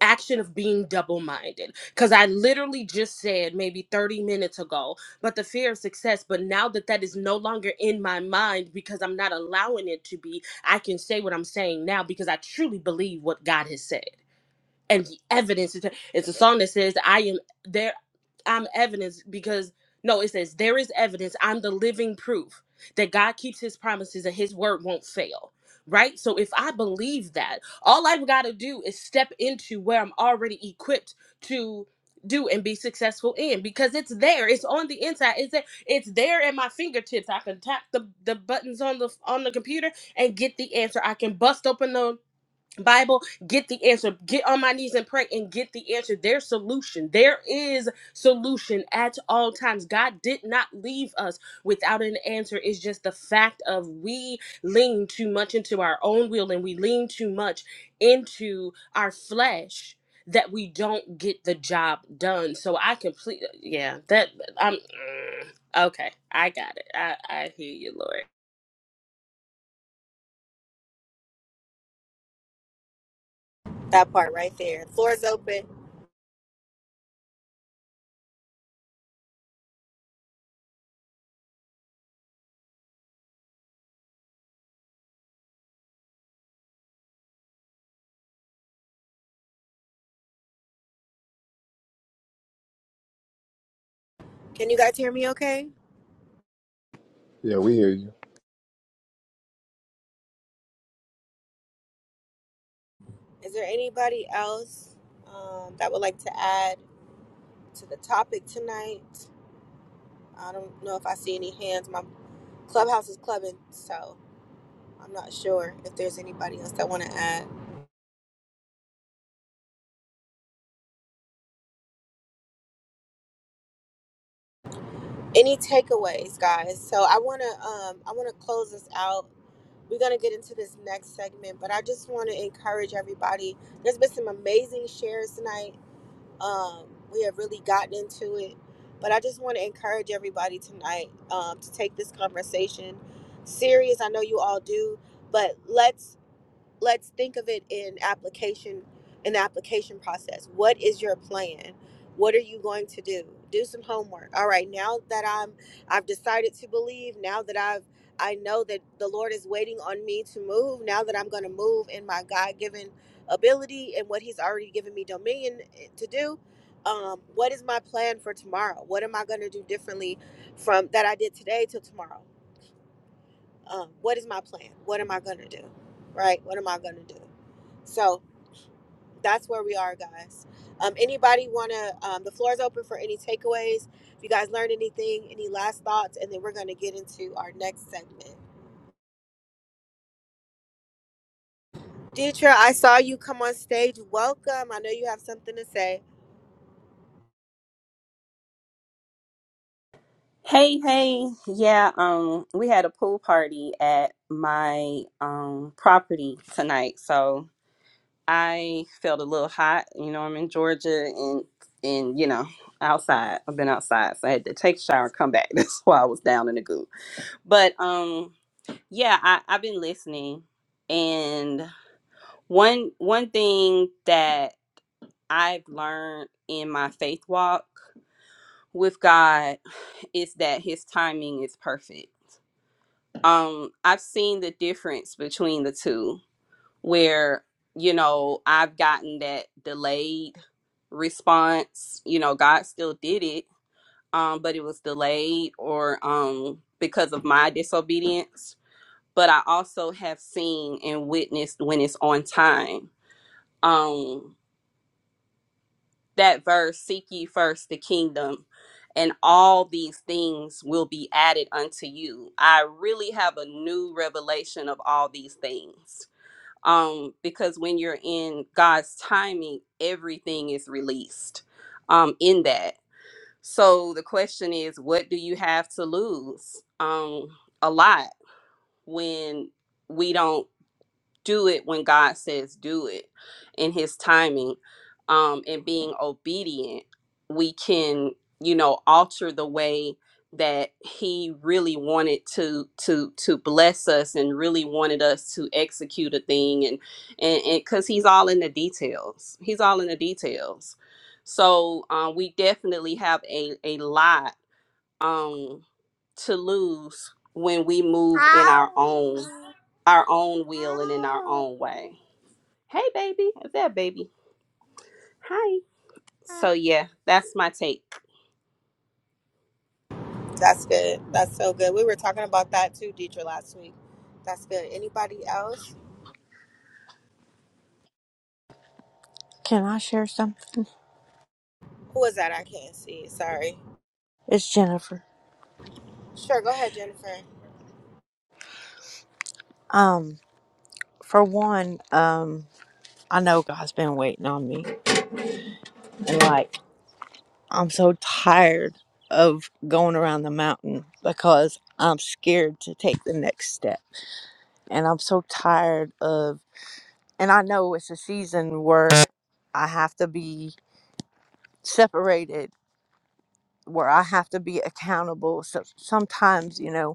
H: action of being double minded because I literally just said maybe 30 minutes ago, but the fear of success. But now that that is no longer in my mind because I'm not allowing it to be, I can say what I'm saying now because I truly believe what God has said and the evidence. It's a it's a song that says, I am there, I'm evidence because, no, it says, there is evidence. I'm the living proof that God keeps his promises and his word won't fail. Right? So if I believe that, all I've got to do is step into where I'm already equipped to do and be successful in because it's there it's on the inside it's there it's there at my fingertips i can tap the, the buttons on the on the computer and get the answer i can bust open the Bible, get the answer. Get on my knees and pray and get the answer. There's solution. There is solution at all times. God did not leave us without an answer. It's just the fact of we lean too much into our own will and we lean too much into our flesh that we don't get the job done. So I completely yeah, that I'm mm, okay. I got it. I I hear you, Lord.
A: That part right there. Floor is open. Can you guys hear me? Okay.
D: Yeah, we hear you.
A: Is there anybody else um, that would like to add to the topic tonight? I don't know if I see any hands. My clubhouse is clubbing, so I'm not sure if there's anybody else that want to add. Any takeaways, guys? So I want to um, I want to close this out. We're gonna get into this next segment, but I just want to encourage everybody. There's been some amazing shares tonight. Um, we have really gotten into it, but I just want to encourage everybody tonight um, to take this conversation serious. I know you all do, but let's let's think of it in application in the application process what is your plan what are you going to do do some homework all right now that i'm i've decided to believe now that i've i know that the lord is waiting on me to move now that i'm going to move in my god-given ability and what he's already given me dominion eh, to do um, what is my plan for tomorrow what am i going to do differently from that i did today till tomorrow um, what is my plan? What am I gonna do? Right? What am I gonna do? So that's where we are, guys. Um, anybody wanna? Um, the floor is open for any takeaways. If you guys learned anything, any last thoughts, and then we're gonna get into our next segment. Deidre, I saw you come on stage. Welcome. I know you have something to say.
N: Hey, hey. Yeah, um we had a pool party at my um property tonight. So I felt a little hot. You know, I'm in Georgia and and you know, outside. I've been outside. So I had to take a shower and come back. That's why I was down in the goo. But um yeah, I, I've been listening and one one thing that I've learned in my faith walk with God is that his timing is perfect um i've seen the difference between the two where you know i've gotten that delayed response you know god still did it um but it was delayed or um because of my disobedience but i also have seen and witnessed when it's on time um that verse seek ye first the kingdom and all these things will be added unto you i really have a new revelation of all these things um, because when you're in God's timing, everything is released um, in that. So the question is, what do you have to lose? Um, a lot when we don't do it when God says do it in his timing um and being obedient we can you know alter the way that he really wanted to to to bless us and really wanted us to execute a thing and and because he's all in the details he's all in the details so um, we definitely have a a lot um to lose when we move in our own
C: Ow.
N: our own will and in our
C: Ow.
N: own way. Hey, baby. Is that baby? Hi. So, yeah, that's my take.
A: That's good. That's so good. We were talking about that too, Deidre, last week. That's good. Anybody else?
O: Can I share something?
A: Who is that? I can't see. Sorry.
O: It's Jennifer.
A: Sure. Go ahead, Jennifer.
O: Um, for one, um, I know God's been waiting on me, and like I'm so tired of going around the mountain because I'm scared to take the next step, and I'm so tired of. And I know it's a season where I have to be separated, where I have to be accountable. So sometimes, you know,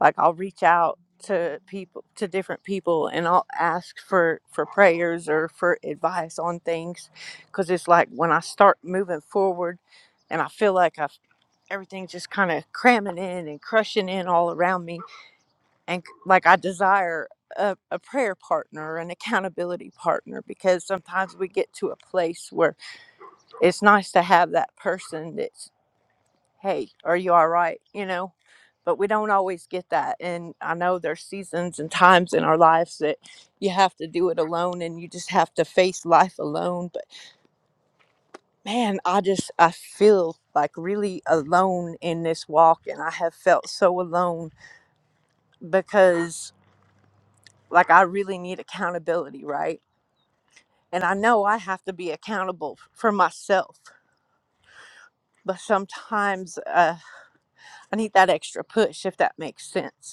O: like I'll reach out to people to different people and I'll ask for for prayers or for advice on things cuz it's like when I start moving forward and I feel like I've everything's just kind of cramming in and crushing in all around me and c- like I desire a, a prayer partner an accountability partner because sometimes we get to a place where it's nice to have that person hey, are you all right? You know, but we don't always get that. And I know there's seasons and times in our lives that you have to do it alone and you just have to face life alone. But man, I just, I feel like really alone in this walk. And I have felt so alone because like I really need accountability, right? And I know I have to be accountable for myself. But sometimes uh, I need that extra push, if that makes sense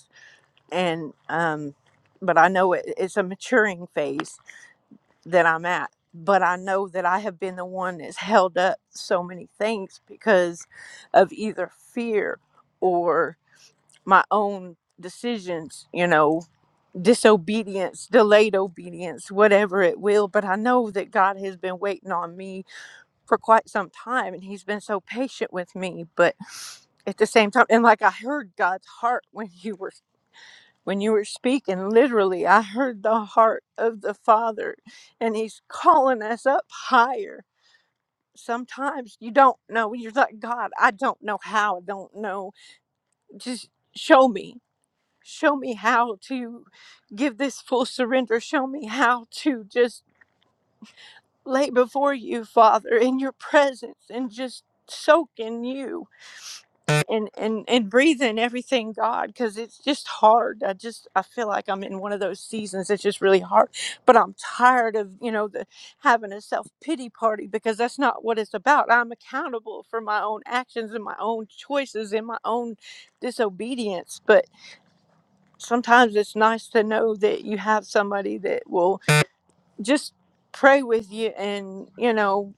O: and um but i know it, it's a maturing phase that i'm at but i know that i have been the one that's held up so many things because of either fear or my own decisions you know disobedience delayed obedience whatever it will but i know that god has been waiting on me for quite some time and he's been so patient with me but at the same time and like i heard god's heart when you were when you were speaking, literally, I heard the heart of the Father, and He's calling us up higher. Sometimes you don't know. You're like, God, I don't know how. I don't know. Just show me. Show me how to give this full surrender. Show me how to just lay before you, Father, in your presence and just soak in you. and and and breathe in everything god because it's just hard i just i feel like i'm in one of those seasons it's just really hard but i'm tired of you know the having a self-pity party because that's not what it's about i'm accountable for my own actions and my own choices and my own disobedience but sometimes it's nice to know that you have somebody that will just pray with you and you know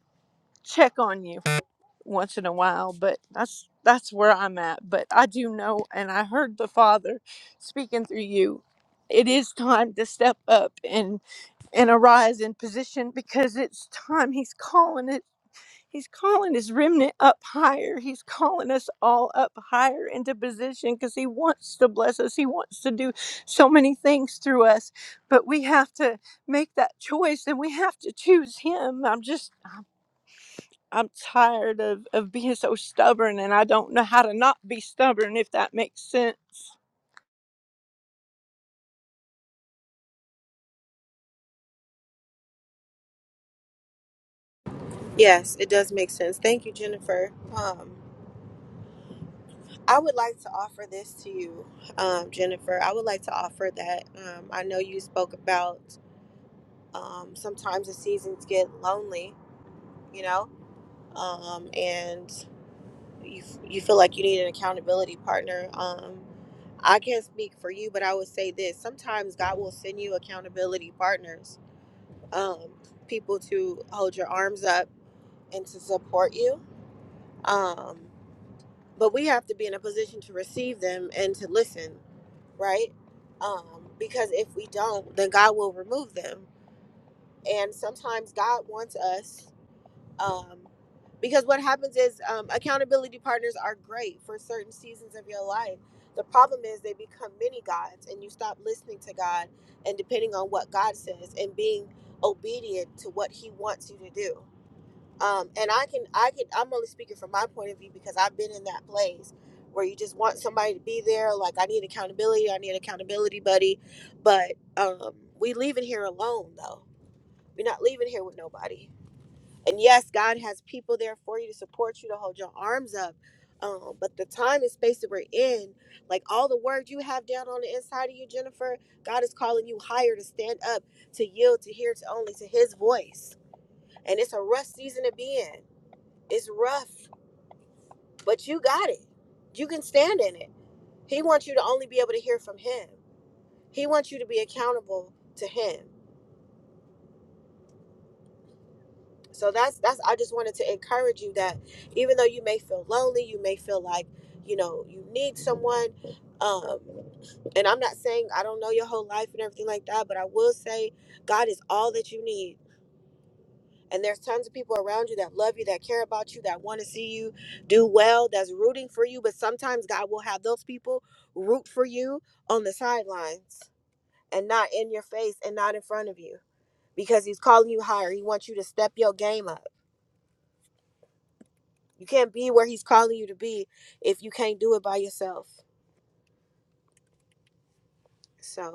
O: check on you once in a while, but that's that's where I'm at. But I do know and I heard the Father speaking through you. It is time to step up and and arise in position because it's time. He's calling it He's calling his remnant up higher. He's calling us all up higher into position because he wants to bless us. He wants to do so many things through us. But we have to make that choice and we have to choose him. I'm just I'm tired of, of being so stubborn and I don't know how to not be stubborn if that makes sense.
A: Yes, it does make sense. Thank you, Jennifer. Um, I would like to offer this to you, um, Jennifer. I would like to offer that. Um, I know you spoke about um, sometimes the seasons get lonely, you know, um, and you, you feel like you need an accountability partner. Um, I can't speak for you, but I would say this sometimes God will send you accountability partners, um, people to hold your arms up and to support you. Um, but we have to be in a position to receive them and to listen right um because if we don't then god will remove them and sometimes god wants us um because what happens is um, accountability partners are great for certain seasons of your life the problem is they become many gods and you stop listening to god and depending on what god says and being obedient to what he wants you to do um, and I can I can I'm only speaking from my point of view because I've been in that place where you just want somebody to be there. Like I need accountability, I need accountability buddy, but um, we leaving here alone though. We're not leaving here with nobody. And yes, God has people there for you to support you to hold your arms up. Um, but the time and space that we're in, like all the words you have down on the inside of you, Jennifer, God is calling you higher to stand up, to yield, to hear to only to His voice. And it's a rough season to be in it's rough, but you got it. You can stand in it. He wants you to only be able to hear from him. He wants you to be accountable to him. So that's that's I just wanted to encourage you that even though you may feel lonely, you may feel like, you know, you need someone um and I'm not saying I don't know your whole life and everything like that, but I will say God is all that you need. And there's tons of people around you that love you, that care about you, that want to see you do well, that's rooting for you. But sometimes God will have those people root for you on the sidelines and not in your face and not in front of you because He's calling you higher. He wants you to step your game up. You can't be where He's calling you to be if you can't do it by yourself. So.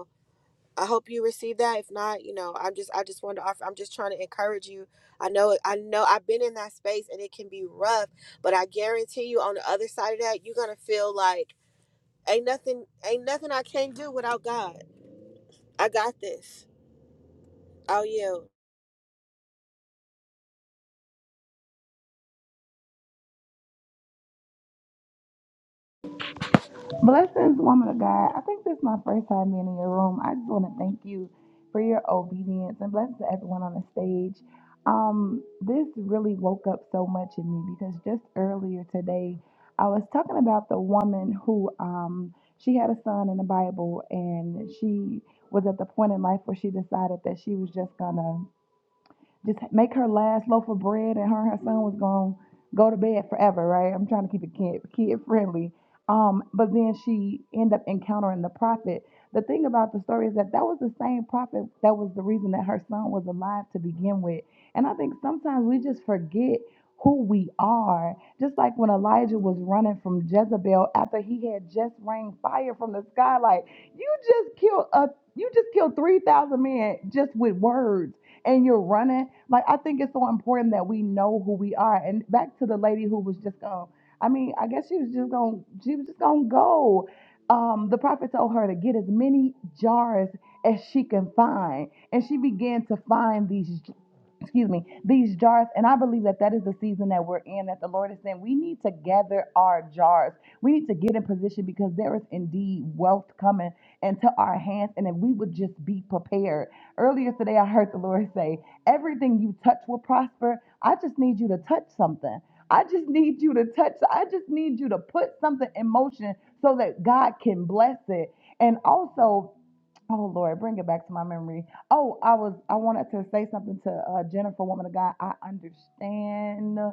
A: I hope you receive that. If not, you know, I'm just I just wanted to offer. I'm just trying to encourage you. I know I know I've been in that space and it can be rough, but I guarantee you on the other side of that, you're gonna feel like ain't nothing ain't nothing I can't do without God. I got this. Oh yeah.
P: Blessings, woman of God. I think this is my first time being in your room. I just want to thank you for your obedience and blessings to everyone on the stage. Um, this really woke up so much in me because just earlier today, I was talking about the woman who um she had a son in the Bible and she was at the point in life where she decided that she was just gonna just make her last loaf of bread and her and her son was going to go to bed forever right i'm trying to keep it kid, kid friendly um, but then she ended up encountering the prophet the thing about the story is that that was the same prophet that was the reason that her son was alive to begin with and i think sometimes we just forget who we are just like when elijah was running from jezebel after he had just rained fire from the sky like you just killed a you just killed 3000 men just with words and you're running. Like I think it's so important that we know who we are. And back to the lady who was just going. I mean, I guess she was just going. She was just going to go. Um, the prophet told her to get as many jars as she can find, and she began to find these excuse me, these jars. And I believe that that is the season that we're in, that the Lord is saying we need to gather our jars. We need to get in position because there is indeed wealth coming into our hands. And if we would just be prepared. Earlier today, I heard the Lord say, Everything you touch will prosper. I just need you to touch something. I just need you to touch. I just need you to put something in motion so that God can bless it. And also, Oh Lord, bring it back to my memory. Oh, I was I wanted to say something to uh, Jennifer, woman of God. I understand.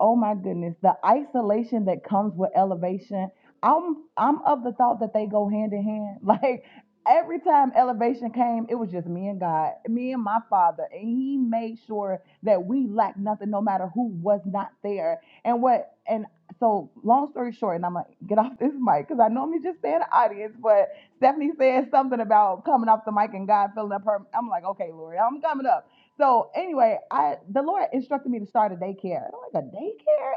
P: Oh my goodness, the isolation that comes with elevation. I'm I'm of the thought that they go hand in hand. Like every time elevation came, it was just me and God, me and my father, and he made sure that we lacked nothing no matter who was not there. And what and so long story short, and I'm gonna get off this mic because I normally just stay in the audience, but Stephanie said something about coming off the mic and God filling up her. I'm like, okay, Lori, I'm coming up. So anyway, I the Lord instructed me to start a daycare. And I'm like, a daycare?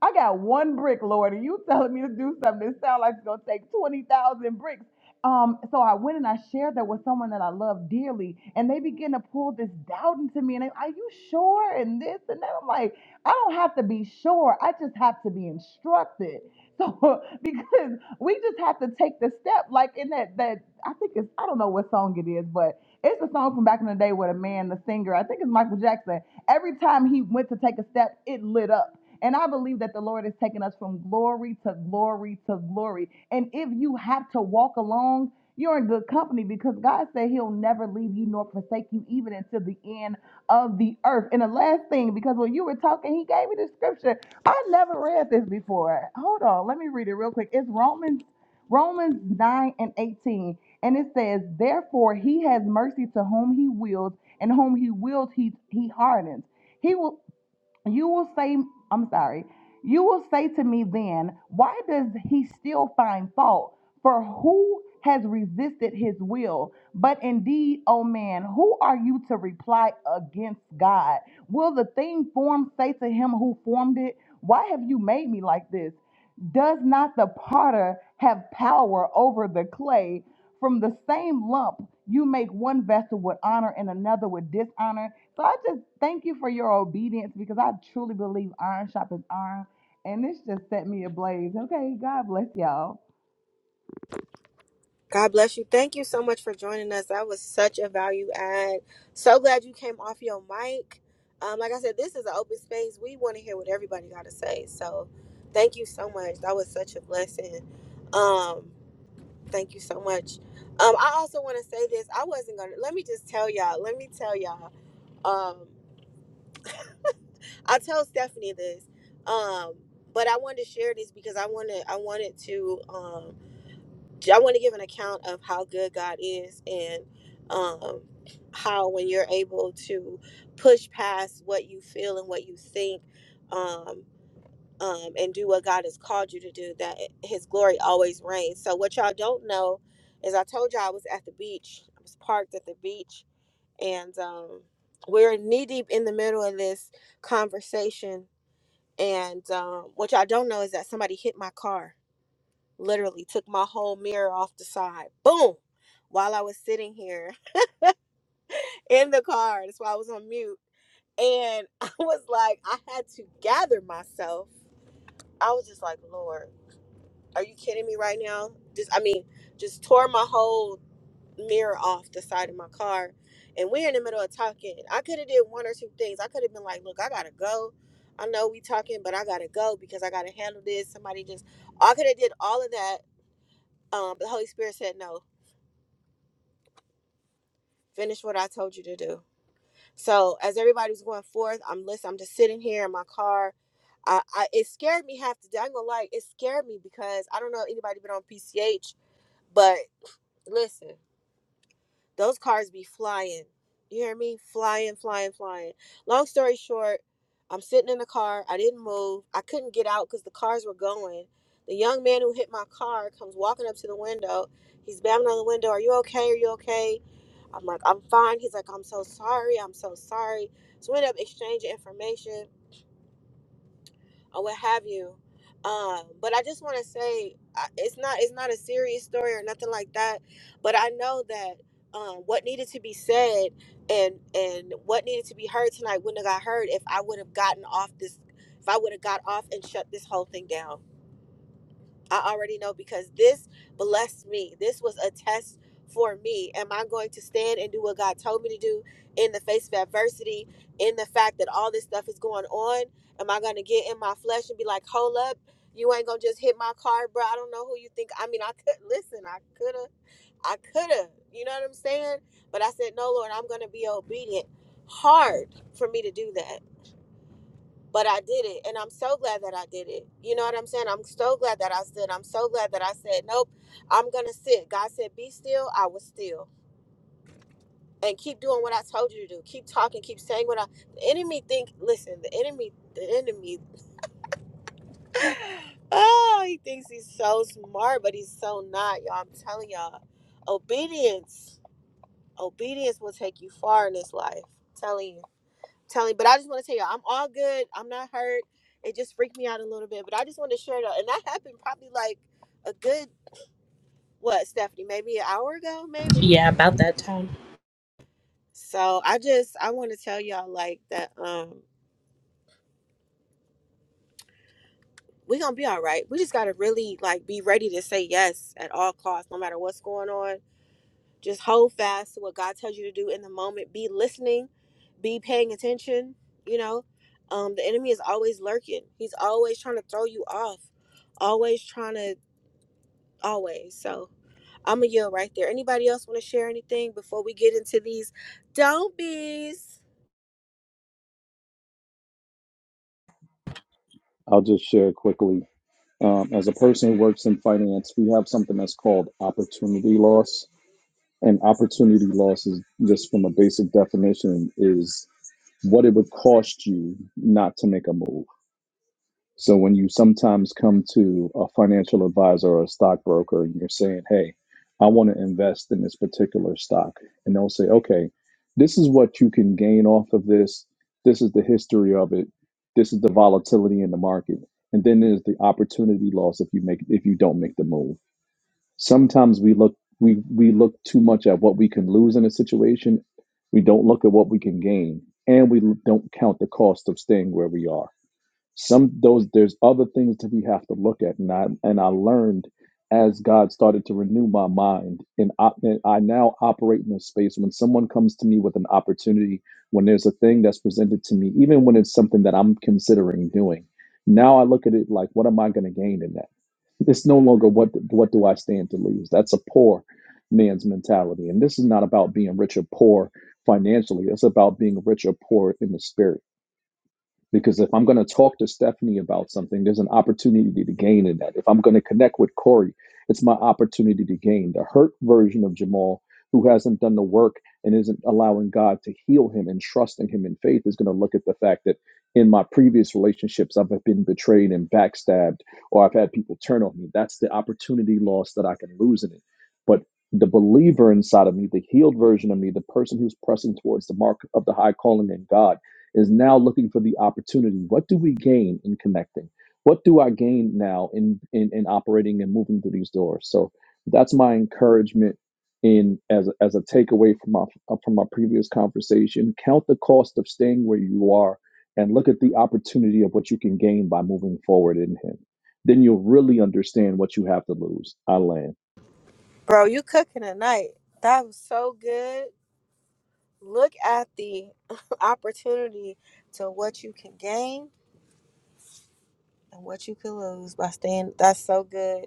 P: I got one brick, Lord, and you telling me to do something that sounds like it's gonna take twenty thousand bricks. Um, so I went and I shared that with someone that I love dearly, and they begin to pull this doubt into me. And they, are you sure? And this and that. I'm like, I don't have to be sure. I just have to be instructed. So because we just have to take the step, like in that that I think it's I don't know what song it is, but it's a song from back in the day with a man, the singer. I think it's Michael Jackson. Every time he went to take a step, it lit up. And I believe that the Lord is taking us from glory to glory to glory. And if you have to walk along, you're in good company because God said He'll never leave you nor forsake you, even until the end of the earth. And the last thing, because when you were talking, He gave me the scripture. I never read this before. Hold on, let me read it real quick. It's Romans, Romans 9 and 18. And it says, Therefore, He has mercy to whom He wills, and whom He wills, He, he hardens. He will. You will say, I'm sorry, you will say to me then, why does he still find fault? For who has resisted his will? But indeed, O man, who are you to reply against God? Will the thing formed say to him who formed it, Why have you made me like this? Does not the potter have power over the clay? From the same lump, you make one vessel with honor and another with dishonor. So I just thank you for your obedience because I truly believe iron sharpens iron. And this just set me ablaze. Okay, God bless y'all.
A: God bless you. Thank you so much for joining us. That was such a value add. So glad you came off your mic. Um, like I said, this is an open space. We want to hear what everybody got to say. So, thank you so much. That was such a blessing. Um, Thank you so much. Um, I also want to say this. I wasn't gonna. Let me just tell y'all. Let me tell y'all. Um, I told Stephanie this. Um, but I wanted to share this because I wanted. I wanted to. Um, j- I want to give an account of how good God is and um, how when you're able to push past what you feel and what you think. um, um, and do what God has called you to do, that His glory always reigns. So, what y'all don't know is I told y'all I was at the beach, I was parked at the beach, and um, we're knee deep in the middle of this conversation. And um, what y'all don't know is that somebody hit my car, literally took my whole mirror off the side, boom, while I was sitting here in the car. That's why I was on mute. And I was like, I had to gather myself. I was just like, Lord. Are you kidding me right now? Just I mean, just tore my whole mirror off the side of my car. And we're in the middle of talking. I could have did one or two things. I could have been like, look, I gotta go. I know we talking, but I gotta go because I gotta handle this. Somebody just I could have did all of that. Um, but the Holy Spirit said no. Finish what I told you to do. So as everybody was going forth, I'm listening, I'm just sitting here in my car. I, I it scared me half to day. I'm gonna lie, it scared me because I don't know anybody been on PCH, but listen. Those cars be flying. You hear me? Flying, flying, flying. Long story short, I'm sitting in the car. I didn't move. I couldn't get out because the cars were going. The young man who hit my car comes walking up to the window. He's banging on the window. Are you okay? Are you okay? I'm like, I'm fine. He's like, I'm so sorry. I'm so sorry. So we end up exchanging information or what have you. Um, but I just want to say I- it's not it's not a serious story or nothing like that. But I know that um, what needed to be said and and what needed to be heard tonight wouldn't have got heard if I would have gotten off this if I would have got off and shut this whole thing down. I already know because this blessed me. This was a test for me. Am I going to stand and do what God told me to do in the face of adversity, in the fact that all this stuff is going on? Am I going to get in my flesh and be like, hold up, you ain't going to just hit my car, bro? I don't know who you think. I mean, I could, listen, I could have, I could have, you know what I'm saying? But I said, no, Lord, I'm going to be obedient. Hard for me to do that but I did it. And I'm so glad that I did it. You know what I'm saying? I'm so glad that I stood. I'm so glad that I said, nope, I'm going to sit. God said, be still. I was still. And keep doing what I told you to do. Keep talking. Keep saying what I. The enemy think. Listen, the enemy, the enemy. oh, he thinks he's so smart, but he's so not, y'all. I'm telling y'all. Obedience. Obedience will take you far in this life. telling you. telling. But I just want to tell you, I'm all good. I'm not hurt. It just freaked me out a little bit, but I just wanted to share that. And that happened probably like a good what, Stephanie? Maybe an hour ago, maybe.
H: Yeah, about that time.
A: So I just I want to tell y'all like that. Um, we gonna be all right. We just gotta really like be ready to say yes at all costs, no matter what's going on. Just hold fast to what God tells you to do in the moment. Be listening, be paying attention. You know, um, the enemy is always lurking. He's always trying to throw you off always trying to always. So I'm going to yell right there. Anybody else want to share anything before we get into these don't bees?
L: I'll just share quickly. Um, as a person who works in finance, we have something that's called opportunity loss. And opportunity loss is just from a basic definition is what it would cost you not to make a move. So when you sometimes come to a financial advisor or a stockbroker and you're saying, "Hey, I want to invest in this particular stock," and they'll say, "Okay, this is what you can gain off of this. This is the history of it. This is the volatility in the market, and then there's the opportunity loss if you make if you don't make the move." Sometimes we look we we look too much at what we can lose in a situation. We don't look at what we can gain, and we don't count the cost of staying where we are some those there's other things that we have to look at and i and i learned as god started to renew my mind and I, and I now operate in a space when someone comes to me with an opportunity when there's a thing that's presented to me even when it's something that i'm considering doing now i look at it like what am i going to gain in that it's no longer what what do i stand to lose that's a poor man's mentality and this is not about being rich or poor financially it's about being rich or poor in the spirit because if I'm going to talk to Stephanie about something, there's an opportunity to gain in that. If I'm going to connect with Corey, it's my opportunity to gain. The hurt version of Jamal, who hasn't done the work and isn't allowing God to heal him and trusting him in faith, is going to look at the fact that in my previous relationships, I've been betrayed and backstabbed, or I've had people turn on me. That's the opportunity loss that I can lose in it. But the believer inside of me, the healed version of me, the person who's pressing towards the mark of the high calling in God, is now looking for the opportunity. What do we gain in connecting? What do I gain now in in, in operating and moving through these doors? So that's my encouragement in as a, as a takeaway from my uh, from my previous conversation. Count the cost of staying where you are, and look at the opportunity of what you can gain by moving forward in Him. Then you'll really understand what you have to lose. I land.
A: Bro, you cooking tonight. That was so good. Look at the opportunity to what you can gain and what you can lose by staying. That's so good.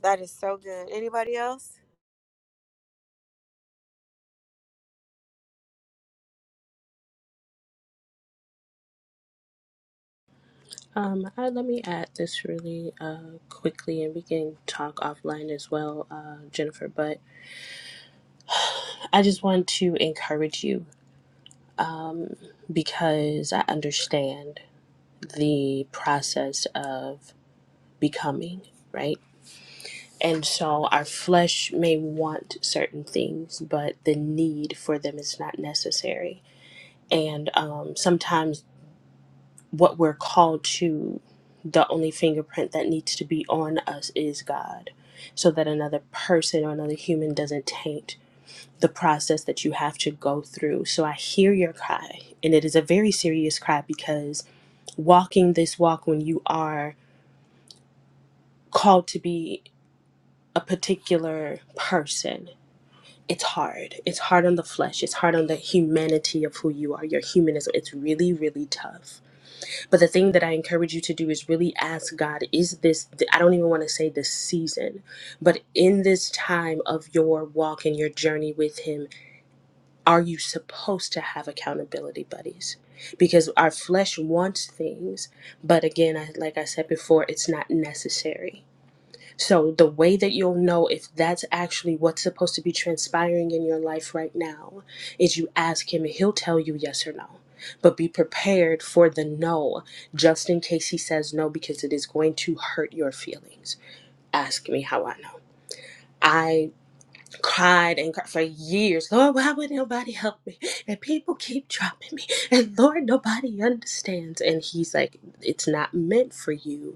A: That is so good. Anybody else?
H: Um, I, let me add this really uh, quickly, and we can talk offline as well, uh, Jennifer. But I just want to encourage you because I understand the process of becoming, right? And so our flesh may want certain things, but the need for them is not necessary. And um, sometimes what we're called to the only fingerprint that needs to be on us is god so that another person or another human doesn't taint the process that you have to go through so i hear your cry and it is a very serious cry because walking this walk when you are called to be a particular person it's hard it's hard on the flesh it's hard on the humanity of who you are your humanism it's really really tough But the thing that I encourage you to do is really ask God, is this, I don't even want to say this season, but in this time of your walk and your journey with Him, are you supposed to have accountability buddies? Because our flesh wants things, but again, I, like I said before, it's not necessary. So, the way that you'll know if that's actually what's supposed to be transpiring in your life right now is you ask him, and he'll tell you yes or no. But be prepared for the no, just in case he says no, because it is going to hurt your feelings. Ask me how I know. I cried and cried for years. Lord, why would nobody help me? And people keep dropping me. And Lord, nobody understands. And he's like, it's not meant for you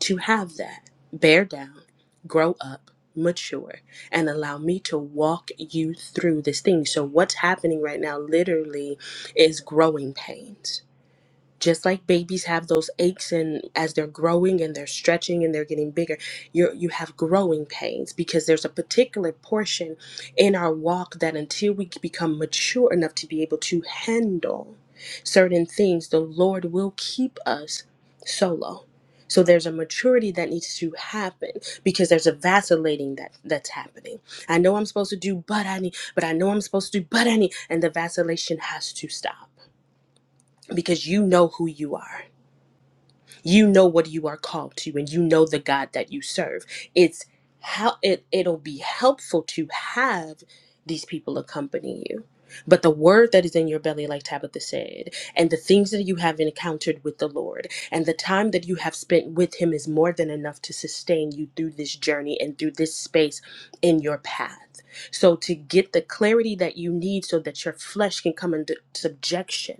H: to have that. Bear down, grow up, mature, and allow me to walk you through this thing. So, what's happening right now literally is growing pains just like babies have those aches and as they're growing and they're stretching and they're getting bigger you you have growing pains because there's a particular portion in our walk that until we become mature enough to be able to handle certain things the lord will keep us solo so there's a maturity that needs to happen because there's a vacillating that that's happening i know i'm supposed to do but i need but i know i'm supposed to do but i need and the vacillation has to stop because you know who you are you know what you are called to and you know the god that you serve it's how it, it'll be helpful to have these people accompany you but the word that is in your belly like tabitha said and the things that you have encountered with the lord and the time that you have spent with him is more than enough to sustain you through this journey and through this space in your path so to get the clarity that you need so that your flesh can come into subjection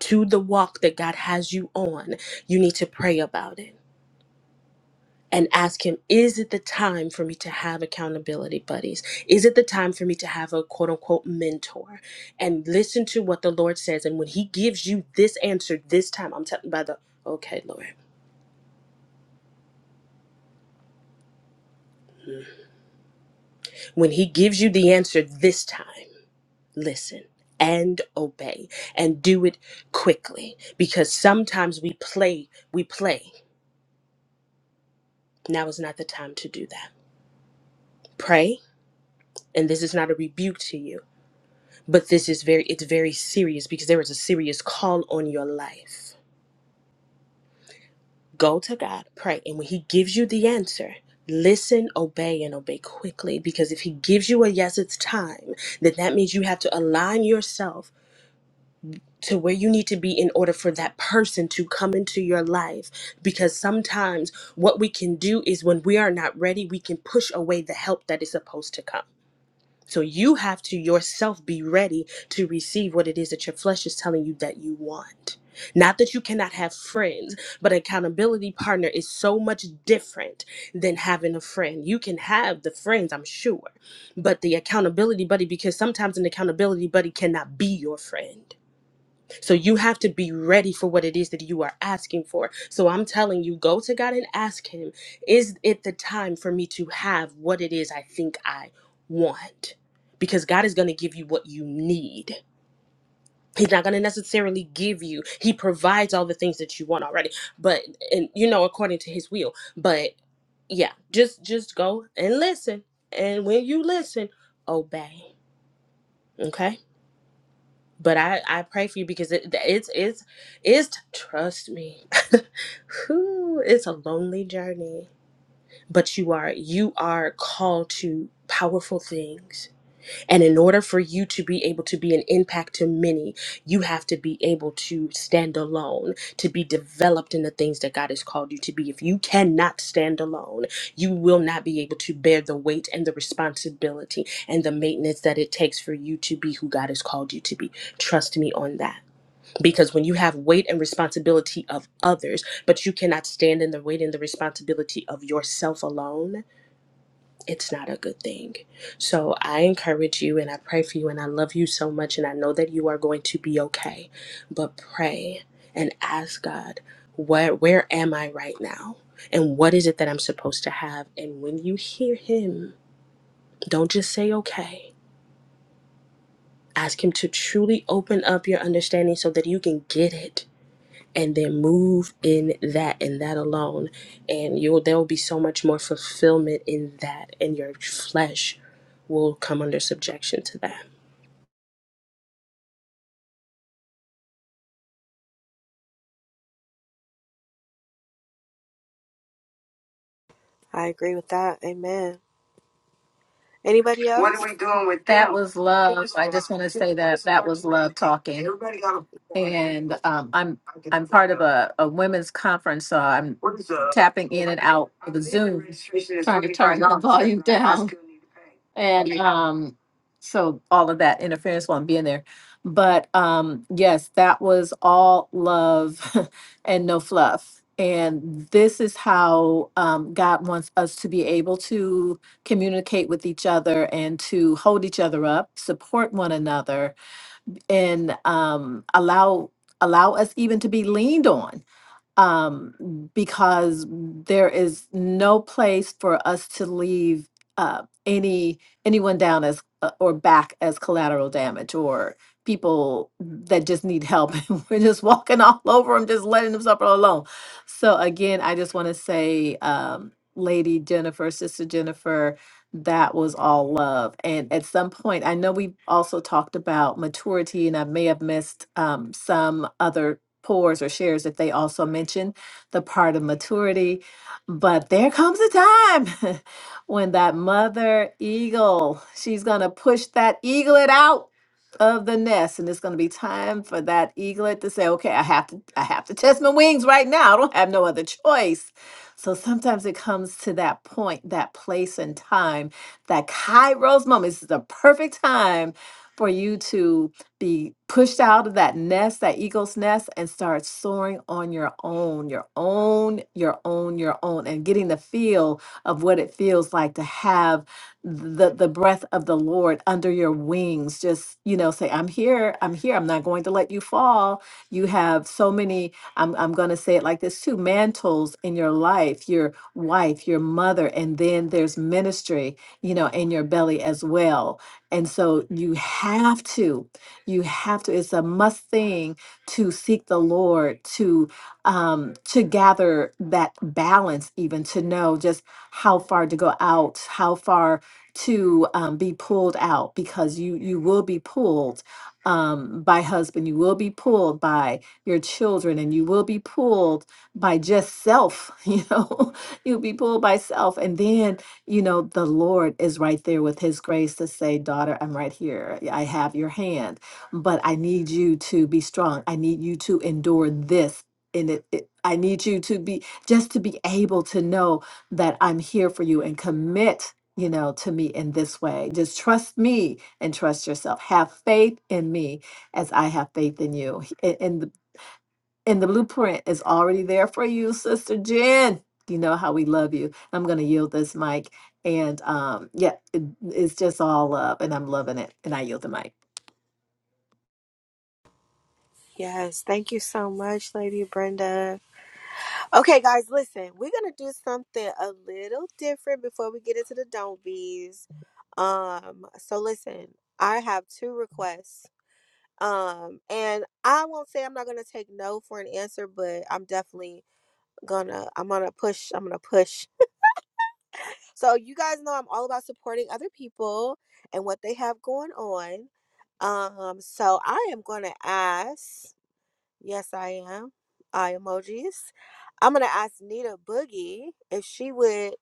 H: to the walk that God has you on, you need to pray about it and ask Him, is it the time for me to have accountability buddies? Is it the time for me to have a quote unquote mentor? And listen to what the Lord says. And when He gives you this answer this time, I'm talking about the, okay, Lord, when He gives you the answer this time, listen. And obey and do it quickly because sometimes we play, we play. Now is not the time to do that. Pray and this is not a rebuke to you but this is very it's very serious because there is a serious call on your life go to god pray and when he gives you the answer listen obey and obey quickly because if he gives you a yes it's time then that means you have to align yourself to where you need to be in order for that person to come into your life because sometimes what we can do is when we are not ready we can push away the help that is supposed to come So you have to yourself be ready to receive what it is that your flesh is telling you that you want. Not that you cannot have friends, but accountability partner is so much different than having a friend. You can have the friends, I'm sure, but the accountability buddy, because sometimes an accountability buddy cannot be your friend so you have to be ready for what it is that you are asking for. So I'm telling you, go to God and ask Him, is it the time for me to have what it is I think I want? Because God is going to give you what you need. He's not going to necessarily give you. He provides all the things that you want already, but and you know according to his will. But yeah, just just go and listen. And when you listen, obey. Okay? but I I pray for you because it it's it's it's trust me, Whew, it's a lonely journey, but you are you are called to powerful things. And in order for you to be able to be an impact to many, you have to be able to stand alone, to be developed in the things that God has called you to be. If you cannot stand alone, you will not be able to bear the weight and the responsibility and the maintenance that it takes for you to be who God has called you to be. Trust me on that. Because when you have weight and responsibility of others, but you cannot stand in the weight and the responsibility of yourself alone, it's not a good thing. So I encourage you and I pray for you and I love you so much and I know that you are going to be okay. But pray and ask God, where where am I right now? And what is it that I'm supposed to have? And when you hear him, don't just say okay. Ask him to truly open up your understanding so that you can get it and then move in that and that alone and you'll there will be so much more fulfillment in that and your flesh will come under subjection to that
A: I agree with that. Amen. Anybody
I: What are
A: else?
I: we doing with that? That was love. I just want to say that that was love talking. Everybody got a. And um, I'm I am part of a, a women's conference, so I'm What is uh? tapping in and out of the Zoom, trying to turn the Right volume down. And um, so all of that interference while I'm being there. But um, yes, that was all love and no fluff. And this is how um, God wants us to be able to communicate with each other and to hold each other up, support one another, and um, allow allow us even to be leaned on um, because there is no place for us to leave uh, any anyone down as uh, or back as collateral damage or people that just need help. And We're just walking all over them, just letting them suffer alone. So again, I just want to say, um, Lady Jennifer, Sister Jennifer, that was all love. And at some point, I know we also talked about maturity, and I may have missed um, some other pours or shares that they also mention the part of maturity. But there comes a time when that mother eagle, she's going to push that eaglet out of the nest and it's going to be time for that eaglet to say okay I have to I have to test my wings right now I don't have no other choice so sometimes it comes to that point that place and time that kairos moment this is the perfect time for you to be pushed out of that nest, that eagle's nest, and start soaring on your own, your own, your own, your own, and getting the feel of what it feels like to have the the breath of the Lord under your wings. Just you know, say, "I'm here, I'm here. I'm not going to let you fall." You have so many. I'm I'm going to say it like this too: mantles in your life, your wife, your mother, and then there's ministry, you know, in your belly as well. And so you have to. You have to, it's a must thing to seek the Lord, to um to gather that balance, even to know just how far to go out, how far to um, be pulled out, because you you will be pulled um by husband, you will be pulled by your children, and you will be pulled by just self, you know, you'll be pulled by self. And then you know, the Lord is right there with His grace to say, Daughter, I'm right here. I have your hand but I need you to be strong. I need you to endure this. And it, it, I need you to be just to be able to know that I'm here for you and commit, you know, to me in this way. Just trust me and trust yourself. Have faith in me as I have faith in you. H- And and the. And the blueprint is already there for you, Sister Jen. You know how we love you. I'm going to yield this mic. And um, yeah, it, it's just all love, and I'm loving it. And I yield the mic.
A: Yes. Thank you so much, Lady Brenda. Okay, guys, listen, we're gonna do something a little different before we get into the don't be's. Um, so listen, I have two requests. Um, and I won't say I'm not gonna take no for an answer, but I'm definitely gonna I'm gonna push, I'm gonna push. So you guys know I'm all about supporting other people and what they have going on. Um, so I am gonna ask Yes, I am. I emojis. I'm gonna ask Nita Boogie if she would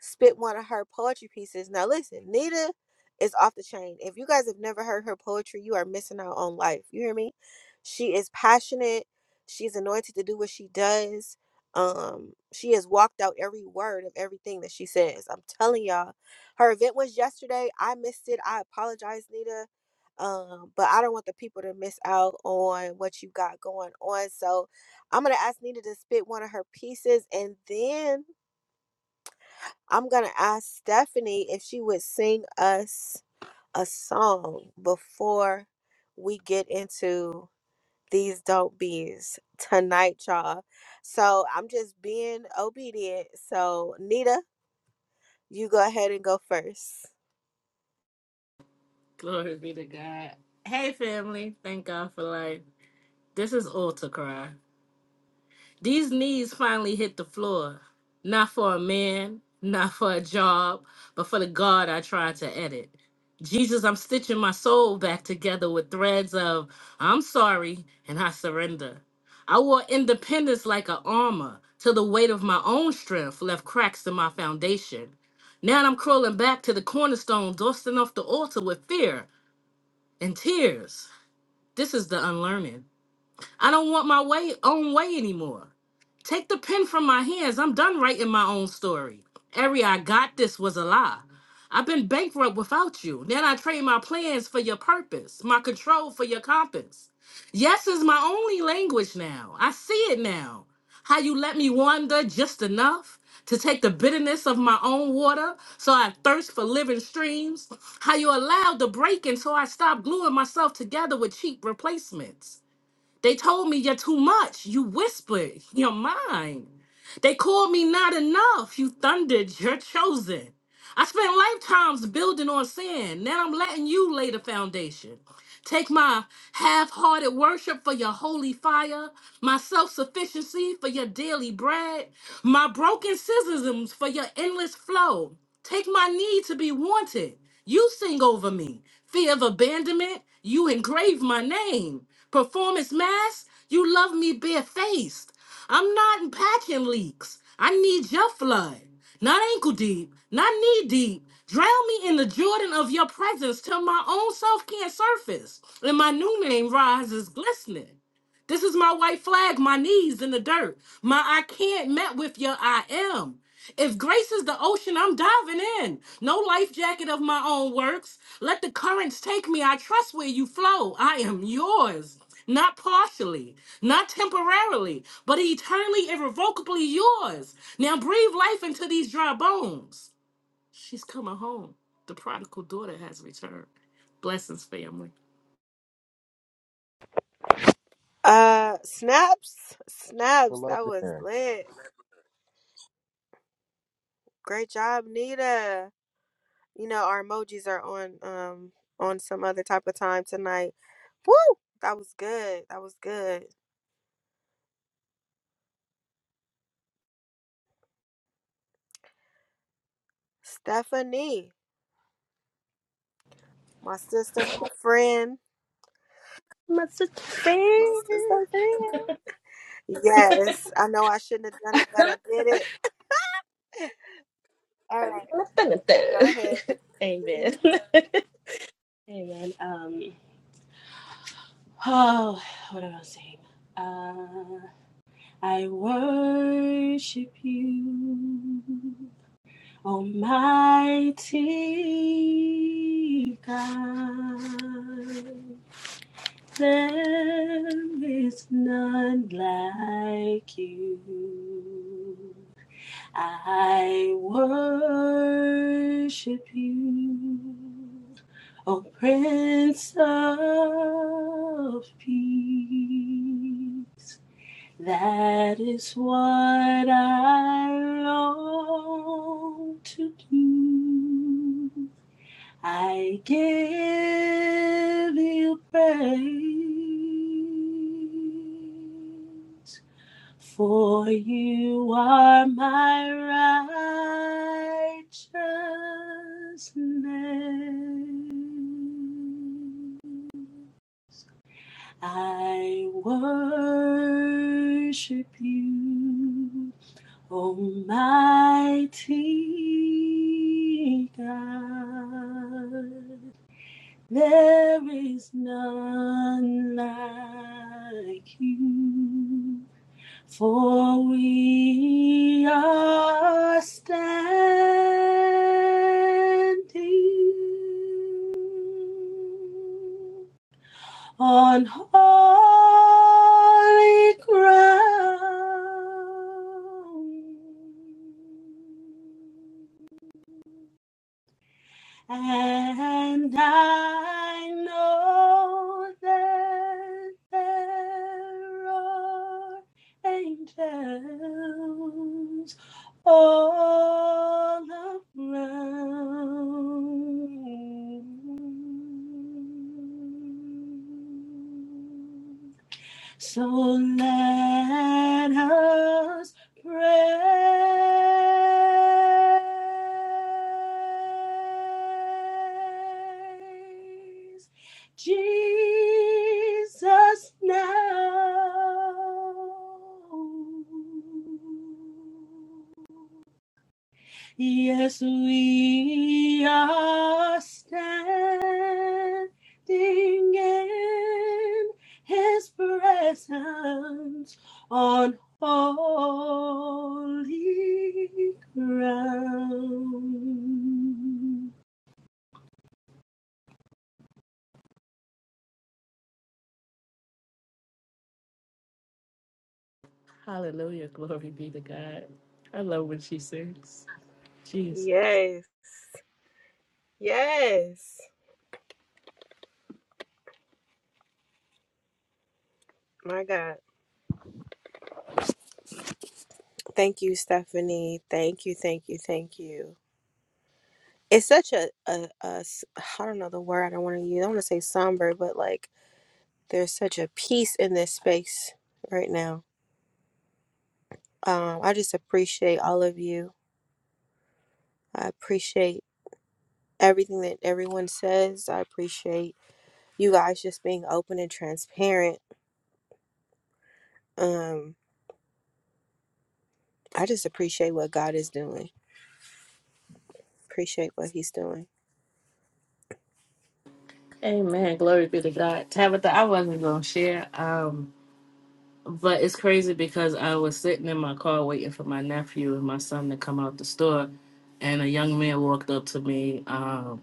A: spit one of her poetry pieces. Now listen, Nita is off the chain. If you guys have never heard her poetry, you are missing out on life. You hear me? She is passionate. She's anointed to do what she does. Um, she has walked out every word of everything that she says. I'm telling y'all. Her event was yesterday. I missed it. I apologize, Nita. Um, but I don't want the people to miss out on what you got going on. So I'm gonna ask Nita to spit one of her pieces and then I'm gonna ask Stephanie if she would sing us a song before we get into these dope beats tonight, y'all. So I'm just being obedient. So Nita, you go ahead and go first.
F: Hey, family. Thank God for life. This is all to cry. These knees finally hit the floor, not for a man, not for a job, but for the God I tried to edit. Jesus, I'm stitching my soul back together with threads of I'm sorry and I surrender. I wore independence like a armor till the weight of my own strength left cracks in my foundation. Now I'm crawling back to the cornerstone, dusting off the altar with fear and tears. This is the unlearning. I don't want my way own way anymore. Take the pen from my hands. I'm done writing my own story. Every I got this was a lie. I've been bankrupt without you. Then I trade my plans for your purpose, my control for your compass. Yes is my only language now. I see it now. How you let me wander just enough to take the bitterness of my own water so I thirst for living streams. How you allowed the breaking so I stopped gluing myself together with cheap replacements. They told me you're too much. You whispered. You're mine. They called me not enough. You thundered. You're chosen. I spent lifetimes building on sand. Now I'm letting you lay the foundation. Take my half hearted worship for your holy fire, my self sufficiency for your daily bread, my broken scissors for your endless flow. Take my need to be wanted. You sing over me. Fear of abandonment, you engrave my name. Performance mask, you love me barefaced. I'm not in packing leaks. I need your flood. Not ankle deep, not knee deep. Drown me in the Jordan of your presence till my own self can't surface. And my new name rises glistening. This is my white flag, my knees in the dirt. My I can't met with your I am. If grace is the ocean, I'm diving in. No life jacket of my own works. Let the currents take me. I trust where you flow. I am yours not partially, not temporarily, but eternally, irrevocably yours. Now breathe life into these dry bones. She's coming home. The prodigal daughter has returned. Blessings, family.
A: Uh, snaps,
D: We
A: snaps.
D: love
A: That was
D: hearing.
A: lit. Great job, Nita. You know our emojis are on um on some other type of time tonight. Woo! That was good. That was good. Stephanie. My sister, my friend,
H: My sister.
A: my
H: friend.
A: sister friend. Yes, I know I shouldn't have done it, but I did it. All right, go ahead.
H: amen
A: Mhm.
H: amen um oh what am i saying uh i worship you Almighty God, there is none like you. I worship you, O Prince of Peace. That is what I long to do. I give you praise, for you are my righteousness. I worship you. Almighty God, there is none like you, for we are standing on holy ground. And I know that there are angels all around. So let us praise Jesus now. Yes, we are standing in His presence on holy ground.
F: Hallelujah. Glory be to God. I love when she sings. Jeez.
A: Yes, yes. My God. Thank you, Stephanie. Thank you, thank you, thank you. It's such a, a, a s- I don't know the word I don't want to use. I don't want to say somber, but like there's such a peace in this space right now. Um, I just appreciate all of you. I appreciate everything that everyone says. I appreciate you guys just being open and transparent. Um, I just appreciate what God is doing. Appreciate what He's doing.
F: Amen. Glory be to God. Tabitha, I wasn't going to share. Um, but it's crazy because I was sitting in my car waiting for my nephew and my son to come out the store, and a young man walked up to me. um,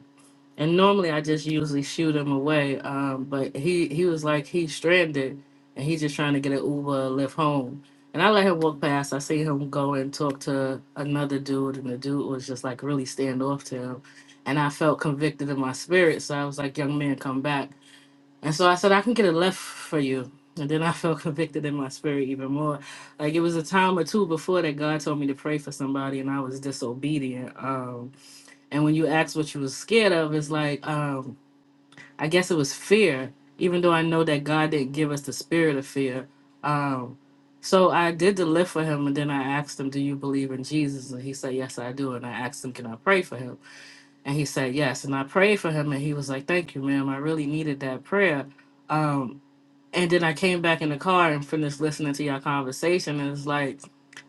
F: And normally I just usually shoot him away. Um, but he he was like he's stranded and he's just trying to get an Uber lift home. And I let him walk past. I see him go and talk to another dude, and the dude was just like really standoff to him. And I felt convicted in my spirit, so I was like, "Young man, come back." And so I said, "I can get a lift for you." And then I felt convicted in my spirit even more. Like it was a time or two before that God told me to pray for somebody, and I was disobedient. Um, and when you ask what you was scared of, it's like, um, I guess it was fear, even though I know that God didn't give us the spirit of fear. Um, so I did the lift for him, and then I asked him, Do you believe in Jesus? And he said, Yes, I do. And I asked him, Can I pray for him? And he said, Yes. And I prayed for him, and he was like, Thank you, ma'am. I really needed that prayer. Um, and then I came back in the car and finished listening to your conversation. And it's like,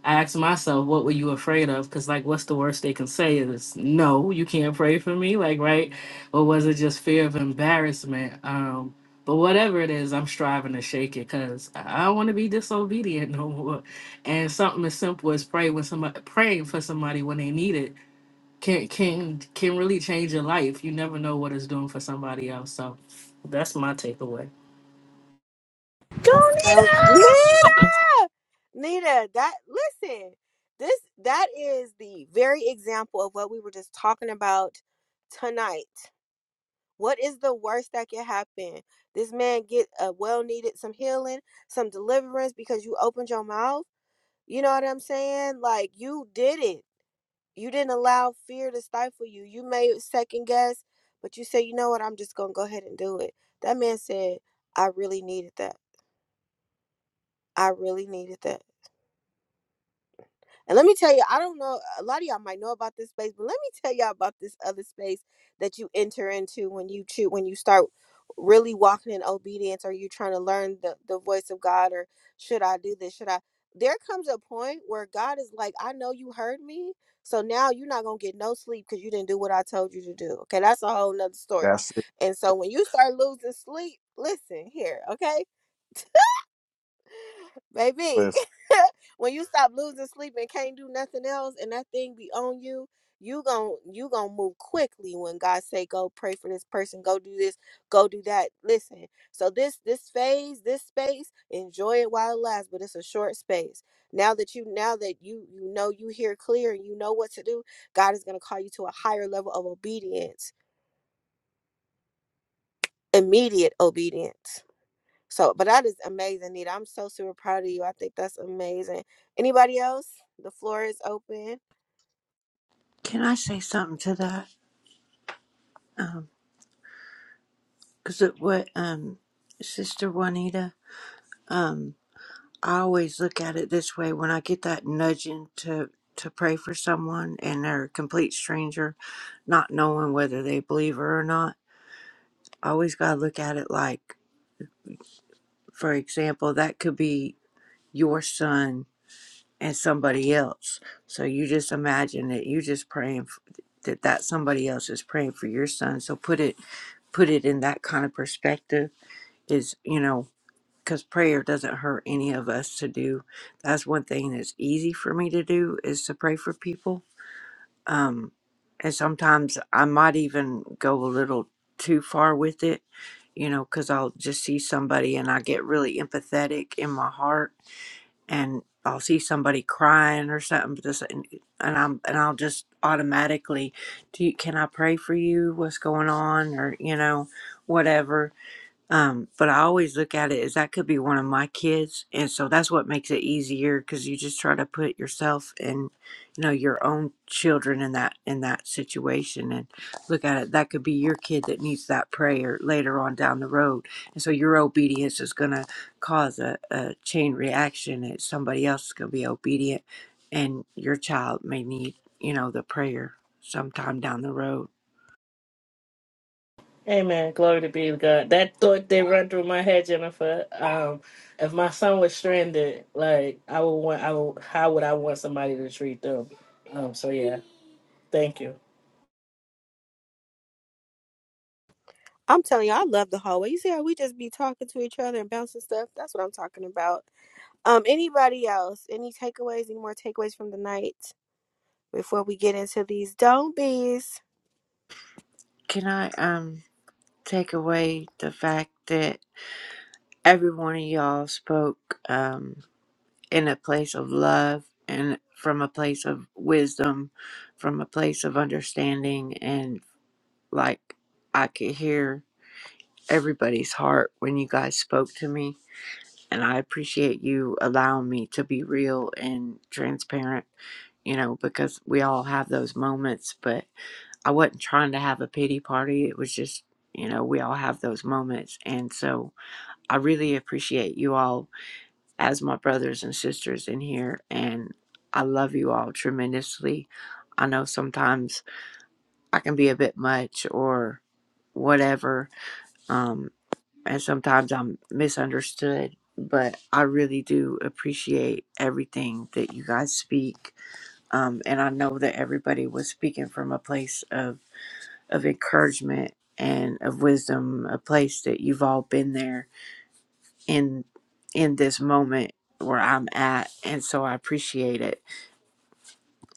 F: I asked myself, what were you afraid of? Because, like, what's the worst they can say is, no, you can't pray for me? Like, right? Or was it just fear of embarrassment? Um, but whatever it is, I'm striving to shake it because I don't want to be disobedient no more. And something as simple as pray when somebody praying for somebody when they need it can can can really change your life. You never know what it's doing for somebody else. So that's my takeaway.
A: That's so Nita, Nita. That listen, this that is the very example of what we were just talking about tonight. What is the worst that could happen? This man get a well needed some healing, some deliverance because you opened your mouth. You know what I'm saying? Like you did it. You didn't allow fear to stifle you. You may second guess, but you say, you know what, I'm just gonna go ahead and do it. That man said, I really needed that. I really needed that. And let me tell you, I don't know, a lot of y'all might know about this space, but let me tell y'all about this other space that you enter into when you choose, when you start really walking in obedience or you're trying to learn the, the voice of God or should I do this? Should I? There comes a point where God is like, I know you heard me. So now you're not going to get no sleep because you didn't do what I told you to do. Okay. That's a whole nother story.
D: That's it.
A: And so when you start losing sleep, listen here. Okay baby.
D: Listen,
A: when you stop losing sleep and can't do nothing else, and that thing be on you, you gon' you gonna move quickly when God say go pray for this person, go do this, go do that. Listen, so this this phase, this space, enjoy it while it lasts, but it's a short space. Now that you now that you you know you hear clear and you know what to do, God is gonna call you to a higher level of obedience, immediate obedience. So, but that is amazing, Nita. I'm so super proud of you. I think that's amazing. Anybody else? The floor is open.
O: Can I say something to that? Because it what um, Sister Juanita, um, I always look at it this way when I get that nudging to to pray for someone and they're a complete stranger, not knowing whether they believe her or not. I always gotta look at it like, for example, that could be your son and somebody else. So you just imagine that you just praying f that that somebody else is praying for your son. So put it put it in that kind of perspective is you know because prayer doesn't hurt any of us to do. That's one thing that's easy for me to do is to pray for people. Um, and sometimes I might even go a little too far with it, you know, because I'll just see somebody and I get really empathetic in my heart and I'll see somebody crying or something, but this, and, and I'm and I'll just automatically, do you, can I pray for you? What's going on? Or you know, whatever um, but I always look at it as that could be one of my kids, and so that's what makes it easier because you just try to put yourself and you know your own children in that in that situation and look at it. That could be your kid that needs that prayer later on down the road, and so your obedience is going to cause a, a chain reaction. And somebody else is going to be obedient, and your child may need you know the prayer sometime down the road.
F: Amen. Glory to be to God. That thought did run through my head, Jennifer. Um, if my son was stranded, like I would want, I would, how would I want somebody to treat them? Um, so yeah, thank you.
A: I'm telling you, I love the hallway. You see how we just be talking to each other and bouncing stuff? That's what I'm talking about. Um, anybody else? Any takeaways? Any more takeaways from the night before we get into these don't be's?
O: Can I um take away the fact that? Every one of y'all spoke um, in a place of love and from a place of wisdom, from a place of understanding. And like I could hear everybody's heart when you guys spoke to me. And I appreciate you allowing me to be real and transparent you know, because we all have those moments, but I wasn't trying to have a pity party. It was just, you know, we all have those moments. And so I really appreciate you all as my brothers and sisters in here, and I love you all tremendously. I know sometimes I can be a bit much or whatever, um, and sometimes I'm misunderstood, but I really do appreciate everything that you guys speak. Um, and I know that everybody was speaking from a place of, of encouragement and of wisdom, a place that you've all been there in in this moment where I'm at and so I appreciate it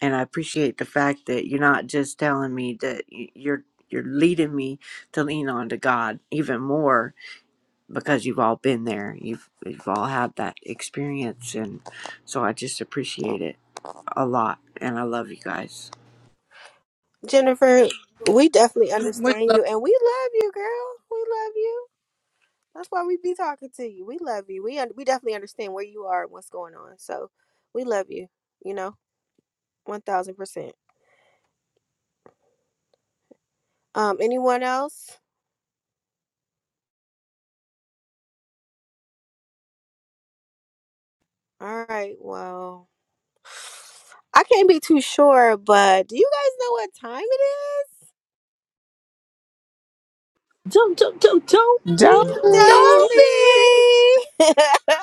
O: and I appreciate the fact that you're not just telling me that y- you're you're leading me to lean on to God even more because you've all been there you've you've all had that experience and so I just appreciate it a lot and I love you guys
A: Jennifer, we definitely understand you and we love you, girl. We love you. That's why we be talking to you. We love you. We un- we definitely understand where you are and what's going on. So we love you. You know. One thousand percent. Um, anyone else? All right. Well, I can't be too sure, but do you guys know what time
H: Don't, don't, don't, don't
C: Don't
H: be.
C: be
A: it is? Dobie.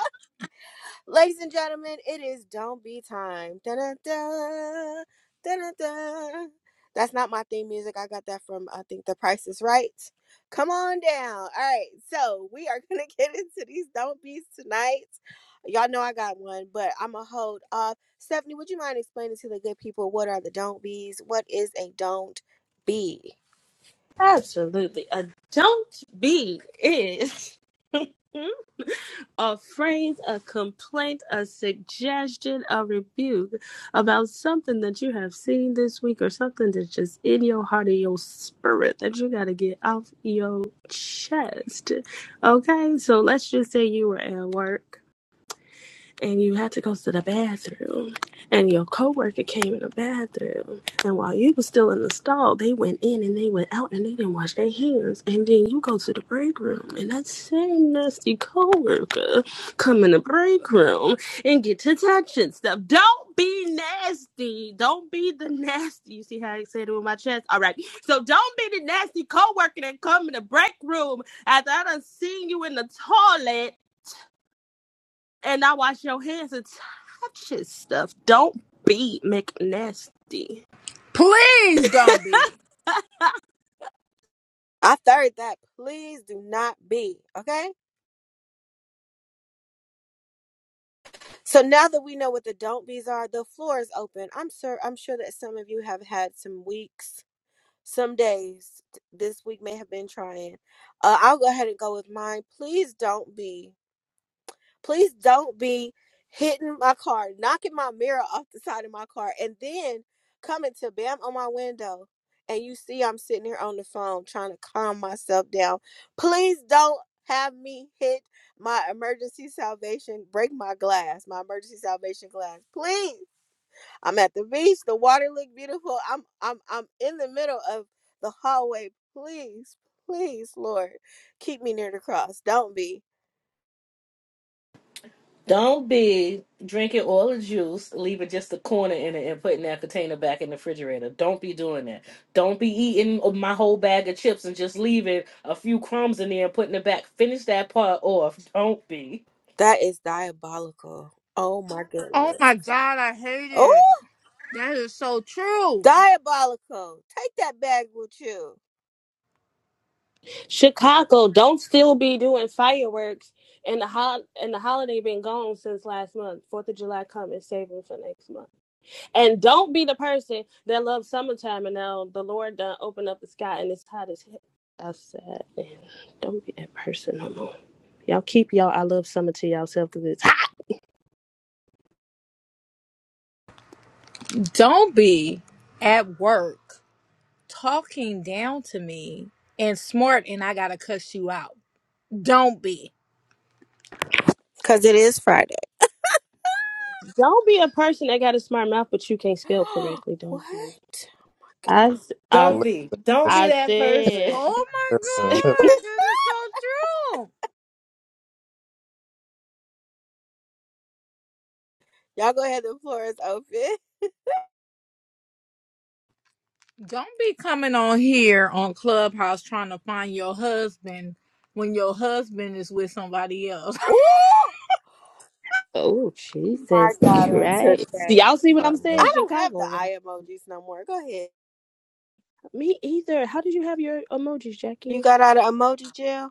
A: Ladies and gentlemen, it is Don't Be Time. Da-da-da, da-da-da. That's not my theme music. I got that from, I think, The Price is Right. Come on down. All right. So we are going to get into these Don't Be's tonight. Y'all know I got one, but I'm going to hold off. Stephanie, would you mind explaining to the good people what are the Don't Be's? What is a Don't Be?
H: Absolutely. A don't be is. a phrase, a complaint, a suggestion, a rebuke about something that you have seen this week or something that's just in your heart or your spirit that you got to get off your chest. Okay, so let's just say you were at work and you had to go to the bathroom and your coworker came in the bathroom and while you was still in the stall they went in and they went out and they didn't wash their hands and then you go to the break room and that same nasty coworker come in the break room and get to touching stuff don't be nasty don't be the nasty you see how i said it with my chest all right so don't be the nasty coworker that come in the break room after i done seen you in the toilet and I wash your hands and touch his stuff. Don't be McNasty.
A: I third that. Please do not be. Okay. So now that we know what the don't be's are, the floor is open. I'm sure I'm sure that some of you have had some weeks, some days. This week may have been trying. Uh, I'll go ahead and go with mine. Please don't be. Please don't be hitting my car, knocking my mirror off the side of my car, and then coming to bam on my window. And you see, I'm sitting here on the phone trying to calm myself down. Please don't have me hit my emergency salvation, break my glass, my emergency salvation glass. Please. I'm at the beach. The water look beautiful. I'm I'm I'm in the middle of the hallway. Please, please, Lord, keep me near the cross. Don't be.
F: Don't be drinking all the juice, leaving just the corner in it, and putting that container back in the refrigerator. Don't be doing that. Don't be eating my whole bag of chips and just leaving a few crumbs in there and putting it back. Finish that part off. Don't be.
A: That is diabolical. Oh my
K: Oh
A: goodness.
K: my God, I hate
A: Oh,
K: it. That is so true.
A: diabolical. Take that bag with you.
H: Chicago, don't still be doing fireworks and the hol- and the holiday been gone since last month. Fourth of July coming, saving for next month. And don't be the person that loves summertime and now the Lord done opened up the sky and it's hot as hell outside. And don't be that person no more. Y'all keep y'all I love summer to yourself because it's hot.
K: Don't be at work talking down to me and smart and I gotta cuss you out. Don't be.
A: Because it is Friday.
H: Don't be a person that got a smart mouth but you can't spell correctly.
A: what?
H: Don't be. I I I
F: Don't be. Don't
D: listen,
F: be that person.
H: said
K: Oh my
D: listen.
K: God, that is so true.
A: Y'all go ahead. The floor is open.
K: Don't be coming on here on Clubhouse trying to find your husband when your husband is with somebody else.
A: Oh
H: Oh
A: my
H: Jesus
A: God. I'm
H: Christ! Do
A: Today.
H: y'all see what
D: I
H: I'm
D: know.
H: saying?
A: I don't have the
H: Chicago. Wow.
A: eye emojis no more. Go ahead.
H: Me either. How did you have your emojis,
A: You
H: Jackie?
A: got out of emoji jail?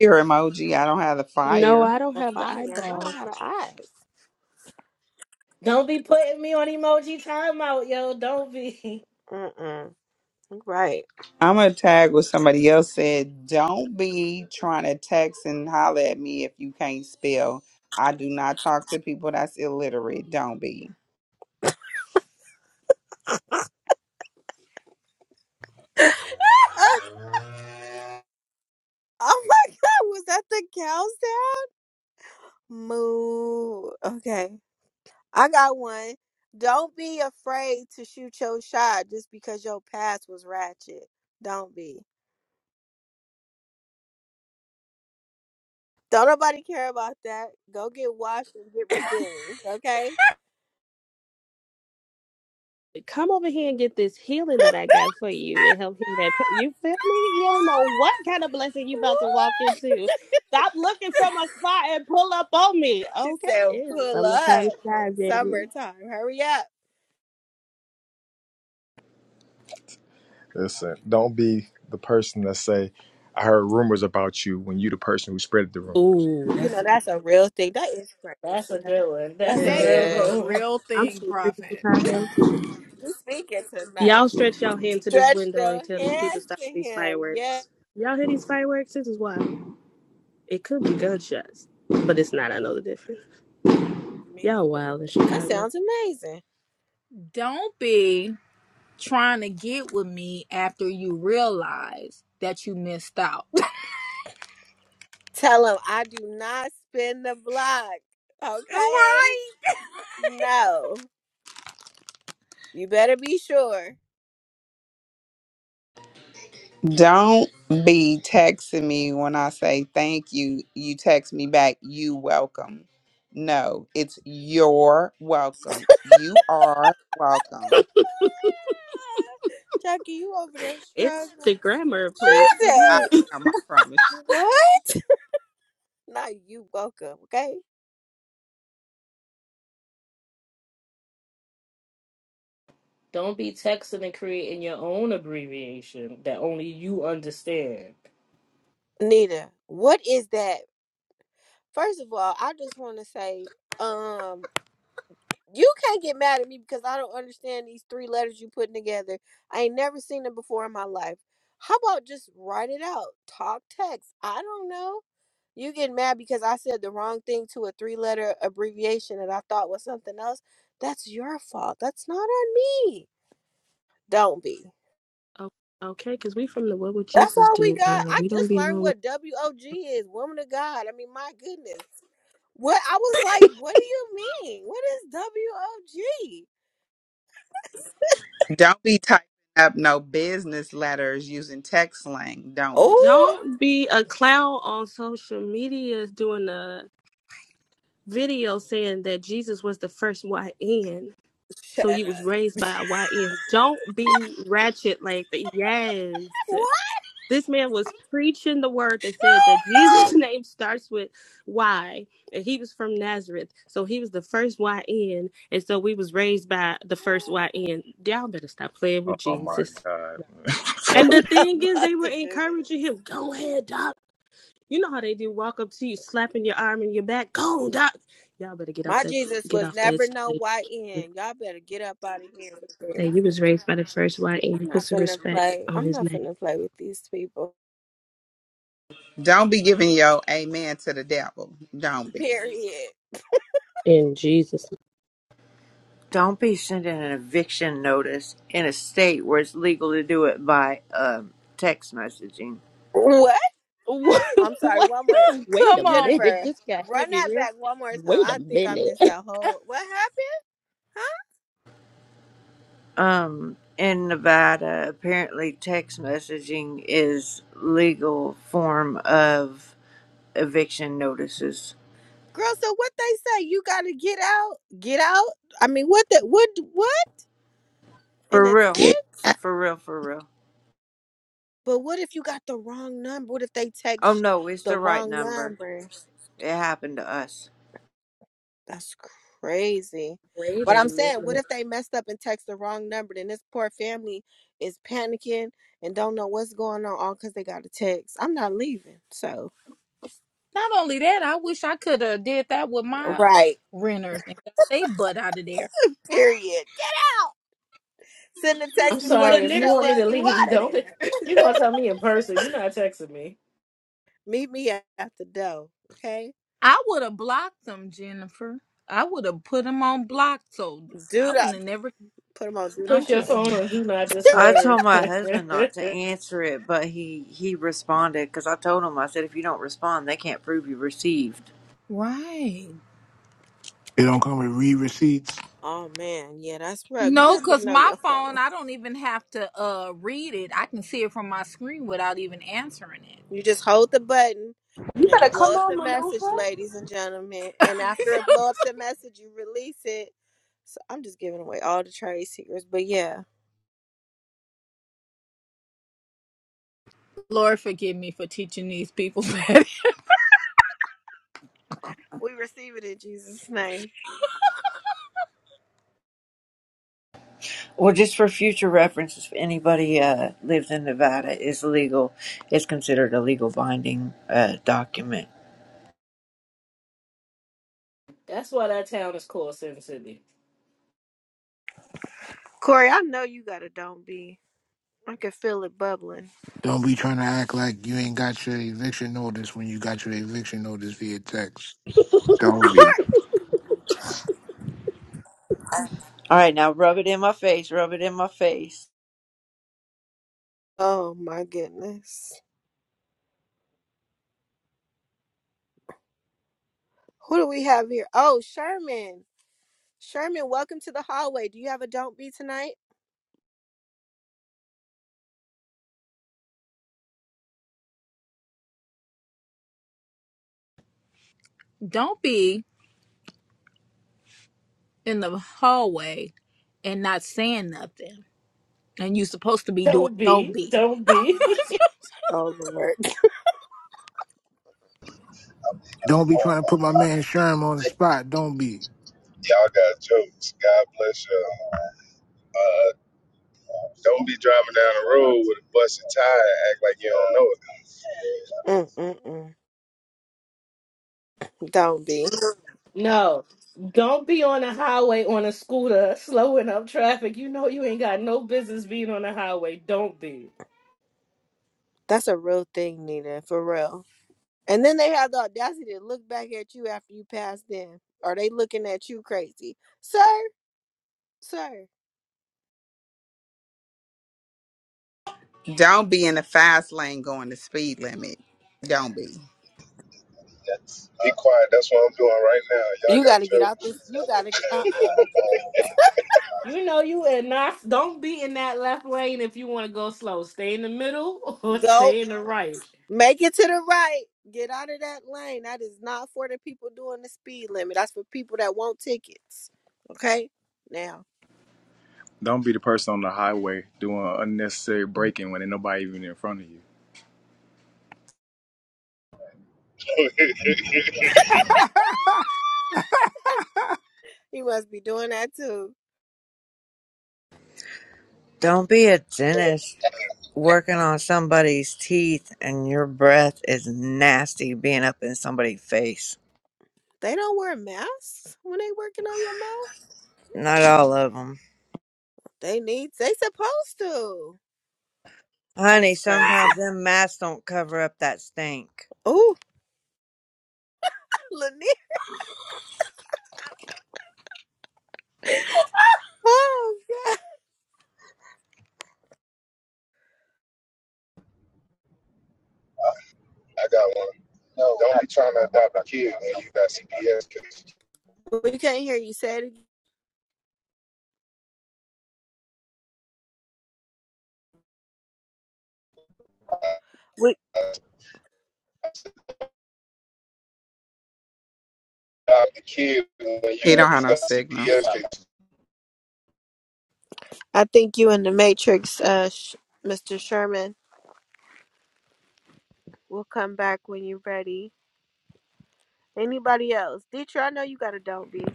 C: fire emoji. I don't have the
H: No,
C: fire.
H: I don't
A: If
H: have the
A: I I don't
H: eyeballs.
A: have the eyes.
F: Don't be putting me on emoji timeout, yo. Don't be.
A: Mm-mm. Right.
C: I'm gonna tag what somebody else said. Don't be trying to text and holler at me if you can't spell. I do not talk to people that's illiterate. Don't be.
A: oh my God. Was that the cows down? Moo. Okay. I got one. Don't be afraid to shoot your shot just because your past was ratchet. Don't be. Don't nobody care about that. Go get washed and get redeemed, okay?
H: Come over here and get this healing that I got for you and help heal that. pain. You feel me? You don't know what kind of blessing you about to walk into. Stop looking from afar and pull up on me.
A: She
H: Okay,
A: said,
H: it's
A: pull up.
H: summertime shy, baby.
A: Summertime. Hurry up.
D: Listen, don't be the person that say, I heard rumors about you when you the person who spread the rumors.
H: Ooh,
A: You know,
H: that's
A: that's a real thing. That is
F: That's
A: crazy.
F: a that.
A: That's
K: That is a
A: good.
H: good.
K: real
H: I'm
K: thing,
H: so sick of
K: Prophet.
H: Chicago.
A: You speaking tonight.
H: Y'all stretch y'all hand to this
A: Stretch
H: window and
A: your
H: tell these people
A: hands
H: stop
A: to
H: these
A: him. Yeah.
H: fireworks. Y'all hear these fireworks? This is wild. It could be gunshots, but it's not. I know the difference.
A: Me
H: Y'all
A: too.
H: wild in
A: That
H: Chicago.
A: sounds amazing.
K: Don't be trying to get with me after you realize that you missed out.
A: Tell him I do not spin the block. Okay?
K: Right?
A: No. You better be sure.
C: Don't be texting me when I say thank you. You text me back, you welcome. No, it's your welcome. You are welcome.
A: Jackie, you over there
H: It's
A: struggling.
H: the grammar
A: She
H: police for
C: I
A: said,
H: me.
C: am, I promise.
A: What? No, you welcome, okay?
F: Don't be texting and creating your own abbreviation that only you understand.
A: Nita, what is that? First of all, I just wanna say, um, you can't get mad at me because I don't understand these three letters you putting together. I ain't never seen them before in my life. How about just write it out? Talk text. I don't know You get mad because I said the wrong thing to a three letter abbreviation that I thought was something else. That's your fault. That's not on me. Don't be.
H: okay, because we from the What Would
A: That's
H: Jesus
A: all we
H: Do
A: got.
H: era.
A: I
H: We don't
A: just
H: be
A: learned
H: knowing what.
A: what WOG is, woman of God. I mean, my goodness. What I was like, what do you mean? What is WOG?
C: you. Don't be typing up no business letters using text slang. Don't be.
A: Oh,
H: Don't be a clown on social media doing a video saying that Jesus was the first YN.
A: shut
H: So
A: up.
H: you was raised by a YN. Don't be ratchet like that. Yes.
A: What?
H: This man was preaching the word that said that
K: No,
H: Jesus' name starts with Y, and he was from Nazareth, so he was the first YN, and so we was raised by the first YN. Y'all better stop playing with
D: Oh my
H: Jesus.
D: God.
C: Or
H: And the
A: I'm not
H: thing is,
A: about
H: they were
A: to do this.
H: encouraging him, "Go ahead, doc." You know how they do, walk up to you, slapping your arm and your back, "Go, doc." Y'all better get off
A: My
H: that,
A: Jesus
H: get
A: was
H: off that
A: never no
H: stage.
A: YN. Y'all better get up out of here with this.
H: Say you was raised by the first
A: I'm
H: YN. Put
A: not
H: some
A: finna
H: respect
A: play.
H: on
A: I'm
H: his
A: not
H: name.
A: finna play with these people.
C: don't be giving your amen to the devil. Don't be.
A: Period.
H: In Jesus'
O: don't be sending an eviction notice in a state where it's legal to do it by um, text messaging
A: What?
H: what,
A: I'm sorry,
H: what?
A: one more.
K: no.
H: Wait a
K: Come on.
H: minute.
A: Jennifer,
H: This got
A: run
H: heavy
A: that
H: real.
A: back one more time.
H: Wait a
A: I think I
H: minute.
A: missed that whole what happened? Huh?
O: Um, in Nevada, apparently text messaging is legal form of eviction notices.
A: Girl, so what they say, you gotta get out, get out? I mean what the what what? In
O: For
A: a text?
O: real.
C: Get out.
O: For real, for real.
A: But what if you got the wrong number? What if they
O: Oh
A: text
O: no, it's
A: the
O: the right
A: wrong
O: number.
A: number?
O: It happened to us.
A: That's crazy.
H: Wait
A: But
H: a
A: I'm saying, what
H: minute.
A: if they messed up and text the wrong number? Then this poor family is panicking and don't know what's going on all because they got a text. I'm not leaving. So
K: Not only that, I wish I could have did that with my
A: Right.
K: renters and got they butt out of there.
A: Period. Get out. Send a
F: I'm
A: text before
F: sorry
A: you
F: if
H: Lanier
F: you
A: show
F: want
H: said,
F: me
A: up.
F: to
H: "You
A: With,
F: leave.
H: out of
F: Don't
H: there."
F: be.
H: You
F: You're gonna tell me in person. You're not texting me.
A: meet me at at the door. Okay.
K: I would have blocked them, Jennifer. I would have put them on block, so I
A: Do
K: wouldn't
A: that.
K: have never.
A: Put them on do
K: I'm
F: Put your
K: just
A: not.
F: phone
K: saying.
F: on do not
O: I
F: disturb.
O: told my
F: That's
O: husband not to answer it, but he he responded because I told him I said if you don't respond, they can't prove you received.
K: Right.
B: It don't come with re receipts.
A: Oh man, yeah, that's rough. You
K: No,
A: have to
K: because
A: know
K: my
A: your
K: phone,
A: phone.
K: I don't even have to uh read it. I can see it from my screen without even answering it.
A: You just hold the button, and it'll
H: better
A: blow
H: come
A: up
H: on.
A: the message, ladies and gentlemen. And after it blow up the message, you release it. So I'm just giving away all the trade secrets, but yeah,
K: Lord, forgive me for teaching these people that
A: we receive it in Jesus' name.
O: Well, just for future reference, if anybody uh, lives in Nevada, is legal. It's considered a legal binding uh, document.
F: why that town is called Sin City.
A: Corey, I know you got a don't be. I can feel it bubbling.
B: Don't be trying to act like you ain't got your eviction notice when you got your eviction notice via text. Don't be.
O: All right, now rub it in my face. Rub it in my face.
A: Oh my goodness. Who do we have here? Oh, Sherman. Sherman, welcome to the hallway. Do you have a don't be tonight?
K: don't be in the hallway and not saying nothing. And you're supposed to be doing,
F: Don't
K: don't
F: be.
K: be.
F: Don't be.
A: Oh Lord.
B: Don't be
Q: Oh
B: trying to put
Q: my,
B: my man Sherm on the spot. Don't be.
Q: y'all got jokes. God bless y'all. Uh, don't be driving down the road with a busted tire and act like you don't know it.
A: Mm-mm-mm. Don't be.
F: No. Don't be on the highway on a scooter slowing up traffic. You know you ain't got no business being on the highway. Don't be.
A: That's a real thing, Nina, for real. And then they have the audacity to look back at you after you pass them. Are they looking at you crazy? Sir, sir.
C: Don't be in the fast lane going the speed limit. Don't be.
Q: Be quiet. That's what I'm doing right now.
A: You gotta get out
Q: Y'all
A: this you gotta get uh uh
F: You know you and not don't be in that left lane if you want to go slow. Stay in the middle or
A: Go
F: stay in the right.
A: Make it to the right. Get out of that lane. That is not for the people doing the speed limit. That's for people that want tickets. Okay? Now,
D: Don't be the person on the highway doing unnecessary braking when ain't nobody even in front of you.
Q: got jokes.
A: you must be doing that too.
O: Don't be a dentist working on somebody's teeth and your breath is nasty being up in somebody's face.
A: They don't wear masks when they working on your mouth.
O: Not all of them.
A: They need they supposed to.
O: Honey,
A: That's
O: sometimes
A: crazy.
O: them masks don't cover up that stink.
A: Oh, Lanier. Oh God.
Q: I got one. Don't be trying to adopt a kid when you got CPS. Cause
A: We can't hear you say it again. We,
Q: you adopt a kid when you
C: He
Q: know
C: don't have
Q: you
C: no
Q: got
C: signal.
Q: CPS.
A: I think you in the Matrix, uh, Sh- Mr. Sherman. We'll come back when you're ready. Anybody else? Dietrich, I know you got a don't be.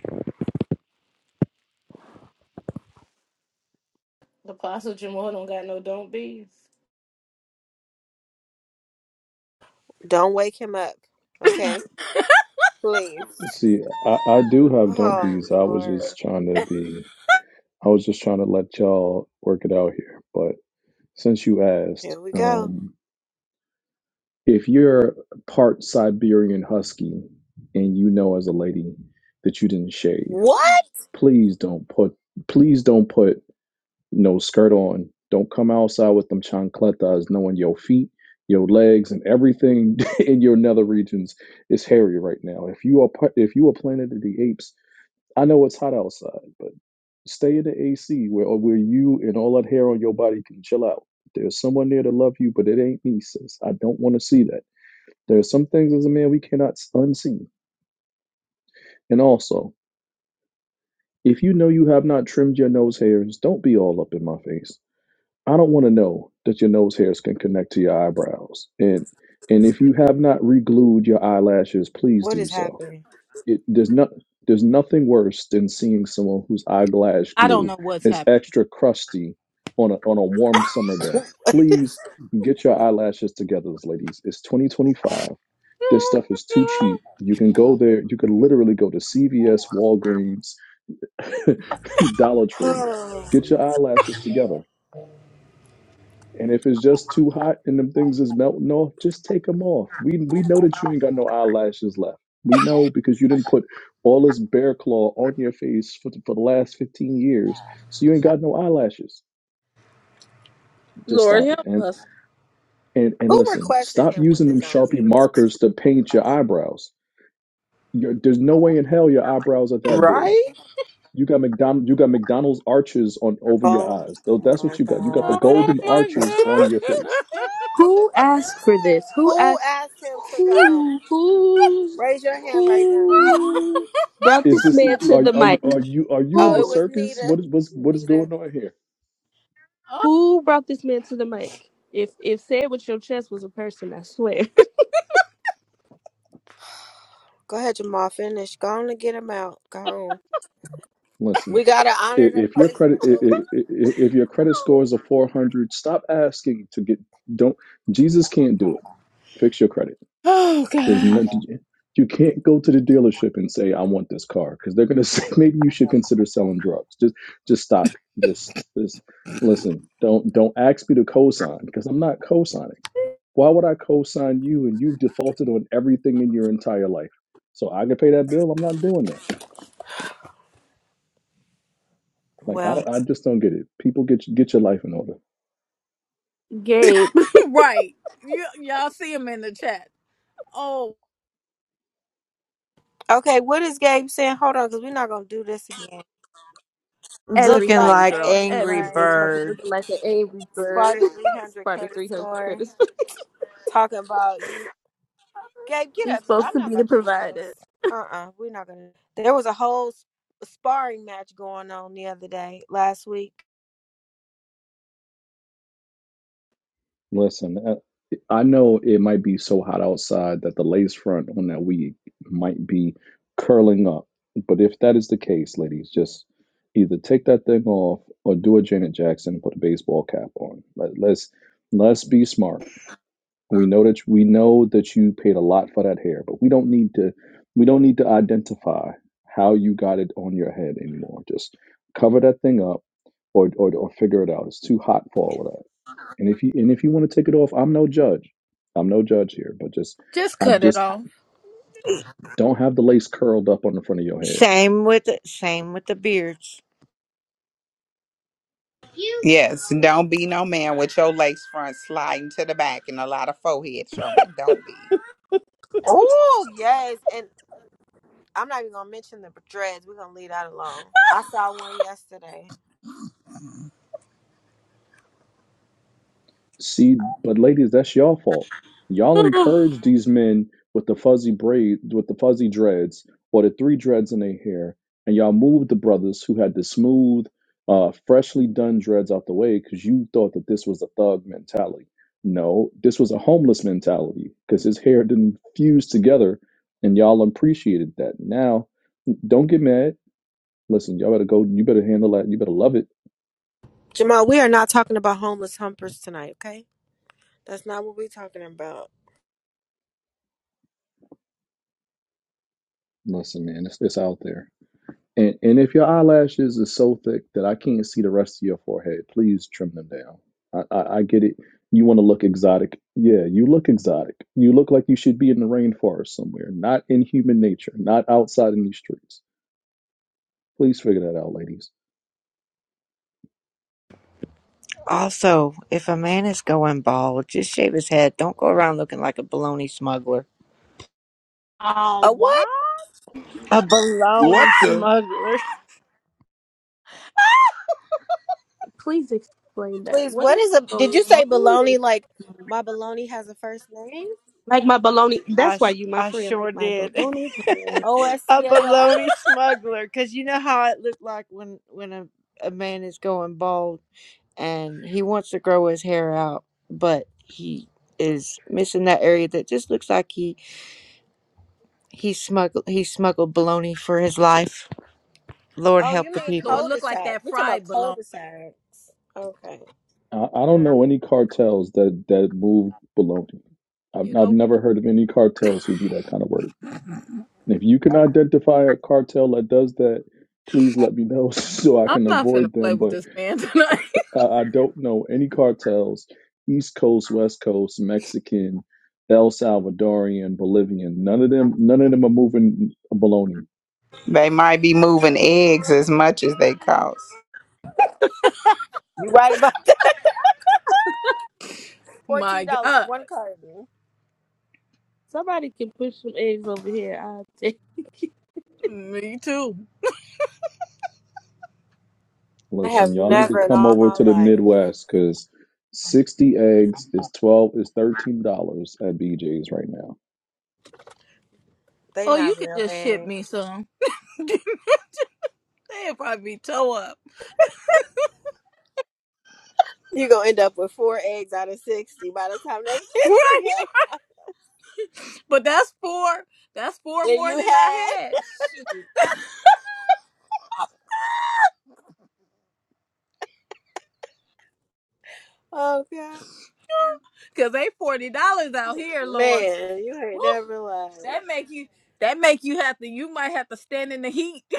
F: The apostle don't got no don't be.
A: Don't wake him up, okay? Please.
L: See, I, I do have don't
A: Oh
L: be's. I was
A: Lord,
L: just trying to be, I was just trying to let y'all work it out here. but. since you asked,
A: here we go.
L: um, if you're part Siberian Husky and you know as a lady that you didn't shave,
A: What?
L: please don't put please don't put no skirt on. Don't come outside with them chancletas knowing your feet, your legs, and everything in your nether regions is hairy right now. If you are part, if you are Planet of the Apes I know it's hot outside, but stay in the AC where or where you and all that hair on your body can chill out. There's someone there to love you, but it ain't me, sis. I don't want to see that. There are some things as a man we cannot unsee. And also, if you know you have not trimmed your nose hairs, don't be all up in my face. I don't want to know that your nose hairs can connect to your eyebrows. And and if you have not re-glued your eyelashes, please
A: What is
L: do so.
A: happening?
L: it, there's not there's nothing worse than seeing someone whose eyelash
K: I don't know
L: glue
K: what's
L: is
K: happening.
L: extra crusty on a on a warm summer day. Please get your eyelashes together, ladies. It's 2025. This
K: Oh
L: stuff is too
K: my God.
L: cheap. You can go there. You can literally go to CVS, Walgreens, Dollar Tree.
A: Oh.
L: Get your eyelashes together. And if it's just too hot and them things is melting off, just take them off. We we know that you ain't got no eyelashes left. We know because you didn't put all this bear claw on your face for the, for the last 15 years. So you ain't got no eyelashes. Just
K: Lord,
L: stop it.
K: help
L: And
K: us.
L: and and
A: Who
L: listen,
A: requested
L: stop
A: him with
L: using
A: the
L: them
A: don't
L: Sharpie
A: be's?
L: markers to paint your eyebrows. You're, there's no way in hell your eyebrows are that big.
C: Right?
L: You got McDonald you got McDonald's arches on over your
A: Oh
L: eyes. Tho- That's
A: my
L: what you got. You got the
A: God.
K: Oh
L: golden arches
K: my
L: on your
K: God.
L: face
H: Who asked for this? Who
A: Who
H: asked?
A: asked him to go?
H: Who? Who's?
A: Raise your hand right now.
H: Who brought
L: Is
H: this
L: this
H: man to
L: are
H: the
L: are you-
H: mic?
L: are you are you in
A: Oh,
L: the
A: it
H: Who?
A: was
L: circus?
A: Nita.
L: What is what's what is
A: Nita.
L: going on here?
H: Who brought this man to the mic? If if said with your chest was a person, I swear.
A: Go ahead, Jamal. Finish. Go on and get him out. Go on.
L: Listen,
A: We gotta
L: i-
A: honor the
L: if your
A: person
L: credit
A: who.
L: i- i- i- if your credit score is a 400, stop asking to get don't Jesus can't do it. Fix your credit.
K: oh
L: There's
K: God.
L: no you can't go to the dealership and say I want this car because they're gonna say maybe you should consider selling drugs. Just just stop it. Just just listen. Don't don't ask me to cosign because I'm not cosigning. Why would I co-sign you and you've defaulted on everything in your entire life? So I can pay that bill. I'm not doing that. Like I,
A: Well,
L: don't- I just don't get it. People get get your life in order.
H: Gabe,
K: Right. Y- y'all see him in the chat. Oh,
A: okay. What is Gabe saying? Hold on, because we're not gonna do this again. Look
O: Looking
A: like
H: everything,
O: like
H: girl,
A: Angry
O: Angry
H: everything. Talk
A: Bird.
H: about you
O: Bird.
H: looking like an angry bird.
A: Sparta 300
H: Sparta
A: credit
H: three hundred
A: score.
H: credits.
A: Talking about you. Gabe, get
H: You're
A: up here.
H: supposed
A: I'm
H: to
A: not
H: be the
A: about to do
H: provider.
A: this. Uh uh we are not going to. There was a whole s- sparring match going on the other day, last week.
L: Listen, I, I know it might be so hot outside that the lace front on that wig might be curling up, but if that is the case, ladies, just either take that thing off or do a Janet Jackson and put a baseball cap on. Let, let's let's be smart We know that we know that you paid a lot for that hair, but we don't need to we don't need to identify how you got it on your head anymore. Just cover that thing up or or, or figure it out. It's too hot for all of that. And if you and if you want to take it off, I'm no judge. I'm no judge here, but just
K: just
L: I
K: cut it
L: just
K: off.
L: don't have the lace curled up on the front of your head.
O: Same with the, same with the beards.
C: Yes, don't be no man with your lace front sliding to the back and a lot of forehead showing. Don't be.
A: Oh, yes. And I'm not even going to mention the dreads. We're going to leave that alone. I saw one yesterday.
L: See, but ladies, that's y'all fault. Y'all
K: so
L: encourage these men with the fuzzy braid, with the fuzzy dreads, or the three dreads in their hair, and y'all moved the brothers who had the smooth, uh, freshly done dreads out the way because you thought that this was a thug mentality. No, this was a homeless mentality because his hair didn't fuse together, and y'all appreciated that. Now, don't get mad. Listen, y'all better go. You better handle that. You better love it.
A: Jamal, we are not talking about homeless humpers tonight, okay? That's not what we're talking about.
L: Listen, man, it's, it's out there. And, and if your eyelashes are so thick that I can't see the rest of your forehead, please trim them down. I, I, I get it. You want to look exotic. Yeah, you look exotic. You look like you should be in the rainforest somewhere, not in human nature, not outside in these streets. Please figure that out, ladies.
O: Also, if a man is going bald, just shave his head. Don't go around looking like a baloney smuggler.
H: Uh,
A: A
H: why?
A: what?
O: A
B: What
O: baloney
B: the?
O: smuggler.
H: Please explain that.
A: Please,
H: What
A: what
H: is
A: is
H: the
A: a. Did you say
H: baloney?
A: baloney like my baloney has a first name?
H: Like my bologna.
O: I
H: That's why
O: sh-
H: you, my
O: I
H: friend,
O: sure
H: like my
O: did.
H: bologna. Huh?
A: O S
O: a
A: C A R?
O: baloney smuggler, because you know how it looked like when when a, a man is going bald and he wants to grow his hair out, but he is missing that area that just looks like he he smuggled he smuggled baloney for his life. Lord
A: Oh,
O: help
A: you
O: the
A: mean
K: it
O: people.
K: looked like
A: cul-de-sac.
K: that
A: We're talking about
K: fried bologna.
A: cul-de-sacs. Okay.
L: I, I
A: All
L: don't
A: right.
L: know any cartels that, that move baloney.
K: You
L: I've, I've
K: know what?
L: never heard of any cartels who do that kind of work. And if you can identify a cartel that does that, please let me know so I
K: I'm
L: can
K: not finna
L: avoid
K: play
L: them.
K: with
L: But
K: this man tonight.
L: I, I don't know any cartels, East Coast, West Coast, Mexican, El Salvadorian, Bolivian. None of them, none of them are moving baloney.
C: They might be moving eggs as much as they cost.
A: You right about that. Fourteen
K: my
A: dollars,
K: God.
A: one carton.
H: Somebody can push some eggs over here. I'll take it.
K: Me too.
A: I
L: Listen,
A: have
L: y'all need to
A: never in
L: come
A: all
L: over
A: my
L: to the
A: life.
L: Midwest because sixty eggs is twelve is thirteen dollars at BJ's right now.
A: They
K: Oh, you
A: not
K: could
A: real
K: just ship
A: eggs.
K: me some. They'd probably be toe up,
A: you gonna end up with four eggs out of sixty by the time they get to
K: right?
A: you.
K: But that's four. That's four
A: Then
K: more
A: you
K: than
A: had
K: I had.
A: Oh god.
K: Cause they forty dollars out here, Lord.
A: Man, you
K: Whew.
A: ain't never lied.
K: That make you. That make you have to. You might have to stand in the heat.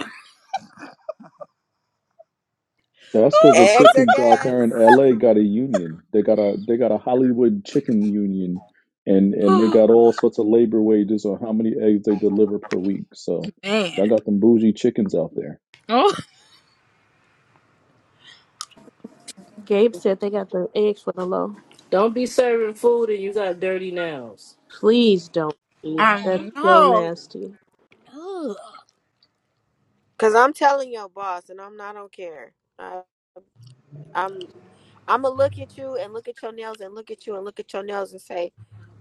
L: That's because the
A: Eggs or
L: chickens out there in
A: gas.
L: LA got a union. They got a they got a Hollywood chicken union, and and they
K: Oh,
L: got all sorts of labor wages on how many eggs they deliver per week. So y'all
K: man.
L: got them bougie chickens out there.
K: Oh,
H: Gabe said they got the eggs for the low.
F: Don't
H: Please don't. That's
K: I
H: so
K: know.
H: nasty.
K: Ugh.
A: Cause I'm telling your boss and I'm not on care. I, I'm I'm gonna look at you and look at your nails and look at you and look at your nails and say,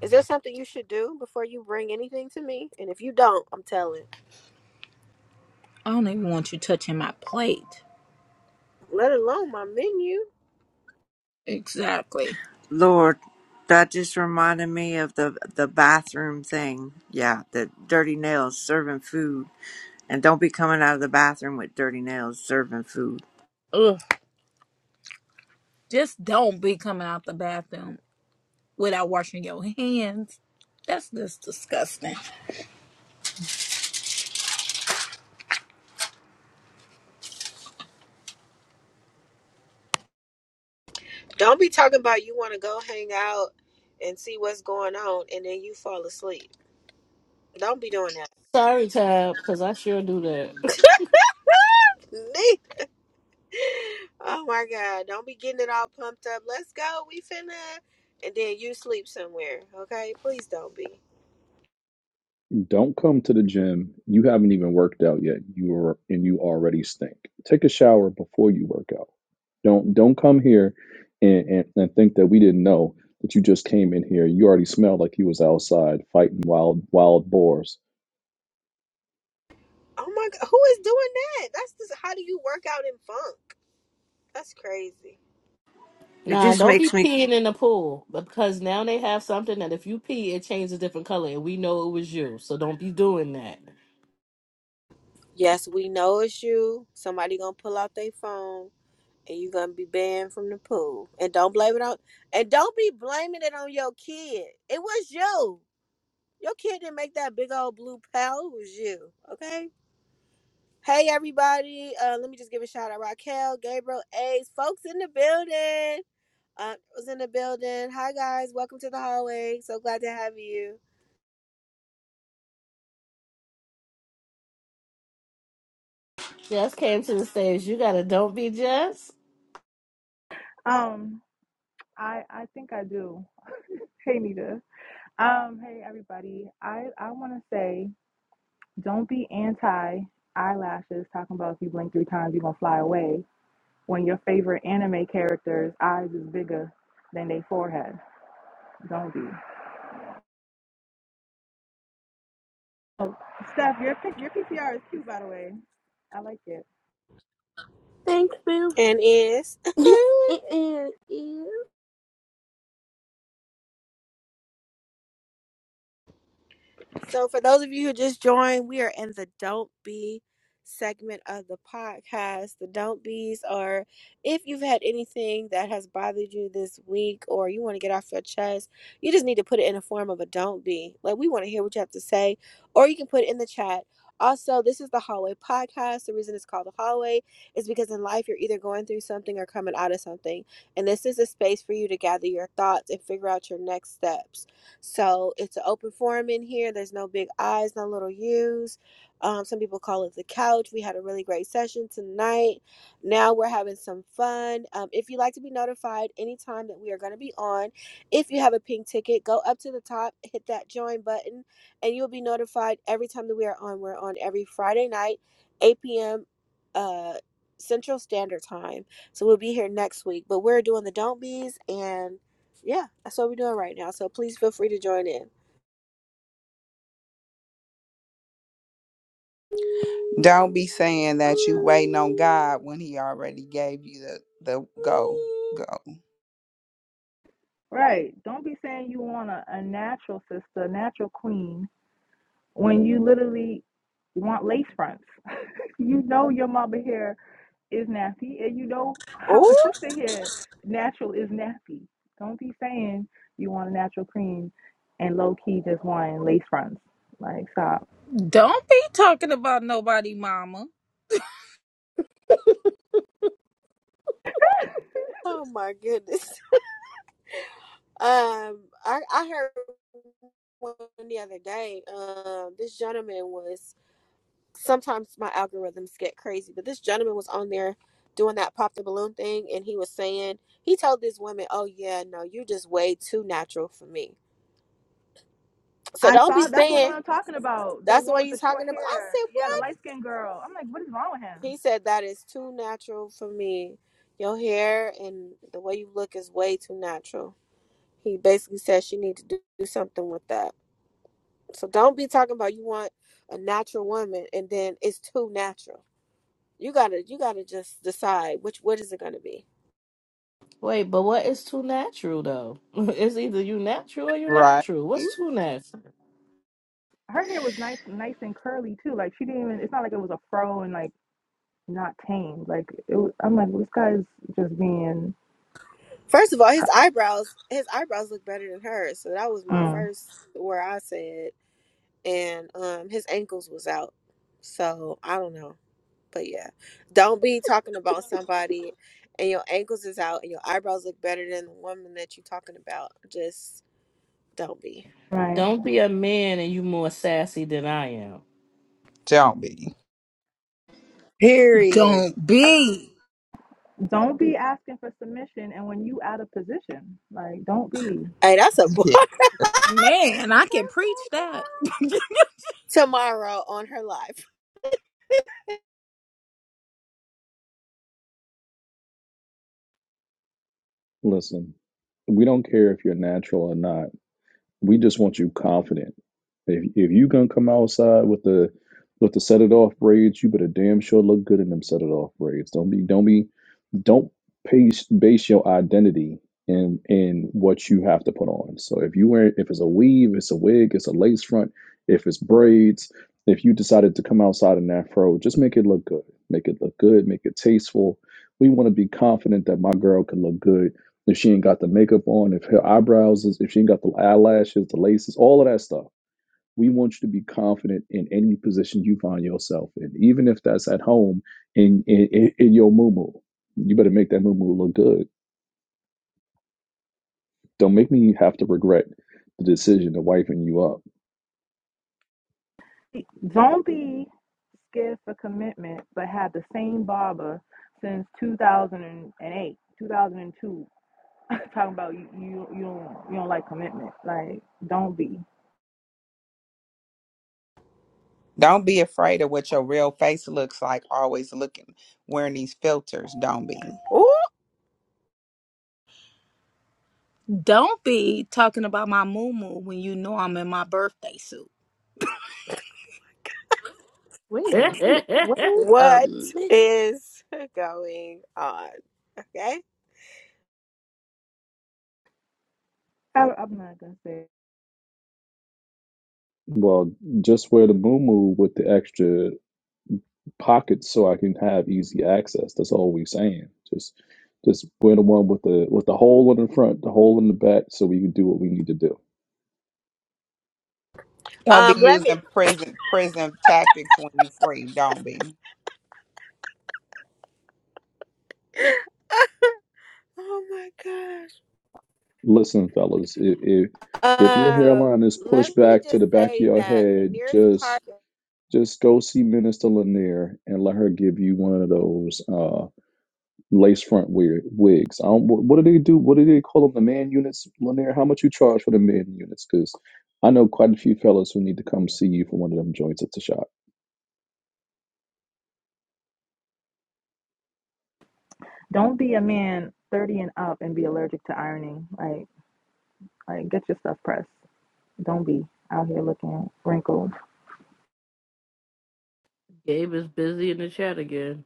A: "Is there something you should do before you bring anything to me?" And if you don't, I'm telling.
K: I don't even want you touching my plate.
A: Let alone my menu.
K: Exactly.
O: Lord, that just reminded me of the the bathroom thing. Yeah, the dirty nails serving food, and don't be coming out of the bathroom with dirty nails serving food.
K: Ugh. Just don't be coming out the bathroom. without washing your hands. That's just disgusting.
A: Don't be talking about you want to go hang out and see what's going on, and then you fall asleep. Don't be doing that. Me? Oh my God! Don't be getting it all pumped up. Let's go. We finna, and then you sleep somewhere. Okay? Please don't be.
L: Don't come to the gym. You haven't even worked out yet. You are and you already stink. Take a shower before you work out. Don't don't come here and, and, and think that we didn't know that you just came in here. You already smelled like you was outside fighting wild wild boars.
A: Oh my God! Who is doing that? That's just how do you work out in funk? That's crazy.
O: It
F: nah,
O: just
F: don't be
O: makes me
F: peeing in the pool because now they have something that if you pee it changes a different color and we know it was you. So don't be doing that.
A: Yes, we know it's you. Somebody gonna pull out their phone and you gonna be banned from the pool. And don't blame it on and don't be blaming it on your kid. It was you. Your kid didn't make that big old blue pal. It was you. Okay? Hey everybody. Uh let me just give a shout out Raquel, Gabriel, Ace, folks in the building. Uh was in the building. Hi guys, welcome to the hallway. So glad to have you.
F: Just came to the stage. You gotta don't be just.
R: Um, I I think I do. Hey Nita. Um, hey everybody. I I want to say don't be anti eyelashes talking about if you blink three times you're going to fly away when your favorite anime character's eyes is bigger than their forehead. Don't be. Oh, Steph, your pic- your PTR is cute by the way. I like it.
H: Thanks, Boo.
A: And is
H: Wait a
A: So, for those of you who just joined, we are in the Don't Be segment of the podcast. The Don't Be's are if you've had anything that has bothered you this week or you want to get off your chest, you just need to put it in the form of a Don't Be. Like, we want to hear what you have to say, or you can put it in the chat. Also, this is the Hallway Podcast. The reason it's called the Hallway is because in life you're either going through something or coming out of something. And this is a space for you to gather your thoughts and figure out your next steps. So it's an open forum in here. There's no big I's, no little U's. Um, some people call it the couch. We had a really great session tonight. Now we're having some fun. Um, if you'd like to be notified anytime that we are going to be on, if you have a pink ticket, go up to the top, hit that join button, and you'll be notified every time that we are on. We're on every Friday night, 8 p.m. Uh, Central Standard Time. So we'll be here next week. But we're doing the Don't Be's and yeah, that's what we're doing right now. So please feel free to join in.
C: Don't be saying that you waiting on God when He already gave you the the go go
R: Right. Don't be saying you want a, a natural sister, natural queen when you literally want lace fronts. you know your mama hair is nasty, and you know how a
A: Oh,
R: sister here natural is nasty. Don't be saying you want a natural cream and low key just wanting lace fronts. Like stop.
K: Don't be talking about nobody, mama.
A: oh my goodness. Um, I I heard one the other day. Um, this gentleman was sometimes my algorithms get crazy, but this gentleman was on there doing that pop the balloon thing, and he was saying he told this woman, "Oh yeah, no, you just way too natural for me. So
R: I
A: don't be
R: saw that's the one
A: saying."
R: I'm talking about. The
A: That's the
R: one
A: way you're
R: with the short
A: talking about. I
R: hair.
A: said,
R: Yeah, the light skinned girl. I'm like, what is wrong with him?
A: He said that is too natural for me. Your hair and the way you look is way too natural. He basically said she need to do, do something with that. So don't be talking about you want a natural woman and then it's too natural. You gotta you gotta just decide which what is it gonna be.
F: Wait, but what is too natural though? it's either you natural or you
C: right.
F: natural. What's too natural?
R: Her hair was nice, nice and curly too. Like she didn't even. It's not like it was a fro and like not tamed. Like it was, I'm like, this guy's just being
A: First of all, his eyebrows his eyebrows look better than hers. So that was my
R: mm,
A: first where I said and um his ankles was out. So I don't know. But yeah, don't be talking about somebody and your ankles is out and your eyebrows look better than the woman that you're talking about. Just don't be.
R: right.
F: Don't be a man and you more sassy than I am.
C: Don't be.
O: period.
K: Don't be.
R: Don't be asking for submission, and when you out of position, like don't be.
A: Hey, that's a bar
C: Yeah.
K: Man, I can preach that.
A: tomorrow on her life.
L: Listen, we don't care if you're natural or not. We just want you confident. If if you gonna come outside with the with the set it off braids, you better damn sure look good in them set it off braids. Don't be don't be don't base base your identity in in what you have to put on. So if you wear if it's a weave, it's a wig, it's a lace front, if it's braids, if you decided to come outside in that fro, just make it look good. Make it look good, make it tasteful. We want to be confident that my girl can look good if she ain't got the makeup on, if her eyebrows is, if she ain't got the eyelashes, the laces, all of that stuff. We want you to be confident in any position you find yourself in, even if that's at home in in, in your muumuu. You better make that muumuu look good. Don't make me have to regret the decision of wiping you up.
R: Don't be scared for commitment, but have the same barber since 2008, 2002. Talking about you, you, you don't, you don't like commitment. Like, don't be.
C: Don't be afraid of what your real face looks like. Always looking wearing these filters. Don't be.
A: Ooh,
K: Don't be talking about my moo when you know I'm in my birthday suit.
H: minute. Wait a
A: what
H: minute.
A: is going on? Okay.
R: I, I'm not gonna say.
L: Well, just wear the muumuu with the extra pockets so I can have easy access. That's all we are saying. Just just wear the one with the with the hole in the front, the hole in the back, so we can do what we need to do.
C: Don't be
A: Um, let me.
C: using prison prison tactics when you free. Don't be.
A: Oh my gosh.
L: Listen, fellas, if, if if your
A: Um,
L: hairline is
A: let
L: pushed
A: me
L: back to
A: just
L: the back of
A: say
L: your
A: that
L: head,
A: Lanier's Park,
L: just just go see Minister Lanier and let her give you one of those uh, lace front wi- wigs. I don't, what what do they do? What do they call them? The man units, Lanier? How much you charge for the man units? Because I know quite a few fellas who need to come see you for one of them joints at the shop.
R: Don't be a man 30 and up and be allergic to ironing. Like, like get your stuff pressed. Don't be out here looking wrinkled.
F: Gabe is busy in the chat again.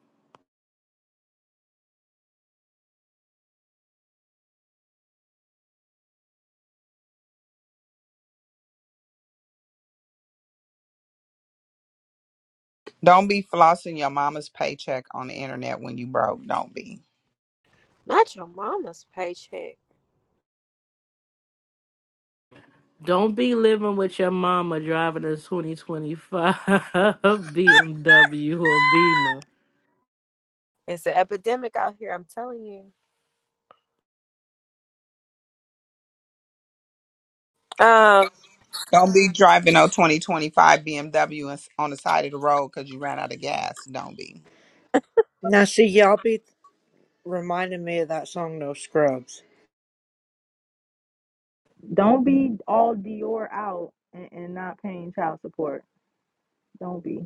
C: Don't be flossing your mama's paycheck on the internet when you broke. Don't be.
A: not your mama's paycheck.
F: Don't be living with your mama driving a 2025 BMW or Beamer.
A: It's an epidemic out here. I'm telling you. Um.
C: Don't be driving a 2025 BMW and- s- on the side of the road because you ran out of gas. Don't be.
O: Now see y'all be reminding me of that song No Scrubs.
R: Don't be all Dior out and, and not paying child support. Don't be.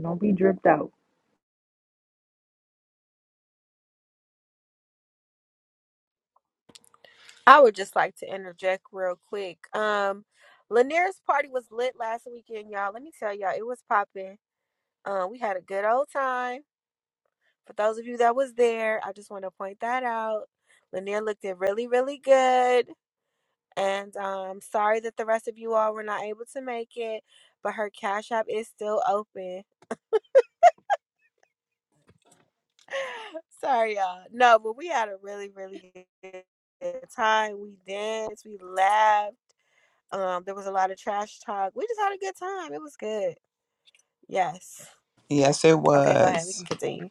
R: Don't be dripped out.
A: I would just like to interject real quick. Um, Lanier's party was lit last weekend, y'all. Let me tell y'all, it was popping. Uh, we had a good old time. For those of you that was there, I just want to point that out. Lanier looked it really, really good. And um, sorry that the rest of you all were not able to make it, but her cash app is still open. sorry, y'all. No, but we had a really, really good time. We danced, we laughed. Um, there was a lot of trash talk. We just had a good time. It was good. Yes.
C: Yes, it
A: Okay, go ahead. We can
C: was.
A: continue.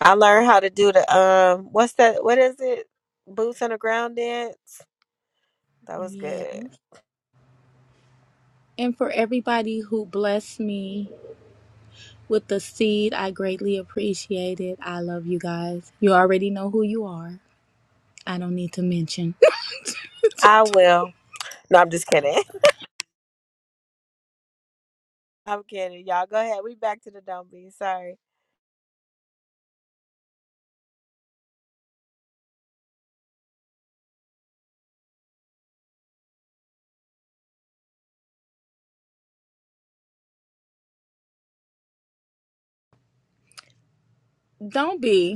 A: I learned how to do the um what's that what is it? Boots on the ground dance. That was
K: Yeah.
A: good.
K: And for everybody who blessed me with the seed, I greatly appreciate it. I love you guys. You already know who you are. I don't need to mention.
A: I will. No, I'm just kidding. I'm kidding. Y'all go ahead. We back to the dumb beat. Sorry.
K: Don't be.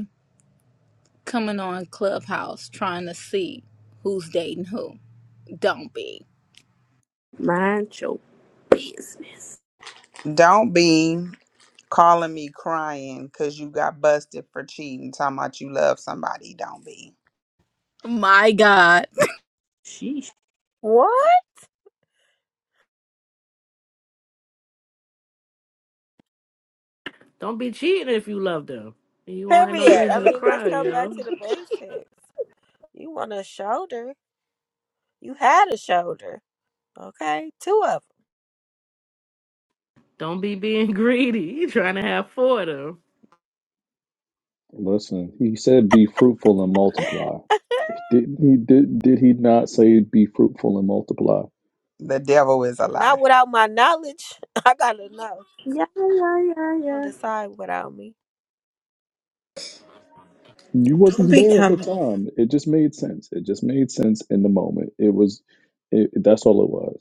K: coming on Clubhouse trying to see who's dating who. Don't be.
H: Mind your business.
C: Don't be calling me crying because you got busted for cheating, talking about you love somebody. Don't be.
K: My God.
H: Sheesh.
A: What?
F: Don't be cheating if you love them. You won't have no
A: Period. I
F: reason to
A: mean, let's
F: cry,
A: go back to
F: yo.
A: the basics. You want a shoulder. You had a shoulder. Okay? Two of
F: Don't be being greedy. You trying to have four of them.
L: Listen, he said be fruitful and multiply. Didn't he did did he not say be fruitful and multiply?
C: The devil is a
A: them. Not
C: lie.
A: without my knowledge. I gotta know.
H: Yeah, Yeah, yeah,
A: Don't
H: yeah,
A: decide without me.
L: You
O: Don't
L: wasn't
O: be
L: there at the
O: coming
L: time. It just made sense. It just made sense in the moment. It was it, that's all it was.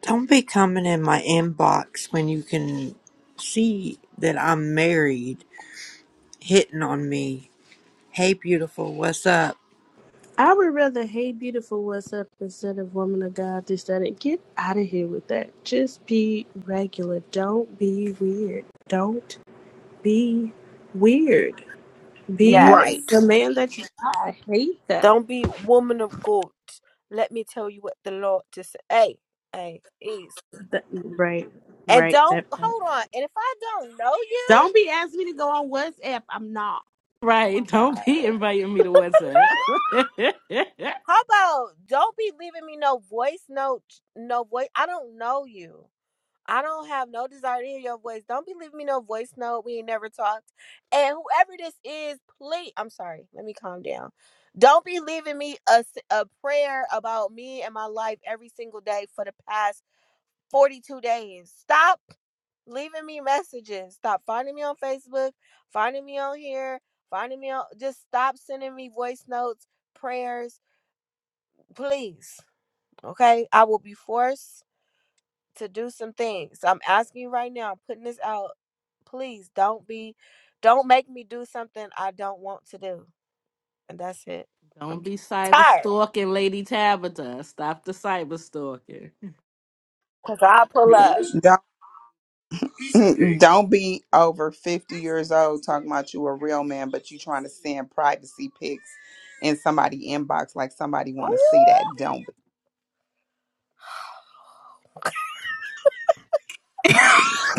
O: don't be coming in my inbox when you can see that I'm married hitting on me. Hey beautiful, what's up?
H: I would rather "Hey Beautiful, What's Up" instead of "Woman of God." This, that, and get out of here with that. Just be regular. Don't be weird. Don't be weird. Be
A: Yes.
K: Right.
H: the man that you. are. I hate that.
A: Don't be woman of God. Let me tell you what the Lord to say. Hey, hey, is.
H: that right,
A: And
H: right.
A: don't
H: That part.
A: hold on. And if I don't know you,
H: Don't be asking me to go on WhatsApp. I'm not.
A: oh my
F: Right. Don't
A: God.
F: be inviting me to WhatsApp.
A: How about don't be leaving me no voice note, no voice. I don't know you. I don't have no desire to hear your voice. Don't be leaving me no voice note. We ain't never talked. And whoever this is, please, I'm sorry. Let me calm down. Don't be leaving me a a prayer about me and my life every single day for the past 42 days. Stop leaving me messages. Stop finding me on Facebook, finding me on here, finding me on. Just stop sending me voice notes, prayers, please. Okay. I will be forced to do some things. I'm asking you right now, I'm putting this out. Please don't be don't make me do something I don't want to do. And that's it. I'm
F: Don't
A: just
F: be cyber
A: tired.
F: stalking Lady Tabitha. Stop the cyber stalking.
A: Cause I'll pull up.
C: Mm, Don't be over 50 years old talking about you a real man, but you trying to send privacy pics in somebody inbox like somebody want to see
A: Ooh.
C: that. Don't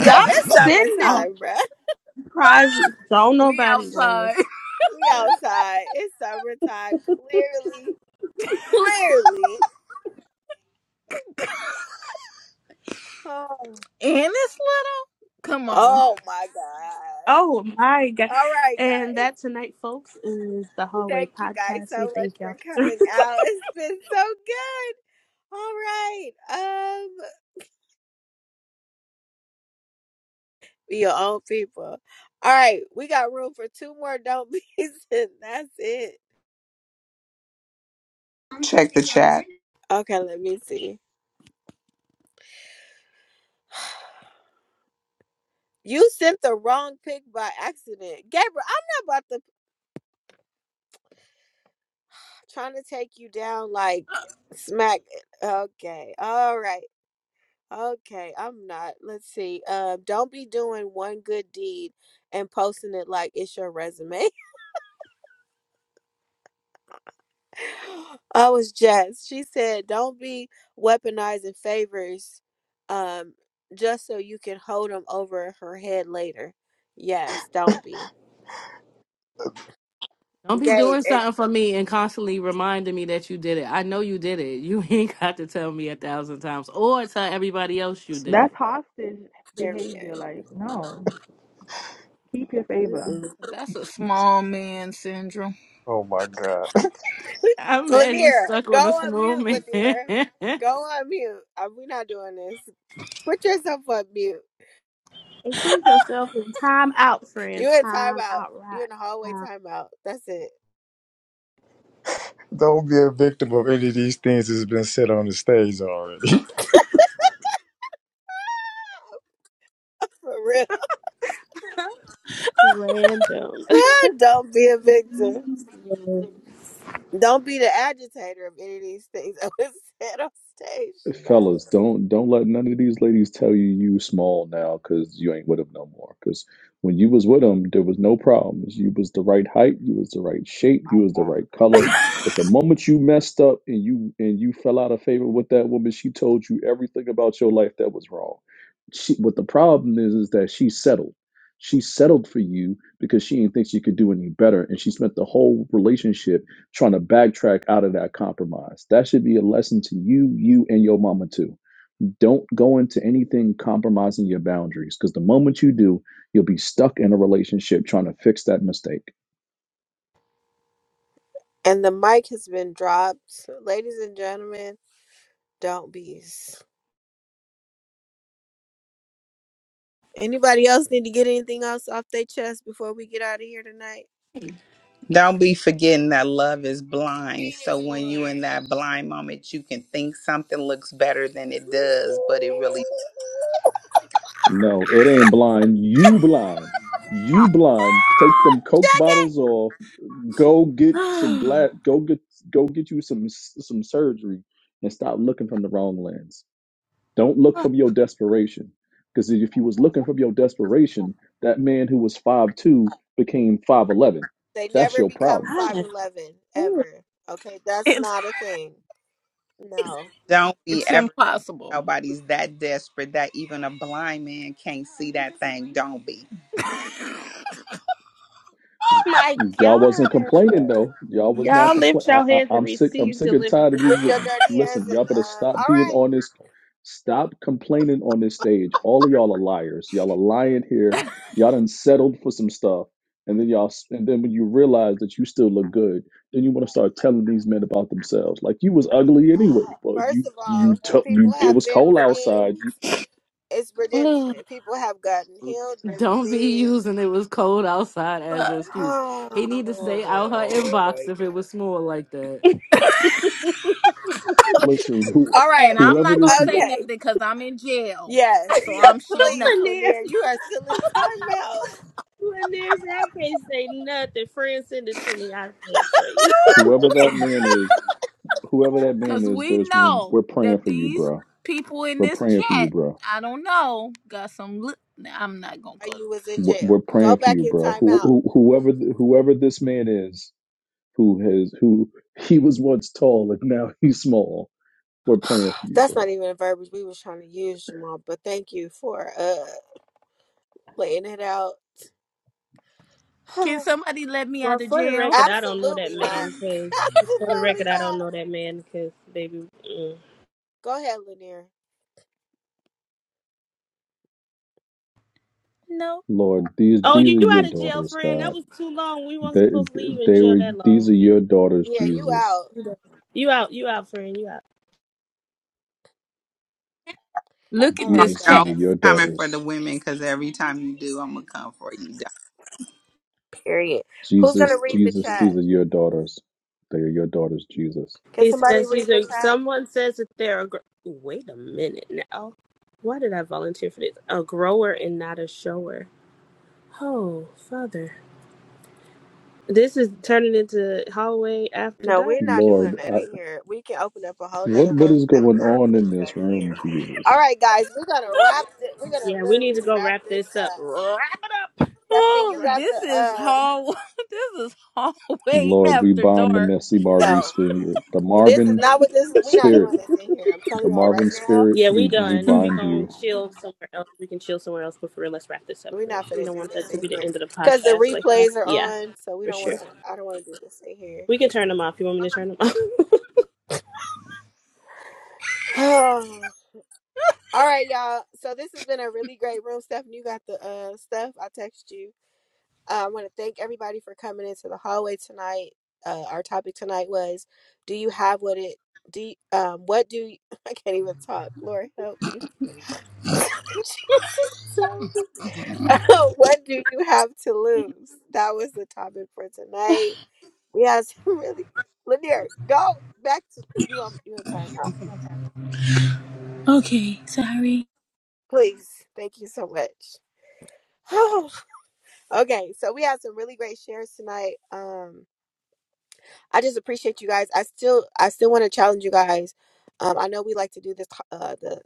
A: Yo,
H: Stop
A: it's
K: Oh,
H: sending
A: summertime, bruh.
H: private. Don't
K: We
H: nobody want
K: outside.
H: this.
A: We outside. It's summertime. Clearly. Clearly. Oh,
K: And it's little. Come on.
A: oh my God.
H: Oh my god!
A: All right,
H: And
A: guys.
H: that tonight, folks, is the hallway
A: Thank you guys
H: podcast.
A: so
H: We
A: much
H: thank
A: for
H: y'all. for
A: coming out. It's been so good. All right. um. Your own people. All right, we got room for two more don't be's, and that's it.
C: be. Check the chat.
A: Okay, let me see. You sent the wrong pic by accident. Gabriel, I'm not about to trying to take you down like smack. Okay. All right. Okay. I'm not. Let's see. Um, don't be doing one good deed and posting it like it's your resume. I was jazzed. She said, "Don't be weaponizing favors, um, just so you can hold them over her head later." Yes, don't be.
F: Don't be
A: Gabe
F: doing
A: and
F: something for me and constantly reminding me that you did it. I know you did it. You ain't got to tell me a thousand times or tell everybody else you did
R: That's
F: it.
R: hostage
A: period.
R: behavior. Like, no, keep your favor.
A: Mm-mm.
K: That's a small man syndrome.
D: Oh my God.
F: I'm mad you
A: Lanier,
F: stuck
A: go
F: on this
A: on mute.
F: moment.
A: Lanier, go on mute. Uh, We're not doing this. Put yourself on mute.
H: Include yourself in time out, friend.
A: You in
H: Time
A: timeout.
H: out,
A: You
H: right?
A: in the hallway timeout. That's it.
D: Don't be a victim of any of these things that's been said on the stage already.
A: For real.
H: Time random.
A: don't be a victim. Don't be the agitator of any of these things that was said on stage tonight.
L: fellas, don't don't let none of these ladies tell you you small now because you ain't with them no more. Because when you was with them, there was no problems. You was the right height, you was the right shape, you was the right color. But the moment you messed up and you and you fell out of favor with that woman, she told you everything about your life that was wrong. She, what the problem is is that she settled. She settled for you because she didn't think she could do any better, and she spent the whole relationship trying to backtrack out of that compromise. That should be a lesson to you, you and your mama too. Don't go into anything compromising your boundaries because the moment you do, you'll be stuck in a relationship trying to fix that mistake.
A: And the mic has been dropped. Ladies and gentlemen, don't be. Anybody else need to get anything else off their chest before we get out of here tonight?
C: Don't be forgetting that love is blind. So when you in that blind moment, you can think something looks better than it does, but it really
L: No, it ain't
C: don't.
L: blind. You blind. You blind. Take them Coke
A: Jackie!
L: bottles off. Go get some glass. Go get go get you some some surgery and stop looking from the wrong lens. Don't look from your desperation. Because if you was looking from your desperation, that man who was five two became 5'11.
A: They
L: That's
A: never
L: your
A: become
L: problem.
H: God,
A: 5'11
H: too.
A: ever. Okay, that's
K: it's
A: not a thing. No.
C: Don't be
K: it's
C: ever
K: impossible.
C: nobody's that desperate that even a blind man can't see that thing. Don't be.
H: my
L: Y'all
H: God.
L: wasn't complaining though. Y'all was not
H: Y'all
L: complain.
H: lift
L: I,
H: your
L: I,
H: hands and
L: I'm sick. I'm
H: receive
L: sick and tired of these.
A: Lift
H: deliverance.
L: With
A: your dirty hands
L: listen,
A: and,
L: y'all better
A: um,
L: stop
A: all
L: being
A: right.
L: on this. Stop complaining on this stage. All of y'all are liars. Y'all are lying here.
K: Ugh.
L: Y'all done settled for some stuff, and then y'all. s- And then when you realize that you still look good, then you want to start telling these men about themselves. Like you was ugly anyway. Well,
A: First
L: you
A: of
L: you
A: all,
L: t-
A: people
L: you. It
A: have
L: was
A: been
L: cold outside.
A: redeemed.
L: You
A: It's redemption. People have gotten healed and
F: Don't be
A: redeemed.
F: using it was cold outside as an excuse. He need to stay out her
A: Oh my
F: inbox if it
A: God.
F: was small like that.
L: listen. Who
A: All right.
K: and I'm
L: whoever
K: not gonna
L: this
K: say
A: Okay.
K: nothing because I'm in jail.
A: Yes.
K: So I'm shutting
A: Please,
K: up.
H: Lanier,
A: Lanier, you are still in timeout.
H: Lanier said, I can't say nothing. Friend, send it to me. I said for you.
L: whoever that
A: No.
L: man is whoever that man
K: Because
L: is,
K: we
L: there's room. We're
K: know
L: praying
K: that
L: for you,
K: these
L: bro.
K: people in
L: We're
K: this
L: praying for you,
K: chat,
L: bro.
K: I don't know, got some. Li- nah, I'm not going to go.
A: You was in
L: We're we're
A: jail. Go
L: praying for
A: back
L: you,
A: in
L: bro. Who,
A: timeout.
L: who, whoever, th- whoever this man is, who has, who he was once tall and now he's small. We're praying for you,
A: That's not
L: bro.
A: even a verbiage we was trying to use, Jamal, but thank you for uh laying it out.
K: Can somebody let me
H: Well,
K: out of
H: for the
K: jail?
H: record, I don't know that
A: Absolutely not.
H: man because, for the
A: Absolutely
H: record, I don't
A: not.
H: know that man because, baby. Mm.
A: Go ahead, Lanier.
K: No.
L: Lord, these
H: Oh,
L: these
H: you
L: are your
H: out of jail,
L: daughters,
H: friend. That
L: God.
H: was too long. We weren't
L: They
H: supposed to leave in
L: they
H: jail
L: were
H: that
L: these
H: long.
L: are your daughters,
A: Yeah, you
L: Jesus.
A: out.
H: You out, you out, friend, you out.
K: Look
A: All
K: at this
A: right,
L: Jesus, these
C: Don't be
L: are
A: guys.
K: chat.
L: your
C: coming for the
L: daughters.
C: women because every time you do, I'm gonna come for you.
A: Period. Who's gonna
L: Jesus,
A: read the
L: Jesus,
A: chat?
L: these are your daughters. They are your daughters, Jesus.
A: Can
H: He
A: somebody
H: says
A: read
H: he's
A: the
H: a.
A: chat?
H: Someone says that they're a. Gr- Wait a minute now. Why did I volunteer for this? A grower and not a shower. Oh, father. This is turning into hallway after
A: No,
H: dark.
A: we're not
L: Lord,
A: doing that
L: I,
A: in here. We can open up a whole nother
L: what what
A: room
L: is
A: but we're
L: going
A: not
L: on
A: gonna
L: in
A: do that
L: this
A: in
L: room,
A: here. All
L: Jesus?
A: right, guys, we're gonna wrap it. We're gonna
H: Yeah, we need
A: literally
H: to go
A: wrap
H: wrap
A: this
H: this up.
A: up.
H: Wrap it up.
A: Stephanie, you
K: Oh,
H: Wrap
A: got
H: it
A: the
K: this is
A: uh.
H: up.
K: hall. this is hallway
L: Lord, we
K: after
L: bind the
K: dark.
L: messy Marvin
A: No,
L: spirit, the
A: this is
L: Marvin
A: not what this. We're not
L: spirit,
A: doing this in here. I'm telling
L: the
A: y'all right
L: Marvin
A: now,
L: spirit.
H: Yeah, we
L: We we
H: done. If
K: Mm,
H: we
L: bind
H: gonna
L: you
H: chill somewhere else, we can chill somewhere else. But for real, let's wrap this up.
A: we're
H: For real,
A: not
H: we
A: gonna
H: don't
A: do
H: want that
A: this
H: to
A: in
H: be the
A: here
H: end of the
A: because the
H: podcast like that.
A: replays are
H: Yeah,
A: on. So we
H: for
A: don't
H: sure.
A: want to. I don't want to do this in here.
H: We can turn them off. You want me to turn them off?
A: All right, y'all. So this has been a really great room, Stephanie. You got the uh stuff. I text you. Uh, I want to thank everybody for coming into the hallway tonight. Uh, our topic tonight was, do you have what it do? you- um, what do you, I can't even talk. Lord help me. Jesus, help me. what do you have to lose? That was the topic for tonight. We had some really, Lanier, go back to you. I'm you in time,
K: Okay, sorry.
A: please. Thank you so much. Okay, so we had some really great shares tonight. Um, I just appreciate you guys. I still, I still want to challenge you guys. Um, I know we like to do this, uh, the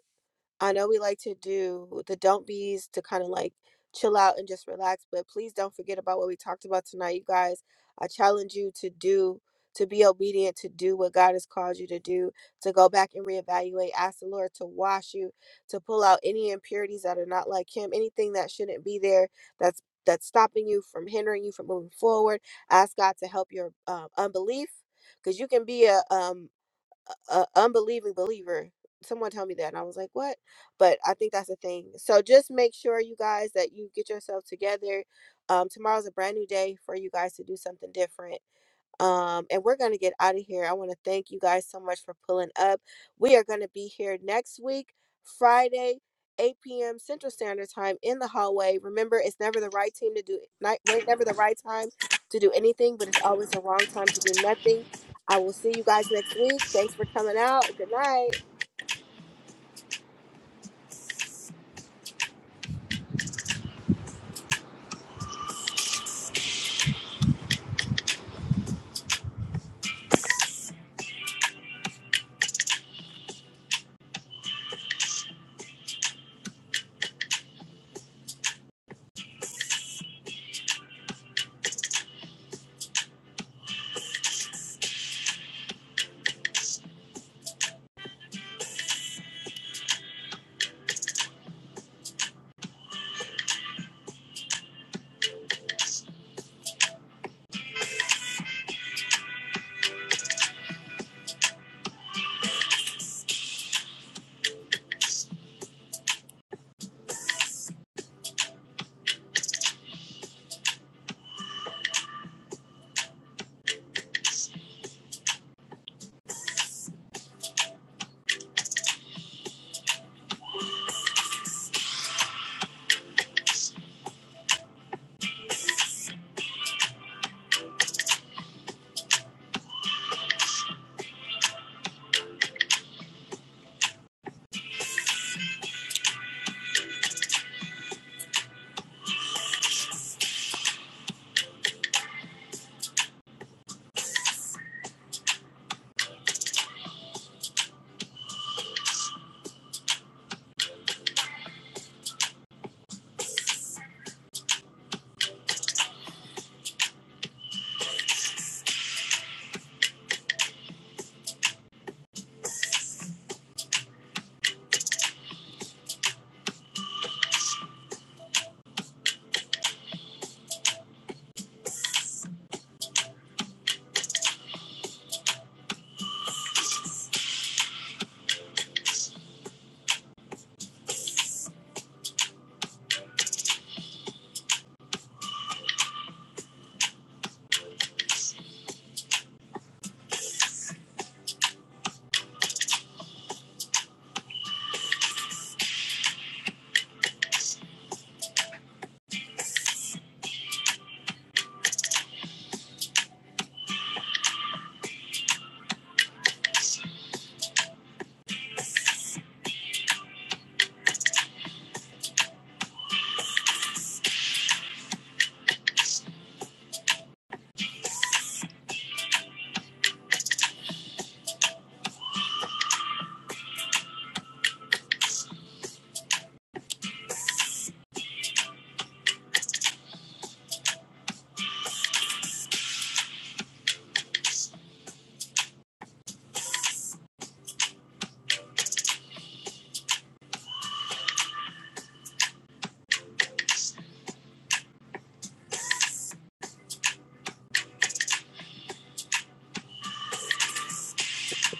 A: I know we like to do the don't be's to kind of like chill out and just relax, but please don't forget about what we talked about tonight, you guys. I challenge you to do, to be obedient, to do what God has called you to do, to go back and reevaluate, ask the Lord to wash you, to pull out any impurities that are not like Him, anything that shouldn't be there that's that's stopping you from hindering you from moving forward. Ask God to help your um, unbelief, because you can be a um, a unbelieving believer. Someone told me that, and I was like, "What?" But I think that's the thing. So just make sure you guys that you get yourself together. Um, tomorrow's a brand new day for you guys to do something different um, and we're going to get out of here. I want to thank you guys so much for pulling up. We are going to be here next week, Friday, 8 p.m. Central Standard Time in the hallway. Remember, it's never the right team to do night, wait, never the right time to do anything, but it's always the wrong time to do nothing. I will see you guys next week. Thanks for coming out. Good night.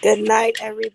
A: Good night, everybody.